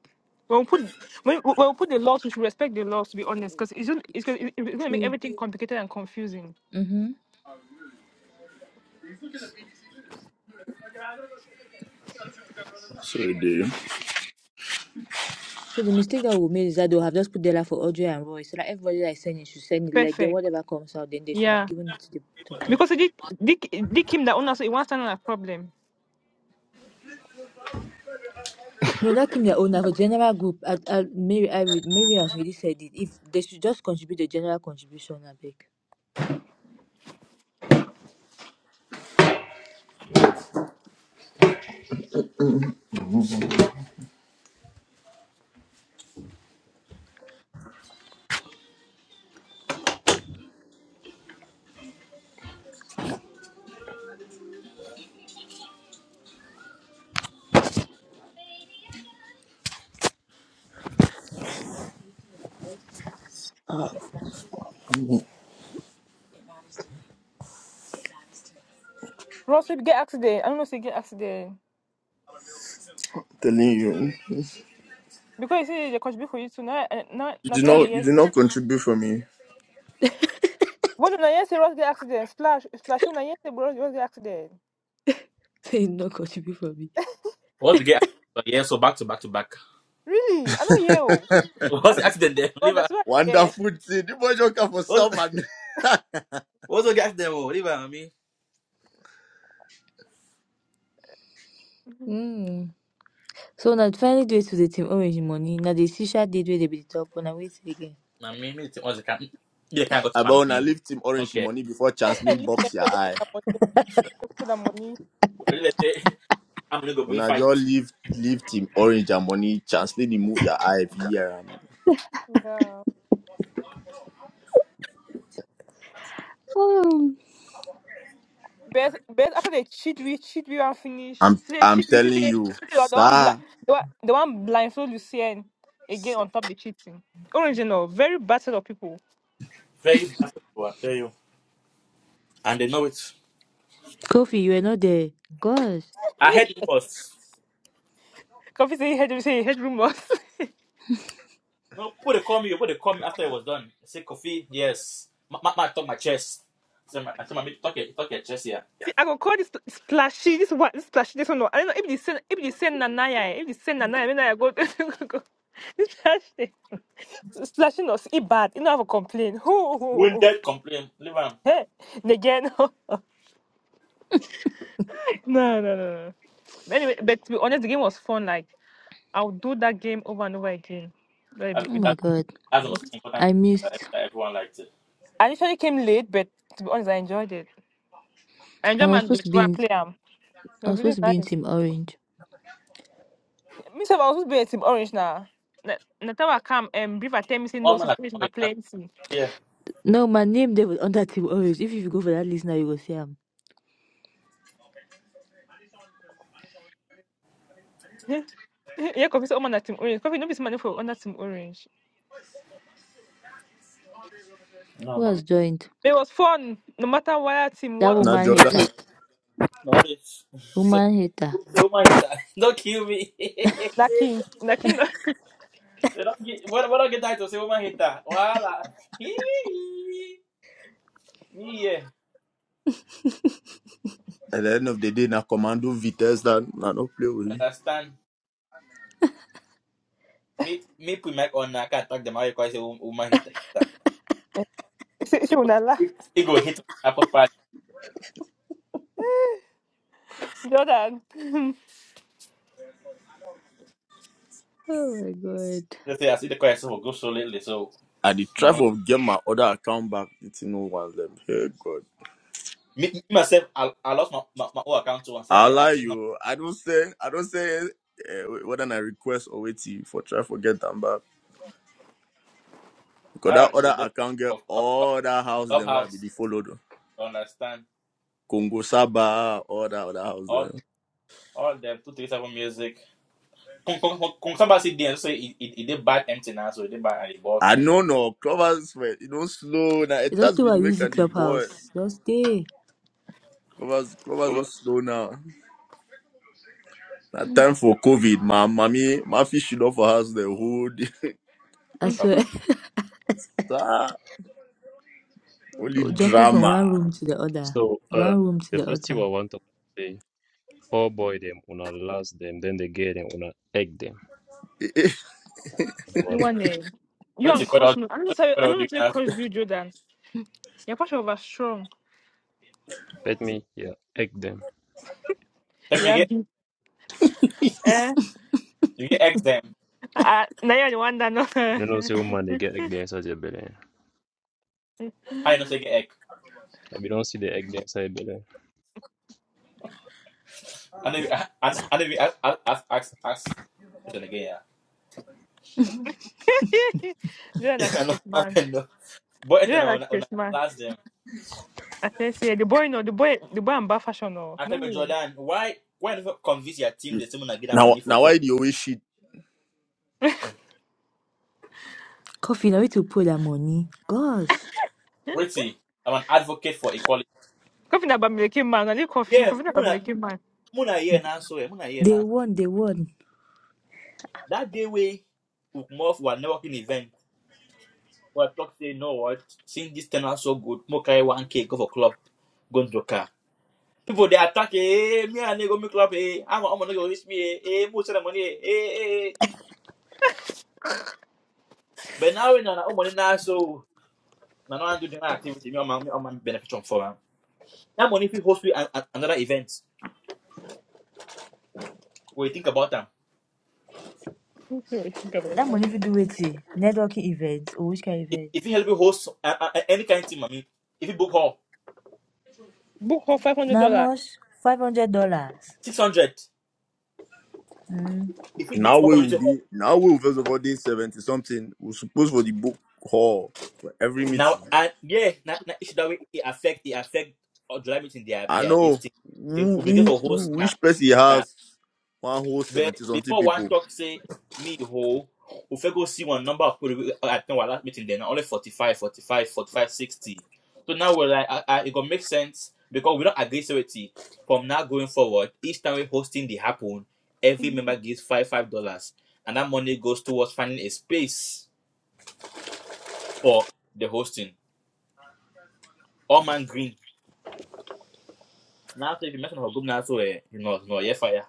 B: When we put when, when we put the laws, we should respect the laws. To be honest, because it's gonna- it's going
F: Tr-
B: it's going to make
F: True.
B: everything complicated and confusing.
F: Mhm.
I: So they
F: So the mistake that we made is that they would have just put the for Audrey and Roy. So that everybody that is sending should send it. Like then
B: Perfect.
F: whatever comes out, then they should have
B: Yeah,
F: given it to the both of them.
B: because it did did him that owner so it wants to know that problem.
F: No, that came their own. Now, for general group, I, I, Mary, I, re- Mary has already said it. If they should just contribute the general contribution, I beg.
B: Ross, if you get accident, I don't know if you get accident
I: telling you
B: because you see they contribute for you too. Now, eh, now
I: you do
B: that's what the
I: not you
B: year
I: do
B: say.
I: not contribute for me.
B: What did Nayen say? Ross get accident. Splash, splash. Him Nayen say Ross Ross get accident.
F: They no contribute for me.
A: What to get? But yeah, so back to back to back.
B: Really? I don't hear. oh. I
A: What's the
B: don't.
A: accident there?
B: Well,
A: Liver.
B: that's what I hear.
I: Wonderful thing. The boy joker for
A: What's
I: someone.
A: what's the accident? oh? Liver, I mean,
B: Mhm.
F: Mm. So now finally do it to the team orange money. Now the shisha did where they be the top one. I wait again.
A: I mean, me too. what's the can? Yeah, can go to
I: About
A: pan
I: when I
A: me.
I: leave team orange in
A: Okay.
I: money before
B: Oh, me,
I: chancellor
B: I didn't hear.
I: box your
B: I got
I: eye.
B: that money. I got that money.
A: Let's say I'm gonna go
I: when
A: bring
I: I
A: fight.
I: just leave leave team orange and money chancellor the move your eye every year.
B: Yeah. Best, best after they cheat we, cheat we and finish.
I: I'm
B: See they
I: I'm
B: cheat we, see they,
I: telling you,
B: they were the one blind,
I: sir.
B: the one, the one blindfold Lucien again on top the cheating. Original, very bad set of people.
A: Very bad. I tell you. And they know it.
F: Kofi, you were not there. Gosh.
A: I
B: Yeah.
A: heard it was
B: Coffee say he heard, say he heard rumors.
A: no. Put a call me. Put a call me after it was done. I say coffee. Yes. Ma, ma, ma talk my chest. I say my, I say my mate, talk your talk your chest here.
B: I go call this spl- splashy, this one, this splashy, this one. no. I don't know if they send, if they send Nanaya, eh, if they send Nanaya, then I go, go- go. this splashy, splashy no, it bad. You know, I have a complaint.
A: Wounded complain. Liver.
B: Hey, again, no, no, no. no. Anyway, but to be honest, the game was fun. Like. I'll do that game over and over again. Like,
F: Oh
B: It
F: my god.
A: That's
B: it
A: the
B: was,
A: most important
F: I
A: thing that
F: missed.
A: that everyone likes it.
B: I initially came late, but to be honest, I enjoyed it. I
F: And
B: enjoyed
F: I was
B: my
F: supposed to
B: bit
F: be
B: when I
F: in
B: play am. It
F: I
B: was
F: was
B: really
F: supposed to be in
B: nice.
F: Team Orange.
B: Me sef, I was supposed to be a team orange now. Na na time I come and Beaver tell me say
A: Oh
B: no, since
A: man, I-
B: orange na playing team.
A: yeah,
F: No, my name they was under Team Orange. If you go for that list now you will see him.
B: Yeah, coffee say Omo na team orange. Coffee no be money for under team orange.
A: no
F: Who has
A: man.
F: joined?
B: But it was fun, no matter why team
F: That
B: what or
I: Now
B: team.
F: woman
I: Jordan,
F: hater.
A: No, it's so
F: Woman hater.
A: woman hater. Don't kill me. they
B: Lucky, lucky.
A: don't get what what don't get title, say woman hater. Voila. me yeah.
I: at the end of the day, now commando Vitesse that now no play with me.
A: understand? Me me put my on I can attack them all because say wo- woman hater hater.
B: Say say
A: It go
B: una laugh.
A: it go hit on Apple Pie.
B: Jordan,
F: Oh my god.
A: Let's say I see the question will go so lately, so
I: At the try
A: no. like,
I: of get my other account back, it's no one them. Hey God,
A: Me, me myself, I, I lost my, my, my whole account too. and say I
I: I
A: say I
I: lie
A: changed my
I: you. I don't say I don't say uh, whether I request or wait till for try for get them back because
A: ah,
I: that
A: you know,
I: other
A: that-
I: account get
A: of course.
I: all that house then where I be
A: Clubhouse.
I: the followed.
A: You understand?
I: Congo Saba, all that other house
A: All
I: then.
A: all them two three seven music. Come come come come somebody there and say it it, it did bad empty now, so it did bad and it bought
I: I
A: too.
I: know no clovers, you don't slow now. It
F: It's Just
I: has
F: people are
I: been
F: using
I: making the boy
F: clubhouse. Just stay.
I: clovers clovers so slow now. Na time for COVID, ma mommy, my fish should not for house the whole day.
F: I
A: It talk.
F: swear,
I: Sir, Only
F: jumping from one
I: drama.
F: room to the other,
J: So uh,
F: one room to
J: the
F: the
J: first thing
F: other.
J: I want to say, oh boy them, una last them, then they get them, una egg them.
I: Eh, eh.
B: you
J: Voila.
B: want name? You
A: What
B: and
A: you put
B: Crush
A: out
B: no. I don't
A: what you
B: know.
A: put
B: I
A: out doing
B: don't know if
A: that
B: Crush
A: for?
B: do Jordan. Your passion was strong.
J: Let me, yeah, egg them.
A: Let me
B: Yeah.
A: get
B: be- Eh.
A: you get X them.
B: Uh, now you're the one that know.
J: You know, say woman, they get egg there inside their belly.
A: How you know say get egg?
J: If you don't see the egg there inside their belly.
A: I know I I I know ask ask ask ask ask question again, yeah.
B: You're like
A: I know
B: Chris
A: what
B: man.
A: happened But it's
B: You're
A: now
B: like
A: on on
B: Chris man.
A: last them.
B: I say, say the boy no, the boy, the boy and bad fashion no.
A: I
B: No
A: said
B: me.
A: but
B: No.
A: Jordan, why why you never convince your team the team will not get that
I: Now,
A: money for
I: now
A: cook?
I: why the always shit?
F: Coffee, now need to pull that money. Gosh,
A: Wait see, I'm an advocate for equality.
B: Coffee na bamileke man. I need coffee.
A: Yeah,
B: Coffee na
A: Muna,
B: bamileke man.
A: Muna here now, so eh, Muna here
F: they
A: now.
F: won, they won.
A: That day we Ukmov were networking event. But talk say, no what? Since this turn out so good, mo carry one K go for club, go into car. People they attack, eh, eh, me and they go me club, eh, I'm I'm gonna go with me, eh, eh, most of the money, eh, eh, eh. eh. But now we know that money now, so now I do the activity, me I'm I'm benefit from for am. That money if host we an, an, another event, when you think about them,
B: What do you think about
F: That
B: that?
F: money if you do it, networking events or which kind of
A: if
F: event?
A: if you help you host uh, uh, any kind of team, I mean, if you book hall,
B: Book for five hundred
F: Now how
B: dollars.
F: much? Five hundred dollars.
A: six hundred.
F: Mm.
A: if you book
I: Now
A: small
I: we will
A: community hall
I: do. Now we will first of all day seventy something. We suppose for the book hall for every
A: now
I: meeting.
A: and yeah na, na, issue that way it affect it affect or July meeting their
I: I
A: their this
I: know
A: thing it
I: who,
A: will be there
I: who,
A: for
I: who
A: host now
I: which person
A: now
I: has one whole
A: but
I: seventy something
A: before one
I: people.
A: talk say me whole if I go see one number of people we- uh, at our last meeting then only 45, 45, 45, 60. so now we're like uh, uh, it gonna make sense because we don't agree so from now going forward each time we hosting the happen every member gives five five dollars and that money goes towards finding a space for the hosting all man green Now if you mention her group, now so eh, you know, no, yeah, fire.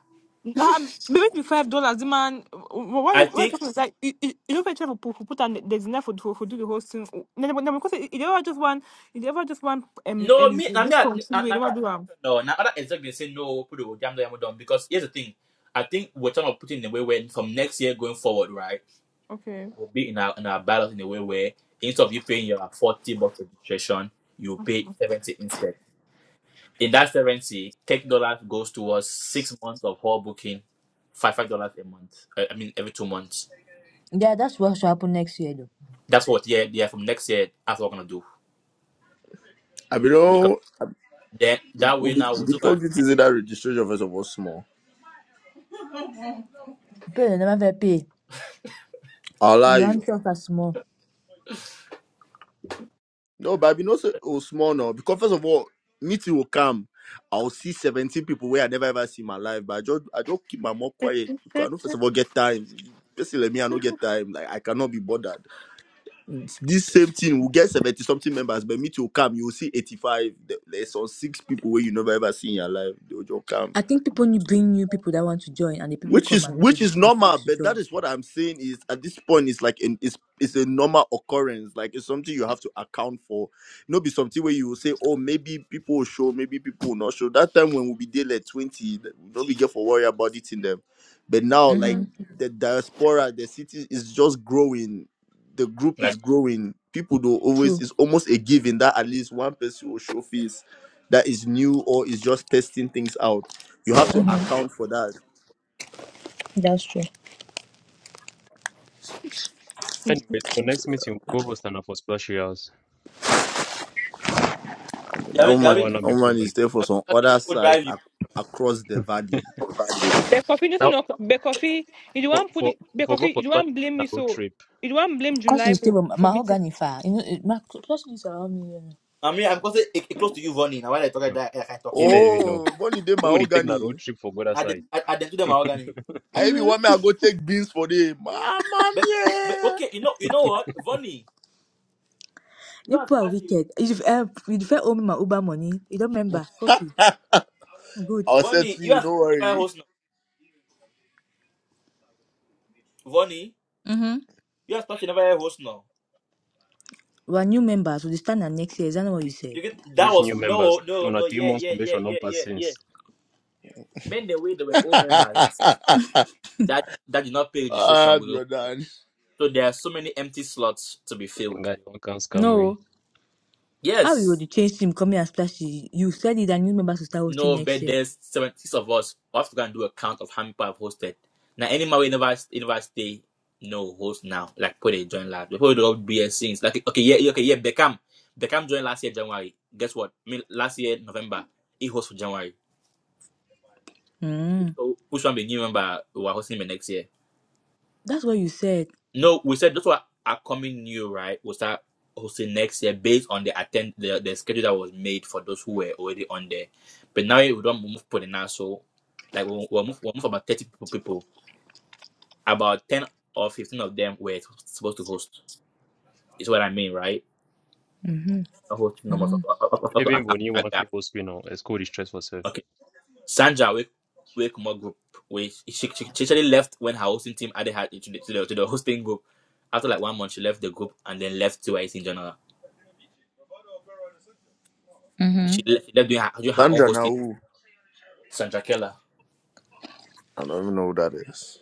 B: Um, maybe make five dollars. The man, wh- why?
A: I
B: Why
A: think
B: people like you? You you know, try for for put on there's enough for for for do the whole thing. Then, then because you ever just want, you ever just want um
A: no
B: um
A: me I mean
B: this
A: I
B: country.
A: I,
B: You
A: I mean
B: never
A: I
B: do
A: think
B: am.
A: no now other exec they say no put the damn them down because here's the thing. I think we're trying to put it in a way where from next year going forward, right?
B: Okay.
A: It will be in our in our ballot in a way where instead of you paying your forty bucks registration, you pay seventy instead. In that seventy, thirty dollars goes towards six months of hall booking, five five dollars a month. I I mean every two months.
F: Yeah, that's what should happen next year though.
A: That's what yeah yeah from next year that's what we're gonna do
I: I mean, oh,
A: Then that way
I: we be,
A: now
I: we
A: we'll
I: be
A: do and
I: talking
A: find
I: to that registration first of all small.
F: People they never pay.
I: i lie
F: You want
I: you.
F: yourself as small.
I: No, but i be been also oh, small now because first of all, meeting will come. I'll see 17 people where I never ever see in my life, but I just I just keep my mouth quiet because I know first of all get time. Basically, me, I don't get time. Like I cannot be bothered. This same thing will get 70 something members, but meeting will come. You will see 85. There- There's some six people where you never ever see in your life. They'll just come
F: I think people need bring new people that want to join, and the people
I: which
F: come
I: is
F: and they
I: which is
F: the
I: normal
F: folks to
I: but that
F: join.
I: is what i'm saying is at this point it's like an, it's it's a normal occurrence like it's something you have to account for you know be something where you will say oh maybe people will show maybe people will not show that time when we be there like 20 th- we don't be get for worry about it in them but now like
F: Mm-hmm.
I: the diaspora the city is just growing the group is
A: like
I: growing people do always
F: True.
I: it's almost a given that at least one person will show face that is new or is just testing things out you have to account for that
F: That's true.
J: Anyways, for next meeting, we'll go for stand up for splashy house.
I: that
A: Yavi
J: That
I: woman,
A: Yavi
J: one
I: that
J: not be
I: woman
J: proven.
I: is there for some
A: Yavi
I: other
A: go
I: side
A: drive you.
I: ac- across the valley.
B: Bekofi doesn't
J: Now,
B: know. But coffee. you don't
J: for,
B: want put
J: for,
B: it, But
J: for go
B: coffee.
J: for
B: you don't want
J: splashy house,
B: blame
J: na
B: me.
J: road
B: So
J: trip.
B: you don't want blame
F: Because
B: July
F: she's
B: for
F: still a
B: for meeting.
F: mahogany fire. You know, it- ma- because she's around me. You know.
A: I mean I'm gonna say it, it close to you running. And when I talk like
J: Hmm.
A: that, I can talk
J: You
A: so.
J: never even know.
I: Oh, money day
J: Who would take na road
I: mahogany.
J: trip for go that
A: I then
J: side?
A: I, I then to them organic.
I: I even
F: Mm-hmm.
I: want me I go take beans for them. Mama
A: But but
I: yeah.
A: okay, you know you know what? Vonnie, you
F: You
A: are
F: people are
A: splashy.
F: wicked. If uh, you first owe me my Uber money, you don't remember coffee. Good.
I: I'll say
A: Vonnie,
I: to
A: you
I: you,
A: are
I: don't
A: splashy never
I: worry.
A: host now. Vonnie,
F: Mm-hmm.
A: you are splashy never host now.
F: We are new members. We stand her next year. Is that not what you
A: You,
F: said?
A: you get that
J: Which
A: was
J: new
A: no
J: members?
A: no
J: Una
A: no
J: three
A: yeah
J: months
A: yeah yeah
J: probation,
A: yeah
J: non pass
A: yeah yeah.
J: since.
A: Men the way they were all members that that did not pay registration
I: ah,
A: will
I: Jordan.
A: so there are so many empty slots to be filled.
J: Nga, you can't scam we.
F: No. How you
A: Yes.
F: would change team come here and splash? You you said it that new members will start hosting
A: no
F: next
A: but
F: year.
A: there's seven six of us. we have to go and do a count of how many people have hosted. Now any man university no host now. Like put it join last. Before we do BS since like okay yeah yeah, okay yeah Beckham Beckham joined last year January. Guess what? Me last year November he hosts for January.
F: Mm.
A: So which one be new member who are hosting me next year?
F: That's what you said.
A: No, we said those were upcoming new, right? We'll start hosting next year based on the attend the, the schedule that was made for those who were already on there. But now we don't move for the now, so like we'll, we'll move we'll move about thirty people, people. About ten or fifteen of them were supposed to host. Is what I mean, right?
F: Mm-hmm.
A: Not hosting numbers
F: Mm.
A: up up- up to account
J: Even
A: for
J: when you
A: that
J: want
A: gap.
J: people spin on, it's called distress yourself.
A: Okay. Sandra wake wake more group which she, she, she actually left when her hosting team added her to the, to the, to the hosting group. After like one month she left the group and then left to IC in general.
F: Mm-hmm.
A: she left, she left doing, her, doing her own
I: Sandra now
A: hosting,
I: who?
A: Sandra Keller.
I: I don't even know who that is.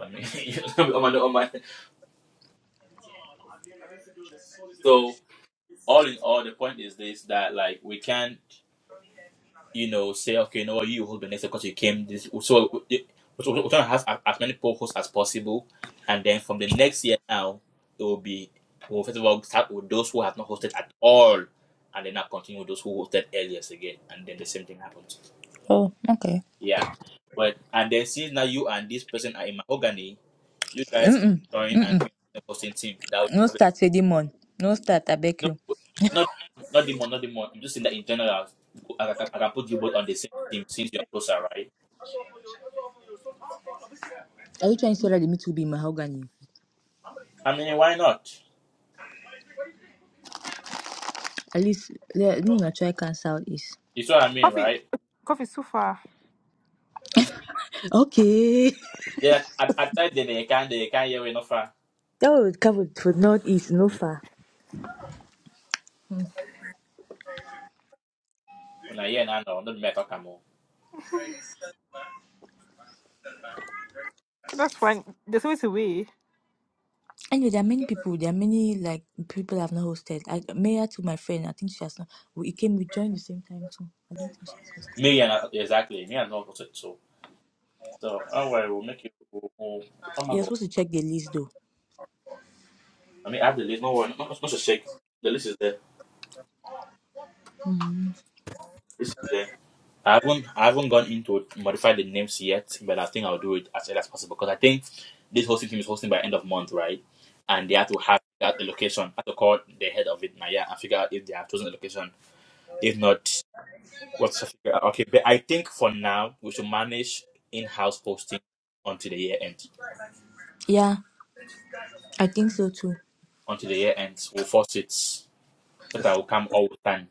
A: I mean, you know, oh my, oh my. so all in all, the point is this that like we can't, you know, say okay, you know what, you hold the next because you came this. So it- we're we're trying to have as, as many poll hosts as possible, and then from the next year now, it will be we'll first of all start with those who have not hosted at all, and then now continue with those who hosted earliest again, and then the same thing happens.
F: Oh, okay.
A: Yeah. But and then since now you and this person are in my organi, you guys can
F: Mm-mm.
A: join and
F: Mm-mm.
A: be the hosting team. That way,
F: No
A: have it.
F: start, Sedimon. No start, I beg
A: no,
F: you.
A: not not the not the I'm just saying that in general, I can, I can put you both on the same team since you're closer, right?
F: Are you trying to say that the meat will be mahogany?
A: I mean, why not?
F: At least let me not try cancel east.
A: You see what I mean,
B: Coffee,
A: right?
B: coffee so far.
F: Okay.
A: Yeah, at, at that day they can they can hear enough.
F: That would cover for northeast, no far.
A: When I hear now, no, not me talk more.
B: That's fine. There's always a way.
F: Anyway, there are many people. There are many like people I've not hosted. I Maya to my friend. I think she has not. We it came. We joined the same time too. I don't think she has hosted.
A: Me and I- exactly me and not so so. Don't worry, we'll make you. We'll, we'll, oh my
F: You're
A: god!
F: supposed to check the list though.
A: I mean, I have the list. No worry, not, not, not to shake. The list is there.
F: Mm.
A: This is there. I haven't I haven't gone into modify the names yet, but I think I'll do it as early as possible because I think this hosting team is hosting by end of month, right? And they have to have that a location. I have to call the head of it Naya and figure out if they have chosen a location. If not, what's to figure out. Okay, but I think for now we should manage in house hosting until the year end.
F: Yeah, I think so too.
A: Until the year ends, we'll force it. But I will come all the time.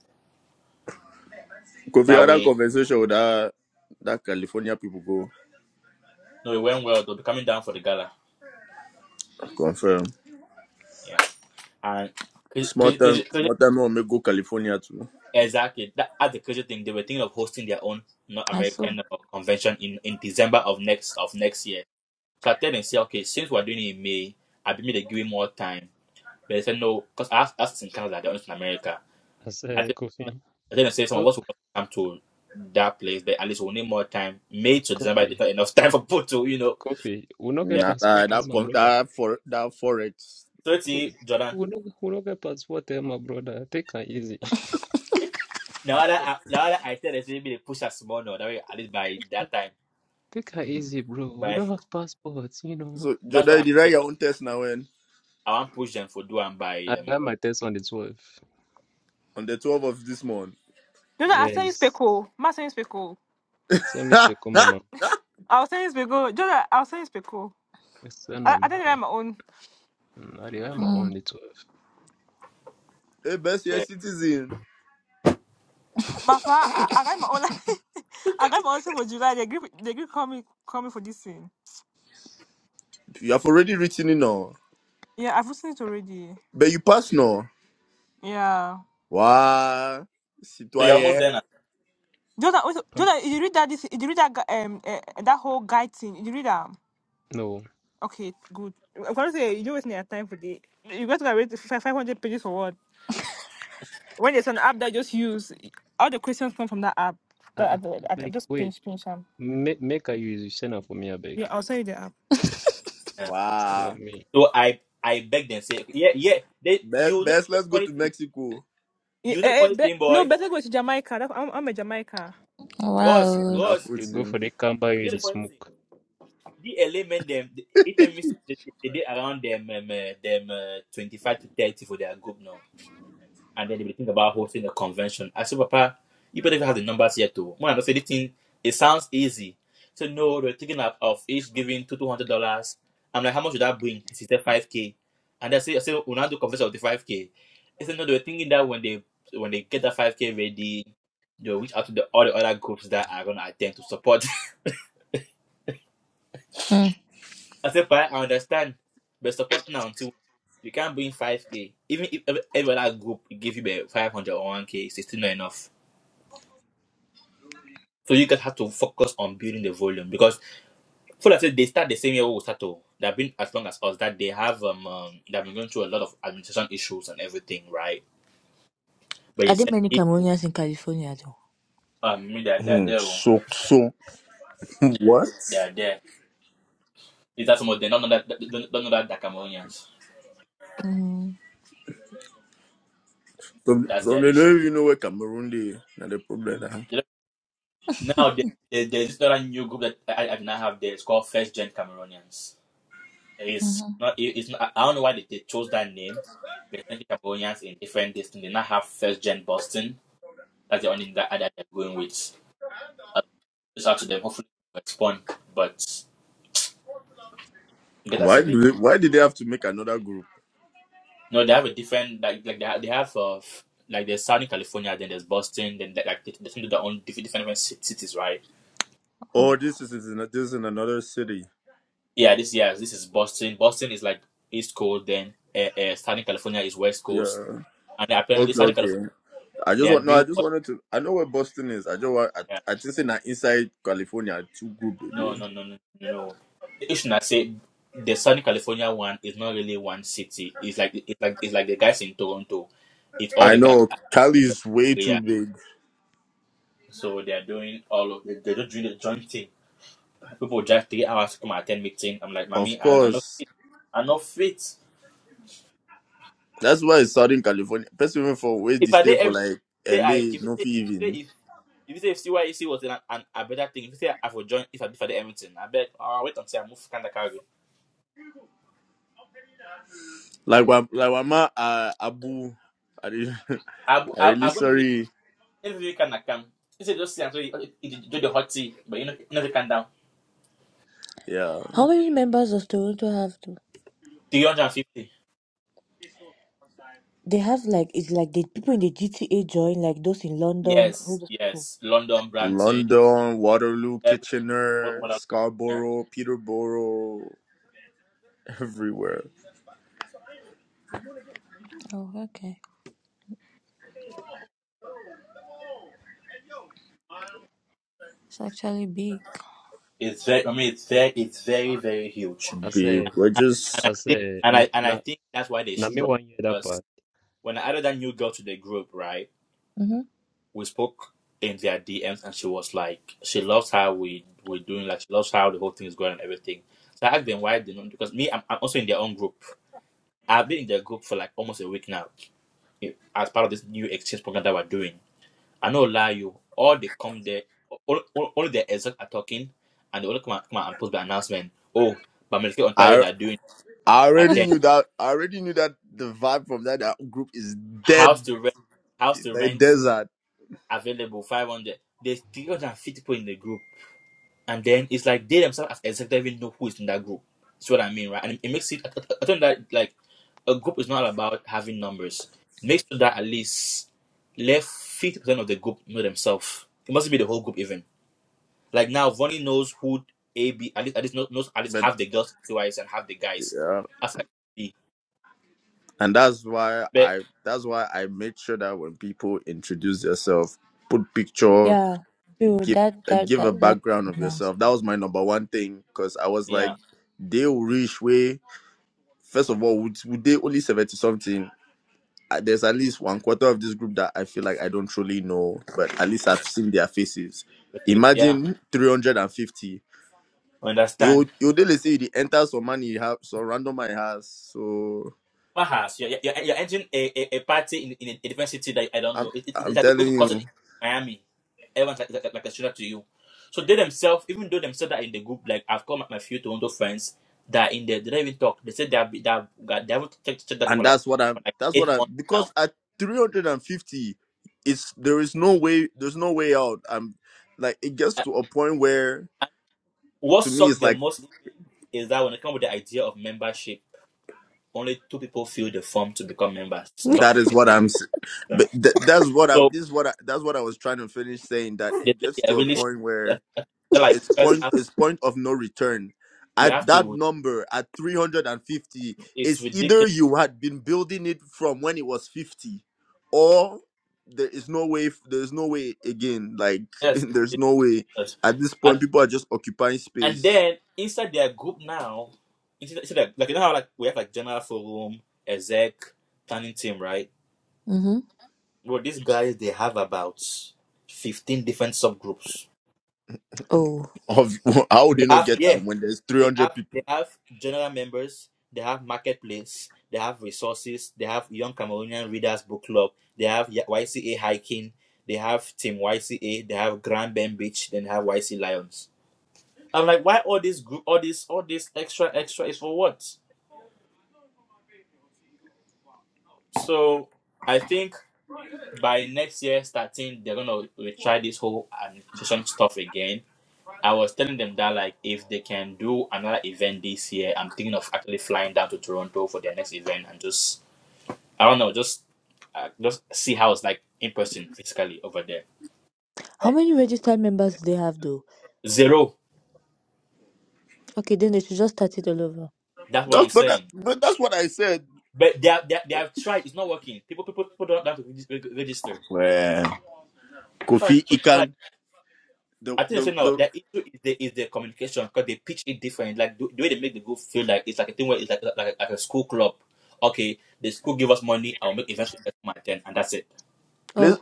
I: Could be
A: That
I: other
A: way
I: conversation with that that California people go.
A: no it went well, they'll be coming down for the gala.
I: Confirm.
A: Yeah. And
I: Small time
A: because
I: small time no make go California too.
A: Exactly. That, that's the crazy thing. They were thinking of hosting their own North
F: I saw.
A: American uh, convention in, in December of next of next year. So I tell them, say, okay, since we're doing it in May, I be maybe they give me more time. But they said no, because us us in Canada, they're not in America.
J: I
A: I
J: say,
A: think
J: Kofi,
A: I think they say some of
J: oh,
A: us will come to that place, but at least we'll need more time. May to December is
J: Kofi,
A: not enough time for people to, you know.
J: Kofi, we not
A: Yeah.
J: get
I: Nah,
J: passport
I: that
J: there,
I: that,
J: my
I: con-
J: brother.
I: that for that forex.
A: So see,
J: We
A: Jordan.
J: we not, we not get passport there, my brother. Take her easy.
A: Now that I, now that I tell them, say, maybe they push us more, no, that way at least by that time.
J: Take her easy, bro. We
A: But
J: don't have passports, you know.
I: So,
A: that's why I'm
I: Jordan, you write
A: saying
I: your own test now when?
A: I want to push them for do and by
J: I
A: um,
J: got my test on the 12th.
I: On the 12th of this month.
B: Jonah, I'll send you
J: Yes.
B: speckle. Ma send you speckle.
J: Send me speak, oh, mama.
I: hey,
B: I'll send you speckle. Jonah, I'll send you speckle.
J: Yes, Send
B: I, I
J: them.
B: didn't write my own.
J: I got my own on
F: Mm.
J: the 12th.
I: best year
A: uh,
I: citizen.
B: My pa, I, I write my own. I write my own thing for July. They agree. They agree. Call me. Call me for this thing.
I: You have already written in all.
B: Yeah, I've listened to it already.
I: But you pass now.
B: Yeah.
I: Wow.
A: So you're almost
I: Citoyen.
A: there now.
B: Jordan, also,
J: Um,
B: Jordan, did you read that? This, did you read that? gu- Um, uh, that whole guide thing. Did you read that?
J: no.
B: Okay, good. I'm gonna say you don't waste your time for the. You got to read five hundred pages for what? When there's an app that just use all the questions come from that app.
J: Uh,
B: That I, I, I
J: like,
B: just
J: wait.
B: pinch pinch them.
J: Make, make her use. Send her for me, I
B: Yeah,
J: beg.
B: I'll send you the app.
A: Yeah.
J: Send her
I: Wow.
J: for me.
A: So I I beg them say yeah yeah they
I: Be-
A: you know
I: Best,
A: the
I: let's go
A: funny
I: to
A: thing
I: Mexico.
B: Yeah,
A: you know the
B: eh, eh,
A: funny
B: be-
A: thing
B: no,
A: boy
B: better go to Jamaica. That's, I'm, I'm a Jamaica.
A: Ross
F: Wow.
A: Ross
I: Wonderful
J: You go
I: thing.
J: for the camber, you
A: you know
J: the
A: the funny thing
J: smoke.
A: the LA men them they, it tell they, they, they around them um, uh, them uh, twenty five to thirty for their group now and then they will think about hosting a convention. I said, Papa, you better even have the numbers here too. When I don't say this thing, it sounds easy. So no, they're thinking of, of each giving two two hundred dollars. I'm like, how much would that bring? He said five K. And I said, I said, we'll not do convention of the five K. He said, no, they were thinking that when they when they get that five K ready, they'll reach out to the all the other groups that are gonna attend to support.
F: Mm.
A: I said, "Papa, I understand. But support now until you can't bring five K. Even if every every other group give you five hundred or one K, it's still not enough. So you guys have to focus on building the volume because full I said they start the same year we start to they've been as long as us that they have um, um they've been going through a lot of administration issues and everything, right? But he
F: Are there
A: said
F: many
A: if
F: Cameroonians in California though?
A: um me they're, they're
I: Hmm,
A: there, oh,
I: So, so, what?
A: they're there. Is that some of they don't know that they don't, don't know that they're Cameroonians.
F: Mm-hmm.
I: So,
A: That's
I: some
A: their
I: they
A: issue.
I: don't even know where Cameroon they. Now the problem now.
A: They don't- now they, they, there's this other new group that I, I now have there. It's called First Gen Cameroonians. It's
F: Mm-hmm.
A: not it, it's not, I don't know why they, they chose that name. But I think Cameroonians in different distance. They now have First Gen Boston That's the only thing that, that they're going with. Uh, It's up to them. Hopefully, they respond. But get us a
I: Why
A: big.
I: do they, why did they have to make another group?
A: No, they have a different like like they have, they have uh, like there's Southern California, then there's Boston, then they, like they, they do their own different different, cities, right?
F: Oh
I: Oh,
F: wow.
I: this is, is in, this is in another city.
A: Yeah, this yeah, this is Boston. Boston is like East Coast, then uh, uh, Southern California is West Coast,
I: Yeah.
A: and apparently
I: Okay,
A: Southern California
I: okay. I
A: they
I: just
A: are
I: want no. I
A: doing
I: just
A: what.
I: wanted to. I know where Boston is. I just want. I,
A: Yeah,
I: I just think that inside California too good. baby.
A: No,
I: yeah.
A: no, no, no, no. no. The issue I say the Southern California one is not really one city. It's like it's like it's like the guys in Toronto. It's all
I: I
A: the guys
I: know Cali
A: in the
I: is way too
A: area.
I: big.
A: So they're doing all of they, they're just doing the joint thing. People drive three hours to come and attend meeting. I'm like,
I: Of
A: mommy, I'm, I'm not
I: course,
A: fit. I'm not fit.
I: that's why it's Southern California. Person even for where they
A: If I
I: stay
A: did
I: for
A: every
I: like
A: say I
I: LA,
A: if you
I: no
A: say if
I: fit
A: you
I: even
A: say if if you say if CYEC was an, an a better thing, if you say I for join if I did for the everything, I bet uh wait until I move Canada Calgary.
I: like wa- like Wama uh, Abu. I really,
A: I
I: I
A: I
I: really
A: I wouldn't
I: sorry.
A: Every week I come. You said just sit and do the- do the hot tea, but you know, you know they can down.
I: Yeah,
F: How many members does Toronto have?
A: Three hundred and fifty.
F: They have like it's like the people in the GTA join like those in London, all
A: Yes,
F: those people.
A: yes. London, Brampton,
I: London, Waterloo,
A: every what,
I: Kitchener,
A: what there?
I: Scarborough, Peterborough, everywhere.
F: Oh, okay. It's actually big.
A: It's very. I mean, it's very, it's very, very huge.
J: I
I: Big.
J: say.
I: We're just.
J: I say,
A: And
J: na
A: I and I
J: na
A: think that's why they
J: na me
A: struck
J: one year that
A: because
J: part.
A: when I added that new girl to the group, right?
F: Mm-hmm.
A: We spoke in their DMs, and she was like, she loves how we we're doing, like she loves how the whole thing is going and everything. So I asked them why they don't because me, I'm, I'm also in their own group. I've been in their group for like almost a week now. i- as part of this new exchange program that we're doing. I know lie you, all they come there, all, all, all the exec are talking, and they all come out, come out and post the announcement. Oh, but Medicaid Ontario
I: I
A: that are doing
I: I
A: attend
I: already knew that. I already knew that the vibe from that, that group is dead,
A: house to rent, house to
I: the
A: rent
I: desert.
A: available five hundred. There's three hundred and fifty people in the group. and then it's like they themselves as executive even know who is in that group. That's what I mean, right? And it makes it. I, I, I think that like a group is not about having numbers. Make sure that at least left fifty percent of the group know themselves. It must be the whole group even. Like now, Vonnie knows who A B at least at least knows, knows at least
I: But
A: half the girls CYS and half the guys.
I: yeah,
A: Outside B,
I: and that's why
A: but
I: I. That's why I made sure that when people introduce yourself, put picture,
F: Yeah, true.
I: give
F: That
I: uh,
F: that
I: give
F: that
I: a
F: that
I: background
F: would
I: of
F: be nice.
I: yourself. That was my number one thing because I was like,
A: yeah,
I: they will reach way. First of all, would, would they only seventy something? Uh, There's at least one quarter of this group that I feel like I don't truly know, but at least I've seen their faces.
A: but- but yeah,
I: Imagine 350
A: understand.
I: you you daily see the enter some money you have some random money has so
A: house. You're, you're, you're entering a, a, a party in, in a different city that I don't
I: i'm
A: know. It, it, it's
I: i'm
A: like go to
I: telling
A: concert in
I: you
A: Miami. Everyone's like, like, like a stranger to you. So they themselves, even though themselves said that are in the group, like I've called my, my few Toronto friends that are in there, they don't even talk. They said they, have, been- they, have, they haven't checked, checked that group for
I: and
A: like,
I: that's what
A: for
I: i'm
A: like
I: that's what
A: eight
I: i
A: months now.
I: because at 350 it's there is no way there's no way out i'm like it gets
A: And
I: to a point where
A: and what
I: to me
A: sucked
I: it's
A: them
I: like
A: most even is that when they come with the idea of membership, only two people fill the form to become members. Stop
I: that is what
A: it.
I: i'm s- but th- that's what i
A: So
I: this is what I, that's what i was trying to finish saying that
A: they
I: it
A: said
I: gets
A: they are
I: to a
A: really
I: point where
A: they're like
I: It's
A: you guys
I: point
A: have
I: it's point of no return.
A: you
I: At
A: have
I: that
A: to.
I: number, at 350,
A: It's
I: it's
A: ridiculous
I: either you had been building it from when it was 50, or there is no way. There's no way again. Like
A: Yes,
I: there's
A: it
I: no way.
A: does.
I: At this point,
A: And,
I: people are just occupying
A: and
I: space.
A: then inside their group now, inside, inside their, like you know how like we have like general forum, exec, planning team, right?
F: Mm-hmm.
A: Well, these guys they have about fifteen different subgroups.
F: Oh,
I: Of how would
A: They
I: they not
A: have
I: get
A: yeah,
I: that when there's
A: they
I: 300
A: have
I: people?
A: they have general members, they have marketplace, they have resources, they have young Cameroonian readers book club, they have Y- YCA hiking, they have team YCA, they have Grand Bend Beach, then they have YC Lions. I'm like, why all this group, all this, all this extra, extra is for what? So I think by next year starting, they're gonna retry this whole administration stuff again. I was telling them that like if they can do another event this year, I'm thinking of actually flying down to Toronto for their next event and just I don't know, just uh, just see how it's like in person physically over there.
F: how
A: Like,
F: many registered members do they have though?
A: zero.
F: Okay, then they should just start it all over.
A: That's what I'm
I: That's but that,
A: saying.
I: but that's what I said.
A: But they have, they, have, they
I: When-
A: have tried. It's not working. People people people don't have to reg- reg- register.
I: Well,
A: Try
I: Kofi
A: to like
I: Ikan, the
A: I think
I: the
A: they say no.
I: the
A: The issue is the is the communication because they pitch it different. Like the, the way they make the group feel like it's like a thing where it's like like, like like a school club. Okay, the school give us money. I'll make events with my ten, and that's it.
I: place
F: Oh,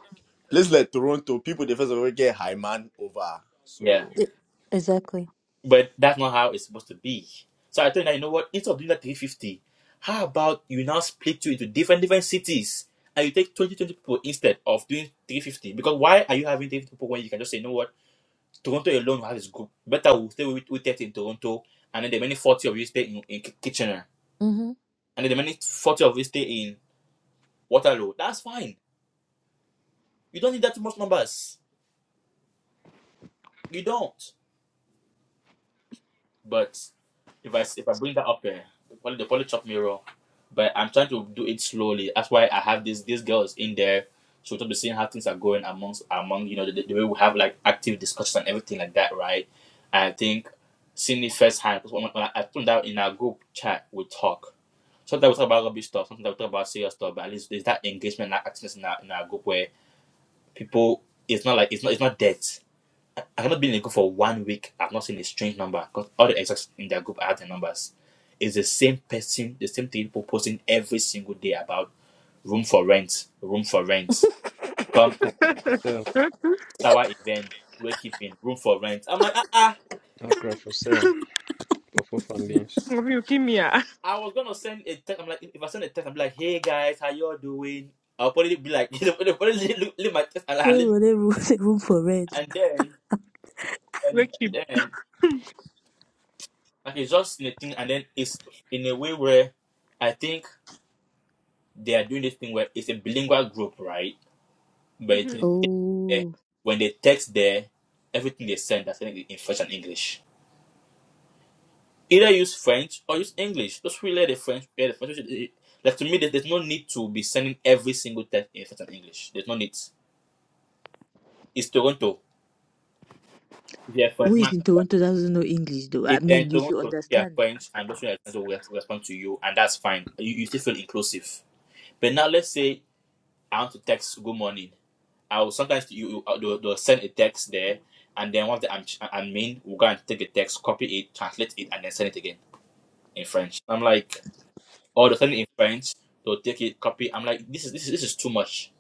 I: place like Toronto, people they first of all get high man over.
A: Yeah,
I: So.
F: e- exactly.
A: but that's not how it's supposed to be. So I think that you know what? Instead of doing that three fifty, how about you now split you into different different cities and you take 20 20 people instead of doing three fifty? Because why are you having three fifty people when you can just say you know what? Toronto alone will have this group. Better we'll stay with, with thirty in Toronto, and then the many forty of you stay in, in Kitchener
F: Mm-hmm.
A: and the remaining 40 of it stay in Waterloo. That's fine. You don't need that much numbers. You don't. But if I if I bring that up here, they probably, they probably chop me raw. But I'm trying to do it slowly. That's why I have these these girls in there. So will be seeing how things are going amongst among you know the, the way we have like active discussions and everything like that, right? I think seeing it firsthand because when, I, I put that in our group chat, we talk. Sometimes we talk about rubbish stuff. Sometimes we talk about serious stuff. But at least there's that engagement, and that activeness in our in our group where people it's not like it's not it's not dead. I, I cannot be in a group for one week. I've not seen a strange number because all the exes in their group are the numbers. It's the same person, the same thing people posting every single day about room for rent, room for rent. Come to
J: Accra for
A: a
J: sale.
A: sour event, wakekeeping, room for rent. I'm like, ah, ah.
J: Accra for sale. For fourth and beans.
B: you give me a
A: I was gonna send a text. I'm like, if I send a text, I'm like, hey guys, how y'all doing? I'll probably be like, they'll probably leave, leave my text and,
F: They
A: and, leave-
F: will they room, room for rent.
A: and then and
B: wake you.
A: then Like it's just in a thing, and then it's in a way where I think they are doing this thing where it's a bilingual group, right? But it, eh,
F: Oh,
A: when they text there, everything they send, I think in French and English. Either use French or use English. Just really let the French, yeah, the French. eh, Like to me, there- there's no need to be sending every single text in French and English. There's no need. It's Toronto. If you're a
F: who is
A: Frenchman,
F: in
A: tap your-
F: Toronto that doesn't know English though? I
A: if they're in
F: mean, you should
A: Toronto, tap your
F: understand.
A: French, and those who are French will respond to you, and that's fine. You, you still feel inclusive. But now let's say I want to text good morning. I will sometimes you, you uh, they'll, send a text there, and then once the admin admin will go and take the text, copy it, translate it, and then send it again in French. I'm like, oh, they'll send it in French. They'll take it, copy. I'm like, this is this is, this is too much.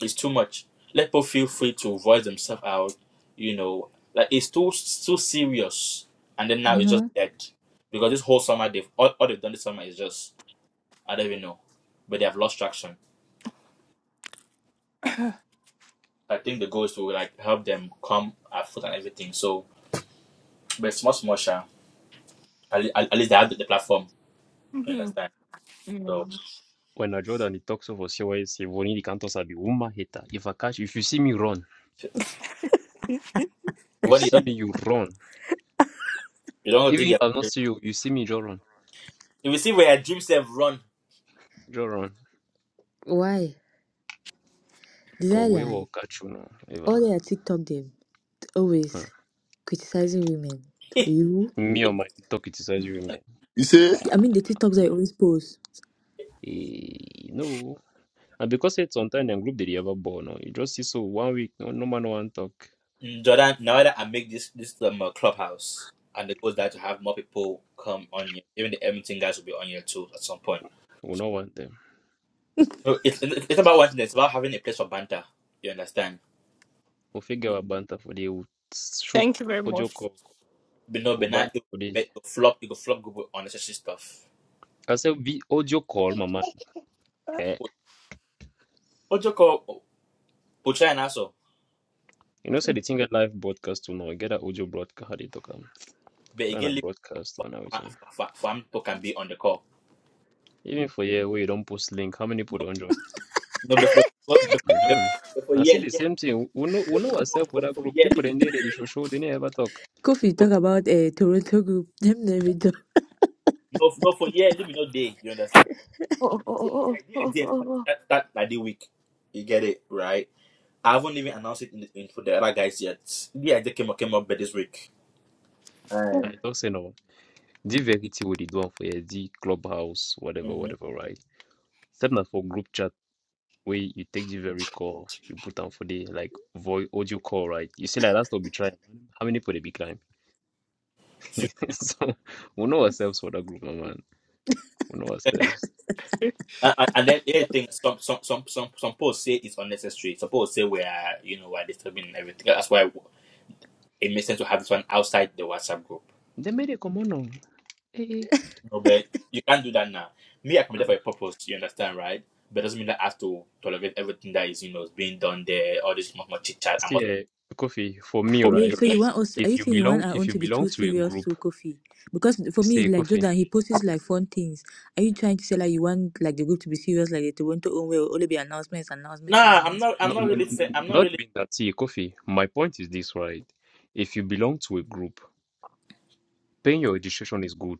A: It's too much. Let people feel free to voice themselves out. You know, like it's too too serious. And then now it's just
F: Mm-hmm.
A: dead because this whole summer they've all, all they've done this summer is just I don't even know, but they have lost traction. I think the goal is to like help them come afoot and everything. So, but small, small, sure. At, le- at least they have the, platform. You understand? So,
J: When I Jordan he talks over say why say Vonini Cantos are the woman hater. If I catch if you see me run, you
A: when you
J: see
A: don't,
J: me you run.
A: you don't
J: Even
A: dig
J: if
A: your.
J: I not see you, you see me just run.
A: If you see where your dreams have run,
J: Just run.
F: Why? Did
J: Because
F: I
J: we will
F: lie?
J: catch you now. If
F: All they
J: I,
F: are TikTok them. always criticizing women. You,
J: hmm. Me on my TikTok criticize you man.
I: You say
J: Ha.
F: I mean, the TikToks I always post.
J: Eh, no. And because it's on time and group that you ever born, no, you just see so one week no no man no want talk.
A: mm, Jordan, now that I make this this um, uh, clubhouse, and the goal is that to have more people come on here. Even the Edmonton guys will be on here too at some point.
J: We no want them.
A: No, it's it, it's about one thing. It's about having a place for banter. You understand?
J: We'll figure out Bantha for you. We'll shoot
B: Thank you very
J: audio
B: much.
J: call.
A: But no,
J: We'll
A: but now
J: Bantha
A: it,
J: for this.
A: but it will flop. It will flop good with unnecessary stuff.
J: I said we audio call, my man. Hey.
A: What you call? China
J: You know, say the thing a live broadcast to now. Get a audio broadcast. How they talk am.
A: but
J: When a
A: again, leave for,
J: broadcast
A: for,
J: when on everything.
A: for, for, for him to can be on the call.
J: Even for here where you don't post link, how many people
A: No,
J: don't join?
A: no, before,
J: Mm-hmm.
A: before
J: Now
A: yeah,
J: see the
A: leave
J: same thing. We know we
A: me
J: know
F: Ko-
A: not,
J: ourselves for
A: no, for,
J: that
A: for
J: group.
A: yeah, leave me
J: People they
A: not
J: need they show
A: there.
J: show they never talk.
F: Kofi
A: For,
F: talk about a Toronto group. Them never do.
A: no, no, for yeah, leave me not there. You understand? No,
E: Oh, oh,
A: the, the
E: oh, oh,
A: idea
E: oh,
A: is there, start,
E: oh, oh.
A: start, start like the week. You get it right. I haven't even announced it in, the, in for the other guys yet. The idea came up came up but this week. And
J: I talk say no. The verity what they do am for here, the clubhouse, whatever,
A: mm-hmm.
J: whatever, right? Except not for group chat. where you take the very call, you put down for the like voice audio call, right? You see, like that's what we try. How many people they be climb? so we know ourselves for that group, my man. We know ourselves.
A: and, and and then the other thing, some some some some some posts say it's unnecessary. Some posts say we are you know we're disturbing everything. That's why. it makes sense to have this one outside the WhatsApp group.
J: They made it come on, now. eh?
A: No, but you can't do that now. Me, I can
J: eh.
A: there for a purpose, you understand, right? But it doesn't mean that I have to tolerate everything that is, you know, is being done there, all this much more chit chat. i
J: See,
A: must.
J: eh, coffee for me,
B: For me,
F: Wait,
J: right?
F: so you
B: right?
F: want us? Are
J: If
F: you
J: you
F: saying you want
J: belong,
F: our own
J: if you
F: to be too
J: belong to a
F: serious
J: group,
F: to Kofi? Because for me,
J: see,
F: like
J: coffee.
F: Jordan, he posts like fun things. Are you trying to say like you want like the group to be serious, like the Toronto own will only be announcements, announcements, and
A: nah, I'm
F: announcements?
A: not, I'm
J: No,
A: not
J: no, n-
A: really, say,
J: n-
A: I'm not
J: not
A: really,
J: even that. See, coffee. My point is this, right? If you belong to a group, paying your registration is good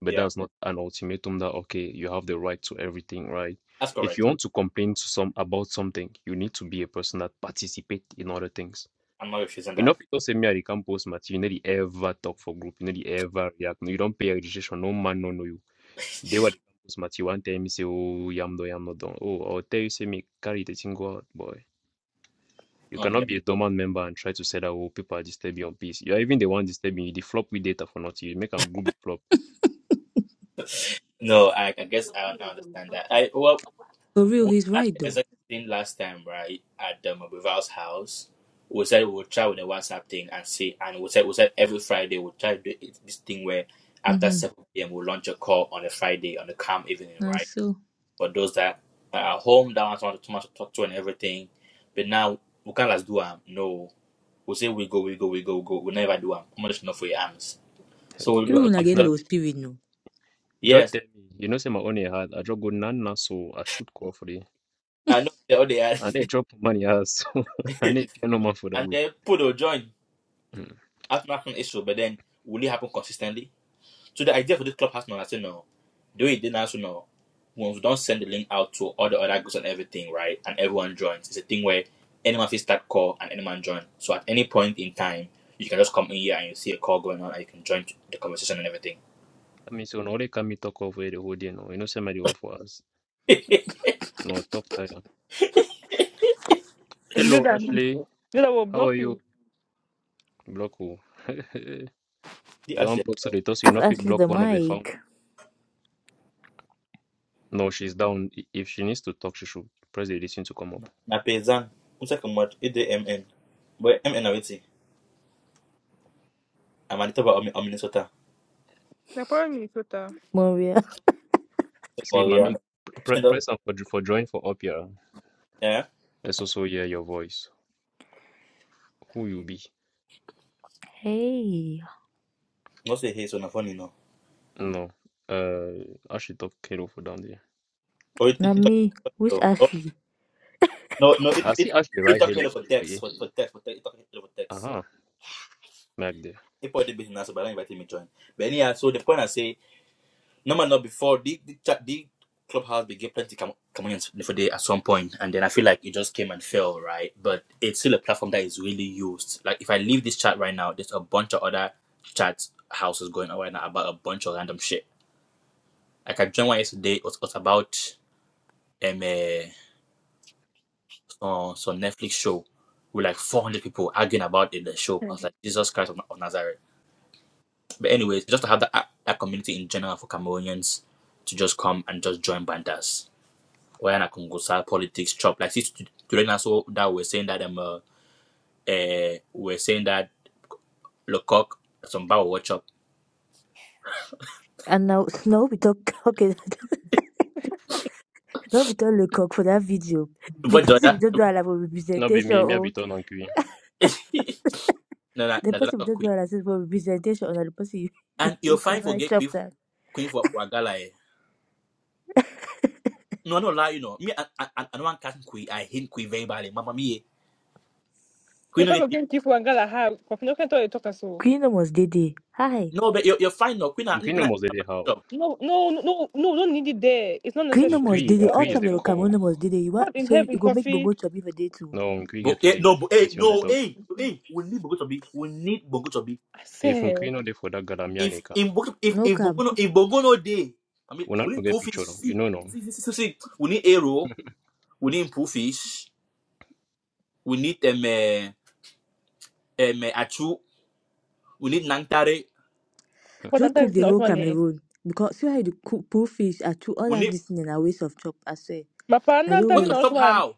J: but
A: yeah,
J: that's not an ultimatum that okay you have the right to everything right
A: that's
J: if you
A: correct.
J: want to complain to some about something you need to be a person that participate in other things
A: I'm not refusing
J: you know
A: that.
J: people say me I can post Matthew, you nearly ever talk for group you nearly ever react No, you don't pay registration no man no know you they were the campus Matthew one time Me say oh yam do yam no done oh I'll tell you say me carry the thing go out boy you
A: Okay.
J: cannot be a dormant member and try to say that oh people are disturbing your peace. You are even the one disturbing you. They flop with data for nothing. You make a group the flop.
A: No, I, I guess I, I understand that. I, well,
F: For real,
A: Well,
F: he's
A: that
F: right though.
A: exact thing last time, right, at the Mabival's house, we said we'll try with the WhatsApp thing and see, and we said we said every Friday we'll try to do it, this thing where after
F: Mhm.
A: 7 p.m. we'll launch a call on a Friday on a calm evening,
F: Uh,
A: right?
F: so
A: For those that are at home, that want someone to, someone to talk to and everything, but now we can't just do them. No, we say we go, we go, we go, we go. We never do them. I'm just not for your arms. So
J: Leave
F: even
J: 'em.
F: when I
J: If
F: get
A: we-
J: now
F: low spirit, no.
J: Joe
A: yes,
J: tell me, you know, say my own had a job good nana, so I shoot call for it.
A: I know they all they are,
J: And they drop money has so I need piano man for that
A: and
J: group.
A: then put a joint.
J: Mm.
A: Aftermath an issue, but then will it happen consistently? So the idea for this clubhouse now, I said no. The way it did now, so no. When we don't send the link out to all the other groups and everything, right? And everyone joins. It's a thing where anyone can start call and anyone join. So at any point in time, you can just come in here and you see a call going on and you can join the conversation and everything.
J: I mean, so now they can me talk over here the whole day now. You know, somebody offer us.
A: the
J: No talk time. Hello,
B: Jordan,
J: Ashley.
B: Jordan will
J: How
B: block
J: are
B: you.
J: you? Block who? you
A: actually
J: unblock so they toss you
F: If
J: know if you
F: Ashley
J: block
F: the
J: one of the founder.
F: mic,
J: No, she's down. I- If she needs to talk, she should press the listen to come up.
A: na paysan. I'm talking about M N. But MN awiti. I'm a little bit of Minnesota.
B: The problem is with the
F: Maria.
J: See,
A: Maria.
J: mommy, pr- press and for for join for up here.
A: Yeah.
J: Let's also hear your voice. Who you be?
F: Hey,
A: No say hey, so na funny no.
J: No. Uh, actually, talk hero for down there.
A: Oh, it,
F: not
A: it,
F: me. Which
A: it,
F: Ashley?
A: No, no, it
J: I see
A: it
J: actually
A: it
J: right
A: talking hello
J: hero.
A: for text
J: Okay.
A: for for text for text. It talking hello for text.
J: huh, back there.
A: It probably been nice, but I invited me join. But anyhow, so the point I say, no man, not before the the, chat, the clubhouse they get plenty com- communions for day at some point, and then I feel like it just came and fell, right? But it's still a platform that is really used. Like if I leave this chat right now, there's a bunch of other chat houses going on right now about a bunch of random shit. Like I joined one yesterday. It was, was about um. uh, uh, some Netflix show with like 400 people arguing about it, the show. I was like, Jesus Christ of, Na- of Nazareth. But anyways, just to have that, that community in general for Cameroonians to just come and just join bandas. When I can go side politics chop like see to- today now so that we're saying that um uh, eh, we're saying that Lecoq some bar watch up.
F: And now Nobita, okay, Nobita look up for that video. The
A: But
F: person we
A: Jordan
F: don't do like for
J: No, be
F: representation,
J: me, me I be
F: or
J: turn on Queen.
A: no no
F: the
A: no
F: person we
A: that's
F: don't do
A: queen.
F: like for representation, or the person
A: And you're
F: if
A: fine for
F: ever
A: gay
F: chop
A: queen
F: that.
A: queen for, for a gala eh. No, I don't lie, you know. Me, I, I, I I don't want catching queen. I hate queen very badly. Mama, me, eh.
B: the
A: queen no
B: fact
A: get
B: of getting people and girl have coffee. No can tell you talk us so.
F: Queen almost did it. Hi.
A: No, but you're, you're fine now. Queen, ah, n-
J: Queen
A: na-
J: almost there how.
B: No, no, no, no, don't need it there. It's not
F: Queen
B: necessary
F: almost
B: to
F: did
B: be
J: Queen,
F: it. All
J: Queen is
F: chop
B: honest.
J: the
F: the Cameroon
J: core.
F: almost did it. You want,
B: God in
F: so you you
B: heaven,
F: go make
B: coffee.
F: Bongo chop if a day too.
J: No, Queen
A: but
J: get
A: eh,
J: today.
A: no, but eh,
J: Which you I
A: no,
J: talk?
A: eh, eh, we need Bongo to be, we need Bongo to be.
B: I
J: If
B: say,
J: Queen not there for that Galamia
A: If
J: Nika,
A: in Bongo, if
F: No
A: if
F: cam.
A: Bongo no, if Bongo no day, I mean,
J: we not
A: we need
J: get
A: Profi
J: picture. no. You
A: see,
J: know no.
A: see, see, see, see. We need Aero, we need Profish, we need um, eh, um, eh, Achu, we need Nangtare,
B: but
F: Just
B: that
F: cook
B: is
F: the
B: not
F: whole
B: money.
F: Cameroon. Because see how you cook poor fish and through all
A: we
F: that
A: need
F: this thing and a waste of chop, I swear.
B: My
F: As
B: partner that
A: what's
B: is
A: up
F: always.
B: not
A: top
B: one.
A: how,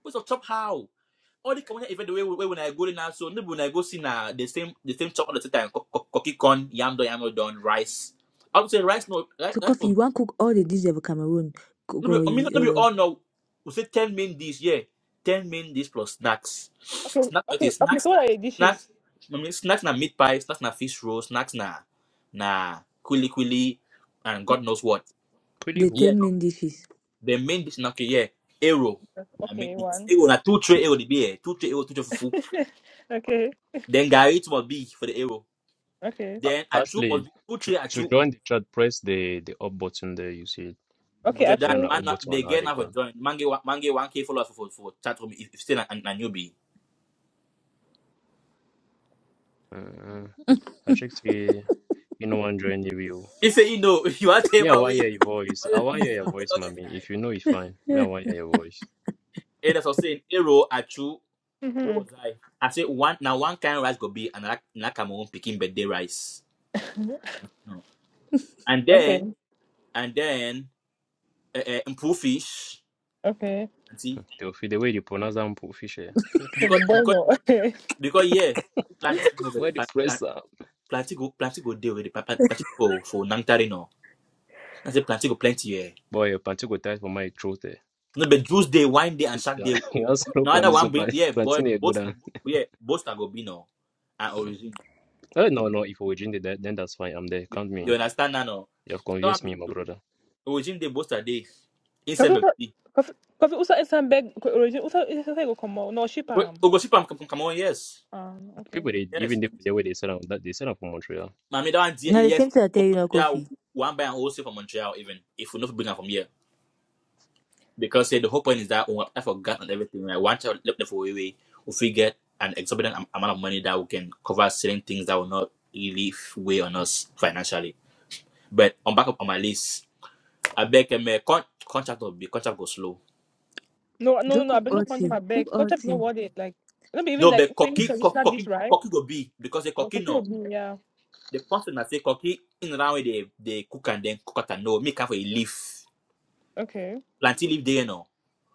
A: what's up top how. All the community event the way, way when I go there now, so maybe when I go see now the same the same chop all the same time, cocky corn, yam don, yam don, rice. I would say rice no, rice,
F: So
A: rice no
F: coffee, you want cook all the dishes of Cameroon. Cook,
A: No be, I mean, no be
F: uh,
A: all no. We say ten main dish, yeah. Ten main dish plus snacks.
B: Okay,
A: Snacks,
B: okay,
A: okay,
B: okay.
A: snacks,
B: So what are the
A: snacks.
B: dishes?
A: I mean, snacks na meat pie, snacks na fish roll, snacks na na kuli kuli, and God knows what.
J: Queen
F: the
J: who?
A: Yeah,
F: 10
A: no.
F: main dishes.
A: The main dish, na okay, yeah. Arrow, na main
B: Okay,
A: dish.
B: one.
A: Arrow na two tray arrow the be eh. Two tray arrow, two tray fufu.
B: okay,
A: Then gari it must be for the arrow.
B: okay,
J: Uh,
A: Then achu
J: actually,
A: must be two
J: to,
A: tray
J: to
A: achu.
J: join the chat, press the the up button there. You see,
B: okay.
A: Bujadan
J: whether
B: Actually,
J: na
A: man,
J: up
A: na- they
J: button or how
A: get
J: they
A: now for
J: call.
A: join. Man get one man get one k followers for for for chat room if if still a, a, a newbie.
J: 'em. Uh, I check see. You know one join the view.
A: He said, you know, you are taking
J: Me, I
A: my
J: want
A: way.
J: hear your voice.
A: Why
J: I
A: don't you
J: want
A: use
J: hear
A: it
J: your
A: for the
J: voice,
A: longest
J: mommy.
A: time?
J: If you know it's fine. Me, I want hear your voice.
A: And that's what I'm saying. Arrow, Achu, where
B: mm-hmm.
A: was I? I said, one now one kind of rice could be another Nakamoon picking birthday rice. No. And
B: okay,
A: then, and then, uh, uh, improve fish.
B: okay.
A: And see,
J: They'll feel the way you pronounce them, fish. eh.
B: Okay, the
A: because,
B: boy
A: because,
B: no.
A: because, yeah, plant, no,
B: Okay.
A: but
J: Where the
A: plant, plant,
J: press am?
A: plant, go, plant, go deal with it. Plant, plant, plant go for Nangtari, no. I said, plant, go plenty, yeah.
J: Boy, your plantain go tight for my throat. Eh.
A: No, but juice day, wine day, and shark day.
J: You also no
A: No other
J: plan this
A: one bring,
J: plan.
A: yeah, boy,
J: plantain a good
A: both,
J: one.
A: yeah, both are go be, no and origin.
J: Oh no no, if we drink that then that's fine. I'm there.
A: You,
J: Count me in.
A: you understand now? No?
J: You have
A: So don't have
J: convinced me, my
A: to
J: brother.
A: the boast a day inside
B: Coffee,
A: baby.
B: coffee, coffee. Usa is some bag origin. Usa is some bag come out. No, ship am.
A: Ogo ship come come on yes
B: Ah, okay.
J: People they even
A: yes.
J: they the way they sell out that they sell out from Montreal.
A: Mami don't want
F: Now the
A: yes
F: same thing I tell
A: for
F: you, not
A: Montreal
F: coffee.
A: one buy and also from Montreal even if we not bring her from here because say the whole point is that we have forgotten and everything right one child left for away if we get an exorbitant am- amount of money that we can cover certain things that will not really f- weigh on us financially. But on back up on my list, I beg a contract will be contract go slow
B: No, no, no,
F: Just
B: no. I
F: cook
B: been
F: all
B: look onto
F: tea.
B: my
F: Cook
B: bag.
F: all
B: Kochap is not
F: tea.
B: worth it. Like, not be even
A: No,
B: like
A: but
B: paying
A: cocky, co-
B: traditional dish,
A: cocky,
B: right?
A: cocky go be because the
B: Yes,
A: cocky
B: I think it
A: no.
B: would be, yeah.
A: The person that say cocky in around where they they cook and then cook and no make up for a leaf.
B: Okay.
A: Planting leaf there no.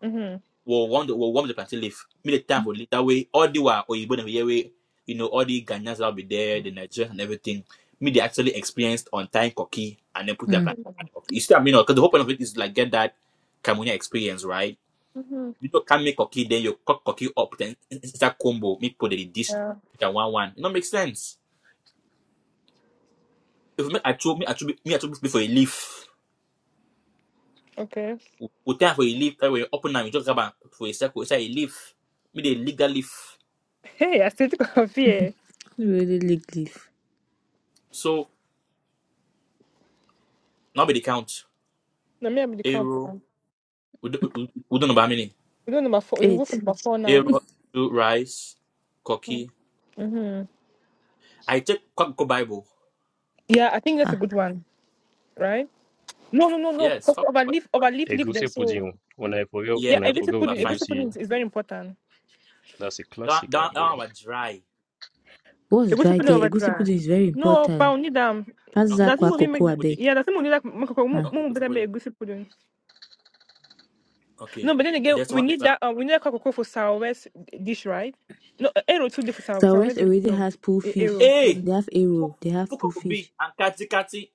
B: Mhm.
A: We'll warm the we'll warm the planting leaf. Make the time for leaf that way. All the while or you them here way you know all the Ghanaians that'll be there, the Nigerians and everything. Me they actually experienced on time cocky and then put their
F: Hmm.
A: planting. on the cocky. You see what I mean? Because the whole point of it is like get that Cameroonian experience, right?
B: Mhm.
A: You don't can make cocky, then you cook cocky up, then it's that combo. Make put the dish,
B: Yeah.
A: make a one one. It don't make sense. if me, I throw me, I throw me, I throw me for a leaf.
B: Okay.
A: We we tear for a leaf. That way, open am, you just grab am for a circle. It's a leaf. Me they lick that leaf.
B: Hey, I still think of here.
F: You really lick leaf.
A: So now be the count.
B: No, me, I'm in the camp.
A: Arrow.
B: now.
A: We, do- we, we don't know how many.
B: We don't number four. We go for
F: Eight.
B: number four now.
A: Arrow, two rice, cocky.
B: Mhm.
A: I take Kwakko Bible.
B: Yeah, I think that's a
F: Ah.
B: good one, right? No, no, no, no.
A: Yes.
B: Because
A: Kwakko Bible.
B: overleaf, overleaf, leave them.
J: Egusi
B: So
J: pudding. oh. When I forget
A: Yeah.
B: yeah,
J: when I
A: Leaf
B: egusi
J: forget
A: number
B: pudding,
A: fine.
B: egusi
J: egusi,
B: pudding is, is very important.
J: that's a
A: That
J: classic, ah,
A: that
J: bro.
A: that one was dry.
F: What's
B: Egusi
F: dry
B: pudding
F: there?
B: over
F: Egusi
B: dry.
F: pudding is very
B: No, but
F: important.
B: we need them.
F: Pass that
A: Okay.
B: Doesn't
F: kwa
B: movie
A: Go
F: cocoa,
B: make
A: to
F: abeg.
B: that?
A: pudding.
B: Yeah, doesn't movie like make
F: Ah.
A: Okay.
B: make
A: Go to
B: better
A: pudding.
B: make egusi pudding.
A: Okay.
B: No, but then again,
A: There's
B: we
A: one.
B: need that. Um, we need that cocoa for southwest dish, right? No, uh, arrow too different for
F: So West
B: southwest. dish,
F: already
B: No,
F: has pool fish.
B: arrow. Yeah,
A: Hey.
F: They have arrow. They have pool
A: Fukongo B
F: fish.
A: and Kati Kati.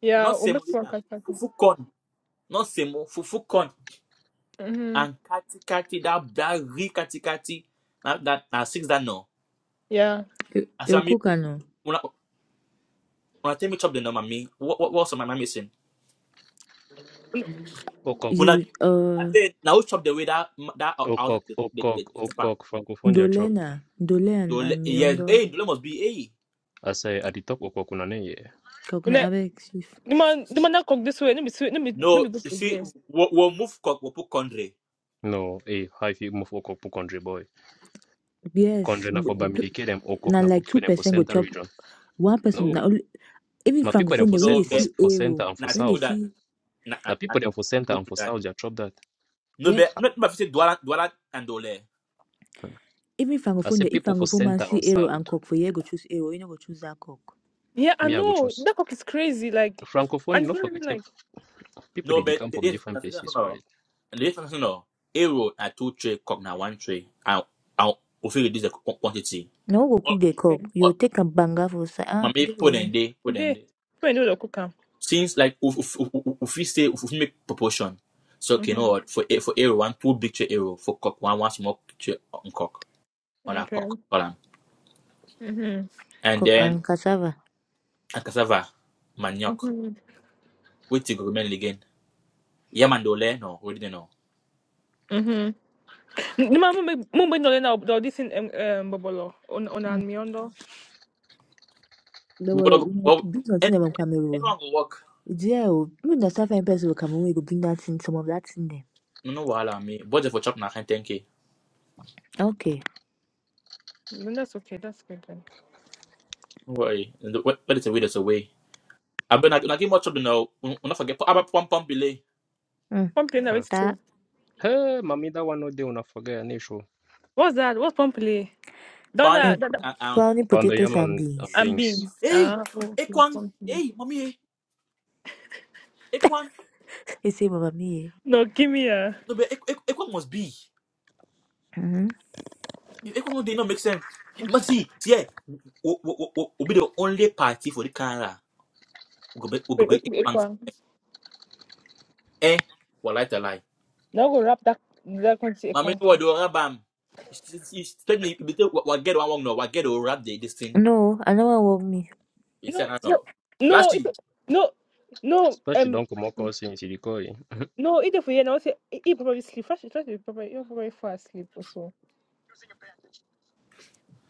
B: yeah.
A: Not
B: We make one
A: semolina.
B: cut.
A: Fukon. not semo, fufu corn
B: Mm-hmm.
A: and kati kati that that real kati kati. That that na six that no.
B: Yeah.
F: You
A: I said,
F: you
A: mami,
F: cook and uh,
A: una una tell me chop the no mami. What what what's my mami missing?
J: Okok,
A: Una
F: you
A: give. I
F: uh
A: said, now who chop the way that that
J: okok,
A: out the the
J: okok,
A: the, the pan. am.
J: okok, francophonia
F: dolena, dole
A: Yo,
F: and, and
A: Yes,
F: miondo
A: hey, the must be hey.
J: ase aditok okok unaneye
B: We
F: coconut
B: ne-
F: I beg chief.
B: the man, the
A: Success.
B: man that cook this way. Let me sweet. Let me let
A: No,
B: me go
A: you
B: for
A: see,
B: there.
A: we'll, we'll move cock, we'll put country.
J: no eh, e haifi move okok pu country boy
F: Yes,
J: country na for
F: m- p-
J: bamilikele them,
F: na
J: okok na for
F: like two
J: people dem for
F: percent go
J: center
F: chop.
J: region
F: One person na
J: no
F: only even
J: my
A: Na-
J: people dem
F: francophone
J: for,
F: they when
J: cen-
F: they
A: No,
J: for
A: but
F: see
J: for
F: arrow,
J: center and for
A: not
F: when they
A: true
J: south
A: that.
F: see.
A: Not,
J: na
A: not, not,
J: people dem
A: not
J: for center
A: true
J: and for
A: that.
J: south ja chop that
A: No, but not my say Dwala Dwala and Dole.
F: Even
J: i
F: francophone,
J: say
F: dey- if
J: people for
F: francophone man
J: center
F: see
J: and
F: arrow and
J: south
F: cock for you go choose arrow. You no go choose that cock.
B: Yeah, I
J: me i go
B: know
J: choose
B: that cook is crazy. Like,
J: francophone
B: and it's
J: no
B: not
J: forget
B: even
J: say
B: like
J: people
A: No,
J: they dey
A: but
J: come from
A: it's
J: different places
A: not.
J: right
A: Listen, you no. A roll at two tray, cock na one tray. I'll, I'll, we feel reduce the qu- quantity.
F: Now who go
A: Or,
F: cook the cock?
A: or,
F: You take a banger for say ah,
A: mami,
F: this is
A: put
F: here.
A: in there, put in
B: they.
A: there.
B: We know the cook am.
A: Since like, we we we we we say, if we fit make proportion. So, okay, you know
B: Mhm.
A: what, for, a- for A roll, one two big tray A roll, for cock, one, one small tray on cock, on a
B: Okay.
A: cock, column.
B: Mhm.
A: And
F: Cock
A: then,
F: and cassava.
A: and cassava, manioc,
B: Mhm.
A: which you go remain again. Yamandole, no, we didn't know.
B: Mhm. The man mumbe mumbe no le na this thing um um bobolo on on
F: Mm.
B: and miondo.
A: But,
F: Double
A: uh,
F: una
A: well,
F: bring
A: an-
F: something from Cameroon.
A: anyone go work,
F: It's here. oh. You know, find person from Cameroon. You go bring that thing, some of that thing there.
A: no, no, wahala, me. Budget for chop na 10k.
F: Okay.
B: Then that's okay. That's good then.
A: No worry. what is a way that's away? Abi na na game watch do now. We not forget aba pom pom bile.
F: Mm.
B: Pomple in the
J: Huh?
B: so.
F: That
J: hey mami that one no dey una forget anisho
B: What's that? What's Pomple?
F: uh,
B: Donna,
A: Pani beans
B: Donna
A: and um
F: swallowing
J: panda
F: potatoes
A: potato.
J: yam
F: and
J: and, and
F: beans.
B: and
J: beans
B: beans.
A: Hey,
B: Ah, okay.
A: Ekwan.
B: Pomple.
A: Hey, mommy. eh, Ekwan.
F: He say, Mama me. Eh?
B: No, give me a.
A: No be Ek- Ek- Ekwan must be.
F: Mm-hmm.
A: If Ekwan did not make sense. But see, see, eh, we we we we be the only party for the Canada. We go be we go
B: Wait,
A: be
B: wait, wait,
A: Ekwan for.
B: Ekwan.
A: Eh, we like the lie.
B: Now go wrap that that quantity
A: Mommy,
B: Ekwan.
A: no what do Abam? Tell me, you be what get one one no, what get the rap the this thing.
F: No, I never walk me.
A: He said
B: No,
A: I
B: no,
A: know.
B: no, it,
A: Flashy.
B: no, no.
J: especially
B: Um,
J: don comot call since you dey call
B: no. Either for you, now say he he probably sleep. Fresh, fresh, he tries to be probably he probably fall asleep or so.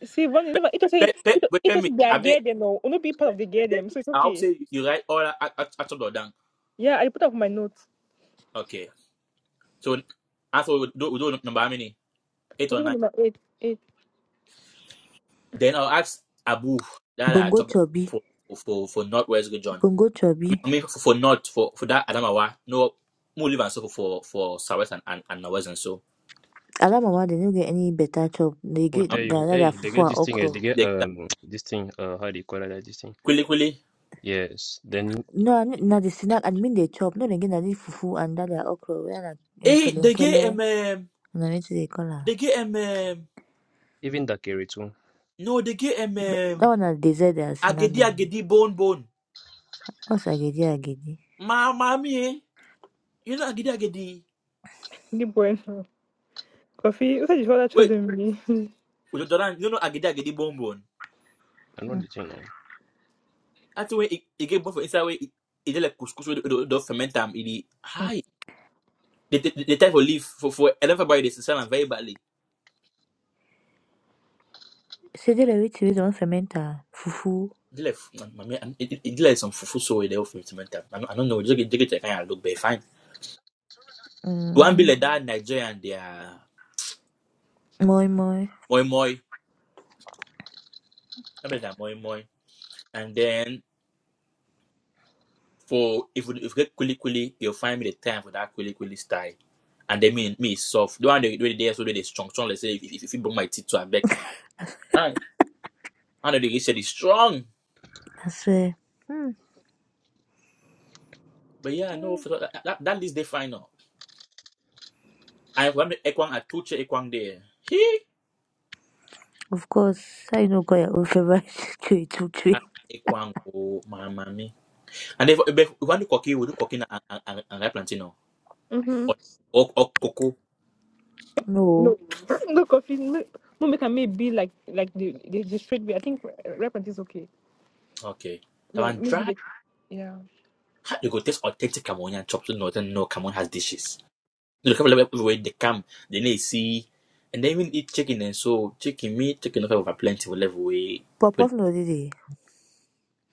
B: See, one
A: Pe
B: never. It was a
A: pe pe
B: it was
A: wait,
B: it
A: tell
B: was their
A: me.
B: gear them now. Only be part of
A: Let,
B: the gear
A: let
B: them,
A: me.
B: so it's
A: I will
B: okay.
A: say you write all at, at, at the down.
B: Yeah, I put up my notes.
A: Okay. So I thought we do, we do number how many? Eight
B: What do
A: or
B: you
A: nine.
B: want number eight? Eight.
A: Then I'll ask Abu that I
F: Bongo
A: chopped them
F: chubby.
A: for for for northwest West John.
F: Bongo
A: I mean, I
F: chubby.
A: mean for, for not for for that Adamawa. No, more live and so for for Southwest and and, and Northwest and so.
F: Ala mama they no get any better chop. They
J: Who
F: get
J: tell
F: the
J: you,
F: other
J: hey, they
F: fufu
J: get
F: and
J: this thing, eh,
F: okra.
J: they
A: They
J: get
A: get
J: um this thing, uh how do you call it like this thing?
A: quickly quickly.
J: Yes. Then
F: No, ani- na the snack and mean they chop. No, again, na the fufu and that the okra. We na
A: Hey,
F: kele
A: they get
F: kele.
A: um, um
F: Na me they call color.
A: they get um, um
J: even that carry too.
A: no they get um,
F: But That
A: um
F: one na dessert they are snack
A: agedi
F: then.
A: agedi bone bone.
F: What's agidi agidi?
A: Ma mommy, eh? you know agedi agedi.
B: Good boy. Coffee. You said you should have told
A: Wait,
B: them.
A: Ojo you know agidi agidi bonbon.
J: I know the thing now.
A: That's the way it get born for inside way, it, dey like couscous with the, the ferment It high. The the, the type of leaf for for eleven by this sell very badly.
F: See the way to don't fermenta fufu.
A: It dey like mm, it, it, dey like some fufu so they dey ferment I don't, I don't know. It just get just get like kind of look, but fine. One be
F: Mm.
A: like that Nigerian they are
F: Moi moi.
A: moi moi. Remember that moi moi. And then for if you, if you get kuli kuli, you'll find me the time for that kuli kuli style. And then me me soft. The one they do the day so they strong strong. Let's say if if, if you bring my teeth to a back. Ah, Anodie said he's strong.
F: I swear. Hmm.
A: But yeah, no, for that, that, that leads the final. I remember Ekwang at Tuche Ekwang there. He
F: Of course, I know. got your own favorite tree to tree.
A: at Ekwang, oh, my mommy. And if if you want to cook, we do cooking and and and and ripe plantain, or
B: Mm-hmm.
A: or or cocoa.
F: No,
B: No, no coffee. No, no make may be like like the the, the straight way. I think reference is okay.
A: Okay, that
B: Yeah,
A: one
B: maybe
A: dry.
B: the yeah.
A: How they go taste authentic Cameroonian chops? So no, then no, Cameroon has dishes. You know, Cameroon everywhere they come, they need see, and they even eat chicken. And so chicken meat, chicken of over plenty will level way.
F: pop
A: But
F: off no did he?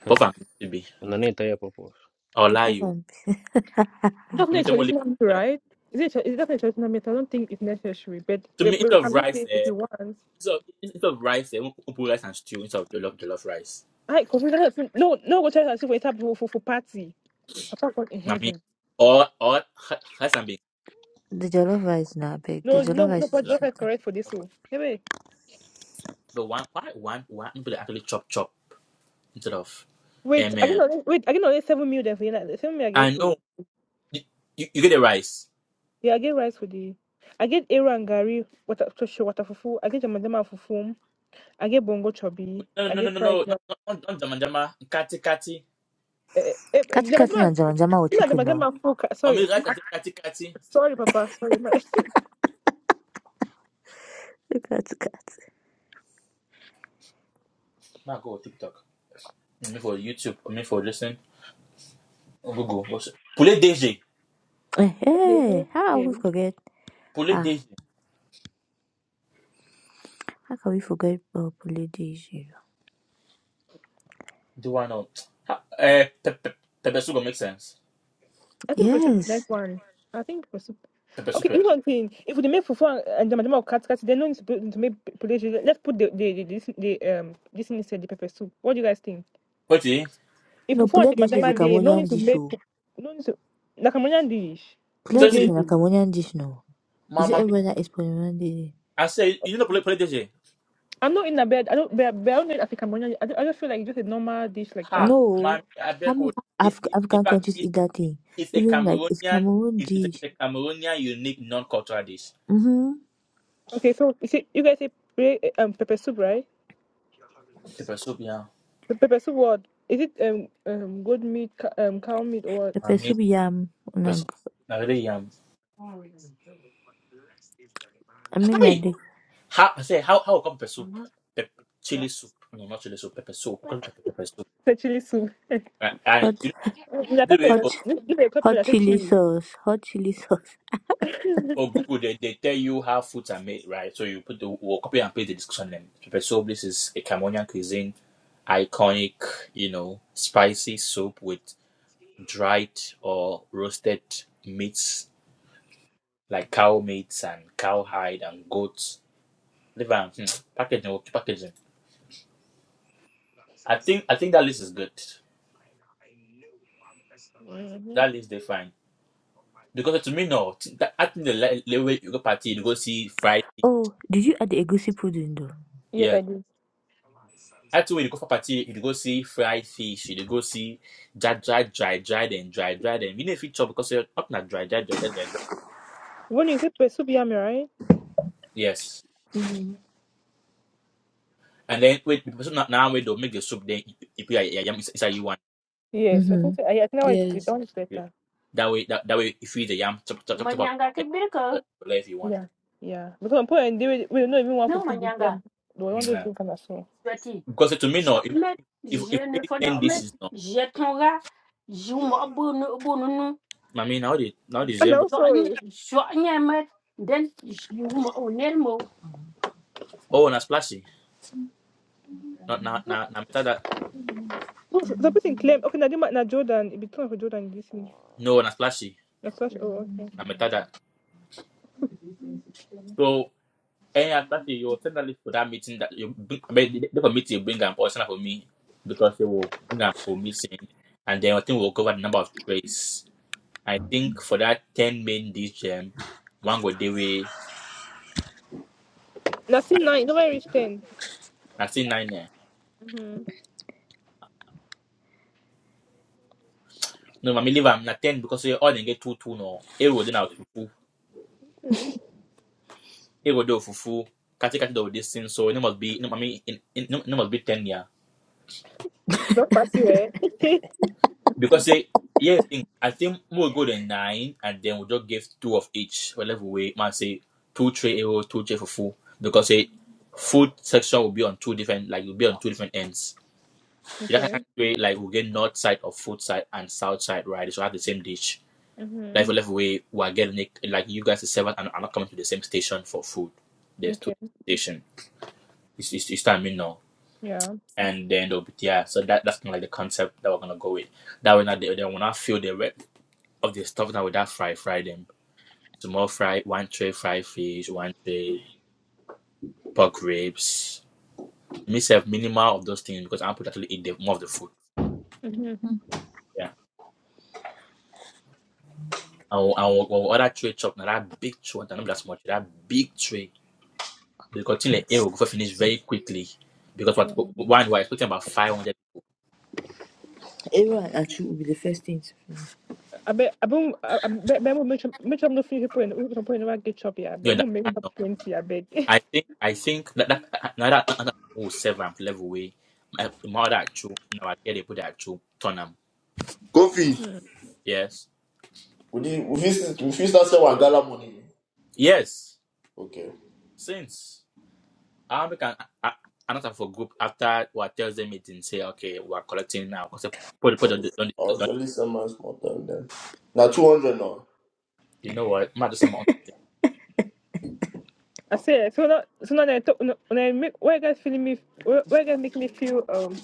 J: Huh.
A: but I'm to be,
J: And I need to tell you, Papa.
A: I'll
F: Pop
A: lie
F: off
A: you.
F: and
B: That's
A: To
B: not
A: me,
B: a
A: some will leave.
B: traditional method, right? Is it? a tra- Is that a traditional method? I don't think it's necessary, but
A: To
B: we,
A: me, eat
B: we
A: of
B: can make
A: rice.
B: it if
A: Eh,
B: you want.
A: So instead of rice, they want to put rice and stew instead of the love jollof, love rice.
B: I coffee. No, no, no go try to see for a for for for party. Papa God in
A: I mean,
B: heaven.
A: or or rice and beans.
F: the jollof rice na big. The
B: No,
F: jollof
B: no, no.
F: rice is
B: But
A: Jollof
B: that's
F: also
A: rice.
B: not
F: there.
B: correct for this.
A: jollof rice.
B: So anyway,
A: But one why one one people actually chop chop instead of
B: wait.
A: um,
B: I get
A: um,
B: only wait. I get only seven meal then for you. The seven meal I
A: I
B: get
A: know
B: to.
A: you, you, you get the rice.
B: Yeah, I get rice for the. I get Eru and Gary, water, to show water fufu. I get jama jama fufu. I get bongo chubby.
A: No
B: I
A: no no
B: get
A: no
B: fried.
A: no no no, not not jama jama kati kati.
B: Eh, eh, eh,
F: Kati
B: jama,
F: kati na
B: jama,
F: jama jama wo
B: jama,
F: chicken
B: jama,
F: no.
B: jama, fuck.
A: I
B: Sorry,
A: mean rice and
B: Ma-
A: say kati kati.
B: sorry, Papa. Sorry, ma. okay.
F: Kati kati.
A: My God, TikTok. I mean for YouTube. I mean for listening. on Google. What's poulet DG?
F: Eh, Hey, how we forget?
A: Poulet
F: Ah,
A: DG.
F: how can we forget uh, Pule dish? you know?
A: Do I know? Uh, pe- pe- pepper soup go make sense.
B: I think for soup, like
F: Yes.
B: one. I think for soup.
A: Pepper
B: Okay,
A: soup. eh.
B: you know what i If we make fufu and jama jama or cat cat, they don't need to, put, to make potatoes. Let's put the the, the this the um this in instead the pepper soup. What do you guys think?
A: What?
B: If
F: No,
B: fufu and
F: Pule
B: jama
F: dish is a
B: jama, they no need
F: Cambodian
B: to
F: dish.
B: make
F: Oh.
B: no need to like Cambodian dish.
F: Pule
A: So
F: dish
B: Potato
A: she,
F: is a Cambodian dish now.
A: my
F: Is it
A: mommy,
F: everywhere that is Cambodian dish?
A: I say, you know, play, play this. eh?
B: I'm not in a bed. I don't. But but I don't know. I think Cambodian. I don't, I don't feel like just a normal dish like that.
A: Ha,
F: No.
A: mommy, I
F: How
A: beg
F: many
A: you. It's,
F: Af-
A: it's, in
F: African
A: fact,
F: countries
A: it's,
F: eat that
A: it's
F: thing?
A: it's a
F: Even like it's
A: Cameroonian,
F: Cameroon
A: it's, it's, a,
F: dish.
A: it's a Cameroonian unique non-cultural dish.
F: Mm-hmm.
B: Okay, so you see, you guys say pre- um pepper soup, right?
A: The soup, yeah.
B: The pepper soup what? Is it um um goat meat, ca- um cow meat, or what?
F: Pepper
A: Mama,
F: soup yam.
A: the soup.
F: Like,
A: I really yam.
F: I mean like
A: Hi!
F: the
A: How, I say, how, how come pepper soup? Pep, chili soup. No, not chili soup, pepper soup. How come pepper, pepper soup?
B: It's a chili soup.
A: And, and
F: hot,
A: you
B: Mm, na pepper, no.
A: know,
F: hot,
B: This this is a pepper
F: hot
B: that say
F: chili
B: chili.
F: sauce. Hot chili sauce.
A: For Google, they, they tell you how foods are made, right? So you put the well, copy and paste the description. Then so this is a Cameroonian cuisine, iconic, you know, spicy soup with dried or roasted meats like cow meats and cowhide and goats. Liver and hmm, packaging, okay, packaging. I think I think that list is good.
B: Mm-hmm.
A: That list they fine because to me no, th- I think the la- la- way you go party you go see fried.
F: Oh, did you add the egusi pudding though?
B: Yes,
A: yeah.
B: I do.
A: That's way you go for party, you go see fried fish, you go see dry, dry, dry, dry, then dry, dry, then you need to chop because you're up not dry, dry, dry, dry, dry, dry.
B: When you say pepper soup, yummy, right?
A: Yes.
B: Okay.
A: And then wait, the person not now wait they'll make the soup then if you yeah, yam is you want.
B: Yes, I
F: Mm-hmm.
B: think so. I, I think now it's good. That one
F: Yes.
B: is better.
A: That way that, that way if you eat the yam, chop chop chop chop out
E: Manyanga
A: uh,
E: kibiriko,
A: if you want.
B: Yeah, yeah. Because I'm putting we we don't even want to
E: no
B: put the
E: manyanga.
B: yam. We want to
A: Yeah.
B: drink and so.
E: Sweaty.
A: Because to me no, if
E: Document,
A: if
E: je
A: if we
E: ne
A: really
E: faut
A: end this
E: document,
A: is no.
E: je ton gars, je m'abonne, abonne, non.
A: I mean now they now they say
B: And
A: but
B: also,
E: Soigne,
B: eh,
E: soigne, mais then you
A: oh na splashy. Not now
B: no,
A: now na meta that
B: no, the person claim okay. Now, the ma- now Jordan, it be time for Jordan this thing.
A: no na splashy.
B: The clash. Oh, okay.
A: Na meta that. So Eh, Asafi, you will send a list for that meeting that you bring, I mean, the the committee will bring an person for me because they will bring an for missing, and then I think we'll cover the number of trades. I think for that 10 main dish, um, one go dewe.
B: Now see nine. Nobody reach ten.
A: I see nine. eh. No, I mean, leave am na 10 because we all they get two, two, no. It will then out fufu.
B: Mm.
A: It will do fufu. Kati kati do this thing, so it must be, no, I mean, it, it, it must be 10, yeah.
B: Don't pass you eh?
A: Because they, yeah, I think, I think we'll go to nine and then we'll just give two of each. Whatever we might say two tray arrow, two tray for full. Because a food section will be on two different like will be on two different ends. You can
B: okay.
A: actually like we'll get north side of food side and south side, right? So have the same dish.
B: Mm-hmm.
A: Like for left way we're getting it like you guys are seven and are not coming to the same station for food. There's two
B: Okay.
A: station. It's it's, it's time you know.
B: Yeah.
A: And then there'll be yeah, so that that's kinda like the concept that we're gonna go with. That way not they, they will not feel the rep of the stuff that we that fry, fry them. Small fry, one tray fried fish, one tray pork ribs. Myself minimal of those things because I'm people actually eat the, more of the food.
B: Mm-hmm.
A: Yeah. And we- and we- we order tray chop, now that big tray, and not that small tray, that big tray. Because till the air will go finish very quickly. Because what
B: Yeah.
A: one we're expecting about five hundred
F: Aaron and Achu will be the first thing to finish.
B: I bet I bet I I bet I will make sure make sure I'm not feeling people in the point where I get choppy. I
A: you
B: bet we make
A: understand
B: up
A: No,
B: twenty. I bet.
A: I think I think that that now that, that, that will serve am level way. My, my other actual now I get they put that actual turn am.
I: Kofi.
B: Mm-hmm.
A: Yes.
I: Would you would you would you start saying Wagala money?
A: Yes.
I: Okay.
A: Since. I we can a- a- for group after what Thursday meeting. Say okay, we are collecting now because put put the on the
I: I'll
A: on the-
I: surely send my small time then. Now two hundred now.
A: you know what? Might just amount.
B: I say so now so now I talk when I make why you guys feeling me why why you guys make me feel um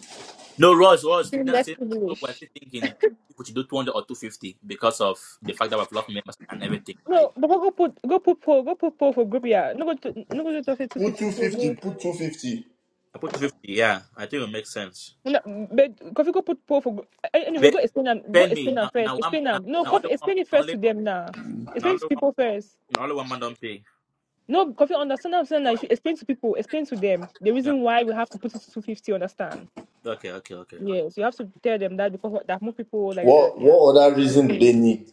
A: No, Ross, Ross.
B: feel
A: That's
B: less
A: it. That's what we're
B: privileged.
A: still thinking. If we should do two hundred or two fifty because of the fact that we've lost members and everything, right?
B: No, but go put go put poll go put poll for group yeah. No go to no go to two
I: Put
B: fifty.
I: two
B: so.
I: fifty,
B: okay.
I: put two fifty.
A: I put two fifty. Yeah, I think it makes sense.
B: No, but coffee go put poor for go- a- anyway. Go
A: But
B: explain them. Go
A: pay
B: explain
A: me
B: them
A: now.
B: first.
A: Now I'm
B: Explain
A: now,
B: them. No,
A: now
B: coffee.
A: only one
B: Explain it first
A: only
B: to them now.
A: now
B: Explain
A: only
B: to
A: one
B: people first.
A: now only one man don't pay.
B: No, coffee. Understand. what I'm saying that you should explain to people. Explain to them the
A: Yeah.
B: reason why we have to put it to two fifty. Understand?
A: Okay. Okay. Okay.
B: Yes, you have to tell them that because that more people like that.
I: What
B: Yeah.
I: what other reason do
B: Okay.
I: they need?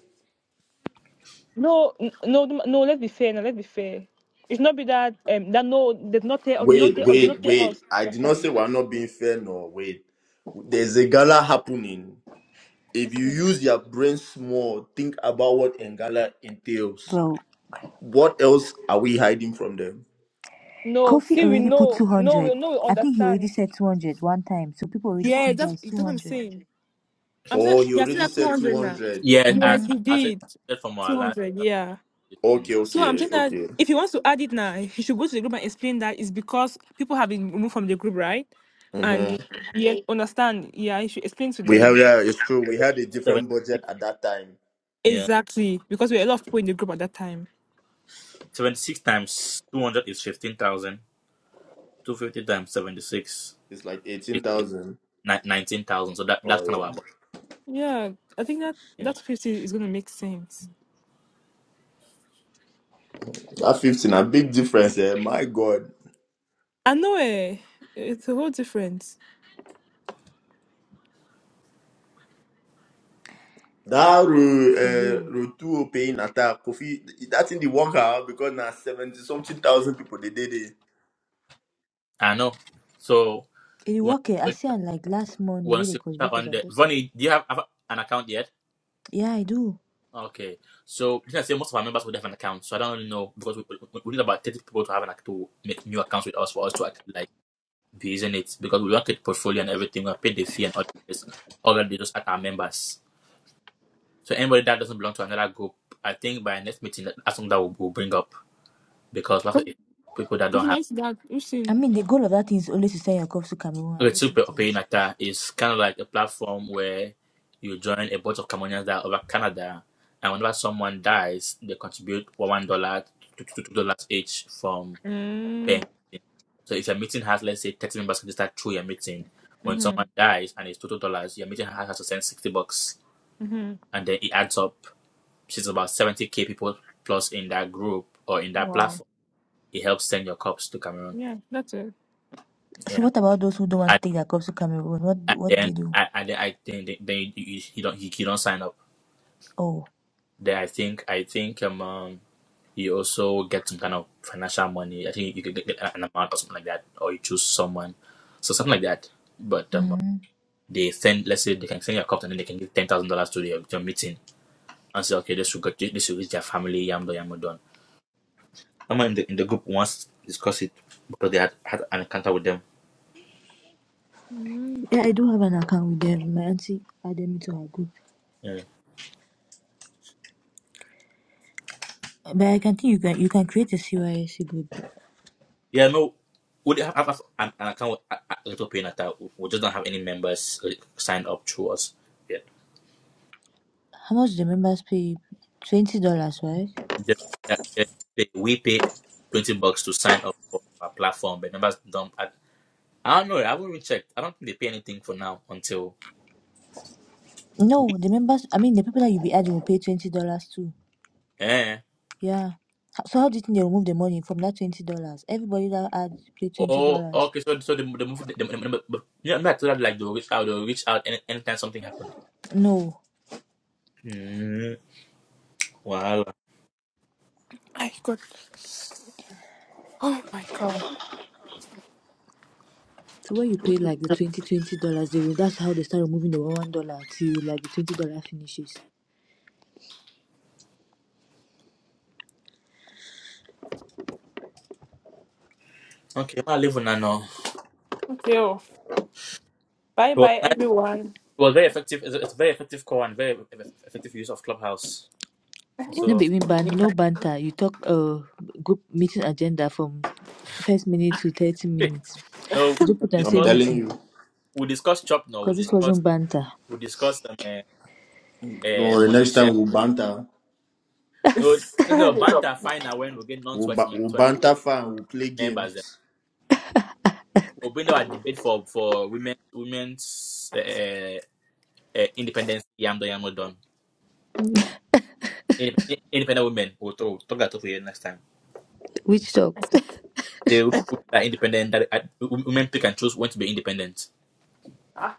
B: No, n- no, no. no, Let's be fair. Now, let's be fair. It's not be that um that no did not tell us not
I: Wait,
B: tell us
I: wait,
B: not tell
I: wait.
B: us.
I: I did not say
B: Understand?
I: we're not being fair no wait. There's a gala happening. If you
B: Mm.
I: use your brain small, think about what a gala entails.
F: Bro,
I: What else are we hiding from them?
B: No,
F: Kofi
B: see we
F: already put
B: know. No,
F: 200.
B: we know we
F: I think he already
B: understand.
F: said two hundred one time, so people already
B: Yeah,
F: think that
B: that's
F: it's
B: that's what I'm
F: 200.
B: saying. I'm saying
I: Oh, he
B: he has still
I: already
B: at
I: said
B: 200 now.
I: 200.
A: Yeah. I
B: Yes,
F: Mm-hmm.
A: I,
B: he
A: I said
B: did.
A: that from our last
B: 200,
A: uh,
B: yeah.
A: this
I: Okay,
A: now.
B: So I'm
I: okay,
B: saying that
I: okay.
B: if he wants to add it now, he should go to the group and explain that it's because people have been removed from the group, right?
I: Mm-hmm.
B: And yeah, understand. Yeah, he should explain to
I: We have
B: them.
I: yeah, it's true. We had a
A: Seven.
I: different budget at that time.
A: Seven.
B: Exactly. Because we were a lot of people in the group at that time.
A: 76 times 200 is 15,000. 250 times 76
I: It's like
A: is,
I: eighteen thousand.
A: 19,000. So that, that's
I: Oh
A: kind of our
I: yeah,
A: budget.
B: Yeah, I think that
A: Yeah.
B: that 50 is going to make sense.
I: that fifteen a big difference. Eh? My God,
B: I know eh, it's a whole difference.
I: that road
F: For real.
I: uh, road two paying attack Kofi. That's in the workout because now seventy something thousand people they did it.
A: I know. So
F: It will
A: once
F: work eh, I
A: you
F: see
A: enter-
F: am like last month the way
A: once
F: they
A: you
F: contribute for
A: on
F: some
A: the.
F: person.
A: Vonnie, do you have, have an account yet?
F: Yeah, I do.
A: Okay. So you can say most of our members would have an account. So I don't really know because we, we, we need about 30 people to have an account to make new accounts with us for us to actually like be using it because we want the portfolio and everything. We pay the fee and all the rest. All that they just at our members. So anybody that doesn't belong to another group, I think by next meeting, that's something that we'll, we'll bring up because we have
B: Because
A: people that don't
B: when
A: have.
B: I see that, you've
F: I
B: seen.
F: mean, the goal of that thing is always to send your cups to Cameroon. Are they
A: Retsupe
F: two things?
A: Opeyinata is kind of like a platform where you join a bunch of Cameroonians that are over Canada, and whenever someone dies, they contribute one dollar to two dollars each from per
B: Mm,
A: meeting. So if your meeting has let's say thirty members can start through your meeting, when
B: mm-hmm,
A: someone dies and it's two dollars, your meeting has to send sixty bucks,
B: mm-hmm.
A: and then it adds up. she's about 70k people plus in that group or in that
B: Wow.
A: platform it helps send your cups to cameroon
B: Yeah, that's it.
F: So
A: yeah
F: what about those who don't want to
A: and,
F: take their cups to Cameroon? What
A: and
F: what they
A: then
F: do?
A: i and then i think then then you, you, you don't you, you don't sign up
F: Oh.
A: then i think i think um, um you also get some kind of financial money i think you could get get an amount or something like that or you choose someone so something like that but um
F: Mm-hmm.
A: they send let's say they can send your cup and then they can give ten thousand dollars to your, your meeting and say okay this will go this will reach their family yamdo yamdo someone in the in the group once discussed it because they had had an encounter with them.
F: Yeah, I do have an account with them. My auntie added me to her group.
A: Yeah,
F: But I can think you can you can create a C Y S C group.
A: yeah. No, we did have, have an, an account with a, a little pay Natal. We just don't have any members uh, signed up through us. Yeah,
F: How much the members pay? Twenty dollars, right?
A: They- yeah, yeah. They- pay, we pay twenty bucks to sign up for our platform, but members don't. I, I don't know. I haven't really checked. I don't think they pay anything for now until
F: No,
A: we.
F: the members. I mean, the people that you be adding will pay twenty dollars too.
A: Eh.
F: Yeah. Ho- So how do you think they remove the money from that twenty dollars? Everybody that add pay twenty
A: Oh,
F: dollars.
A: okay. So, so the the movie, the, the, the, the, you know, I'm not told that like they'll reach out. They'll reach out any, anytime something happened.
F: No.
A: Mm, wow.
B: My God. Oh my God.
F: So when you pay like the twenty twenty dollars, they will- that's how they start removing the one one dollar till like the twenty dollar finishes.
A: Okay, I live with Nano.
B: Thank you. Bye
A: It was
B: bye,
A: nice.
B: everyone.
A: It was very effective. It's a it's a very effective call and very eff- effective use of Clubhouse.
F: Eh, No
A: So
F: baby ban, no banter. You talk uh group meeting agenda from first minute to thirty minutes.
A: no,
F: You just
A: we
F: put and say
I: I'm
A: discuss
I: telling
F: meeting,
I: you.
A: we discuss chop now. We
F: cause this
A: discuss
F: wasn't banter.
A: we discuss um, uh, uh,
I: No, the
A: money
I: next time
A: share.
I: we'll banter.
A: No, no, no banter fine now when we get non
I: We'll,
A: sweat
I: ba- we'll banter fun. We'll play
A: members. Then
I: games.
A: we'll bring our debate for for women women's uh, uh, independence. Yam done, yam not done. Inde- in- Independent women. We'll talk, talk that up for next time.
F: Which talk?
A: The women are independent. That, uh, women pick and choose when to be independent.
B: Ah.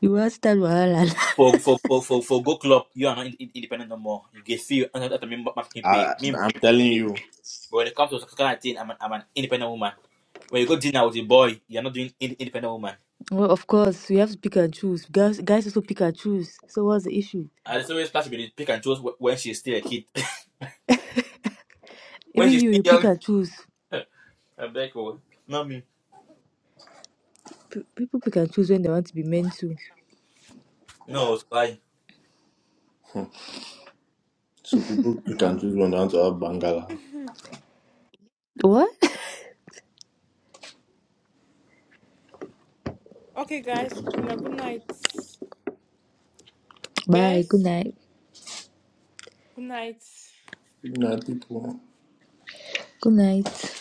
F: You want start wahala
A: For for for for, for go club, you are not in, in- independent no more. You get feel and that me ma- ma- can
I: I,
A: pay. Me
I: I'm telling
A: pay.
I: you.
A: But when it comes to such kind of thing, I'm an, I'm an independent woman. When you go dinner with a boy, you're not doing in, independent woman.
F: Well, of course, we have to pick and choose. Guys, guys also pick and choose. So what's the issue?
A: And it's always clash between pick and choose wh- when she's still a kid. when
F: Even
A: she's
F: you,
A: still
F: you pick
A: young.
F: and choose.
A: I beg you. Not me.
F: P- people pick and choose when they want to be meant to.
A: No, it's why.
I: Hmm. So people pick and choose when they want to have Bangala.
F: What?
B: okay, guys. Good night.
F: Bye. Good
B: Best.
F: night.
B: Good night.
I: Nah, people.
F: Good night.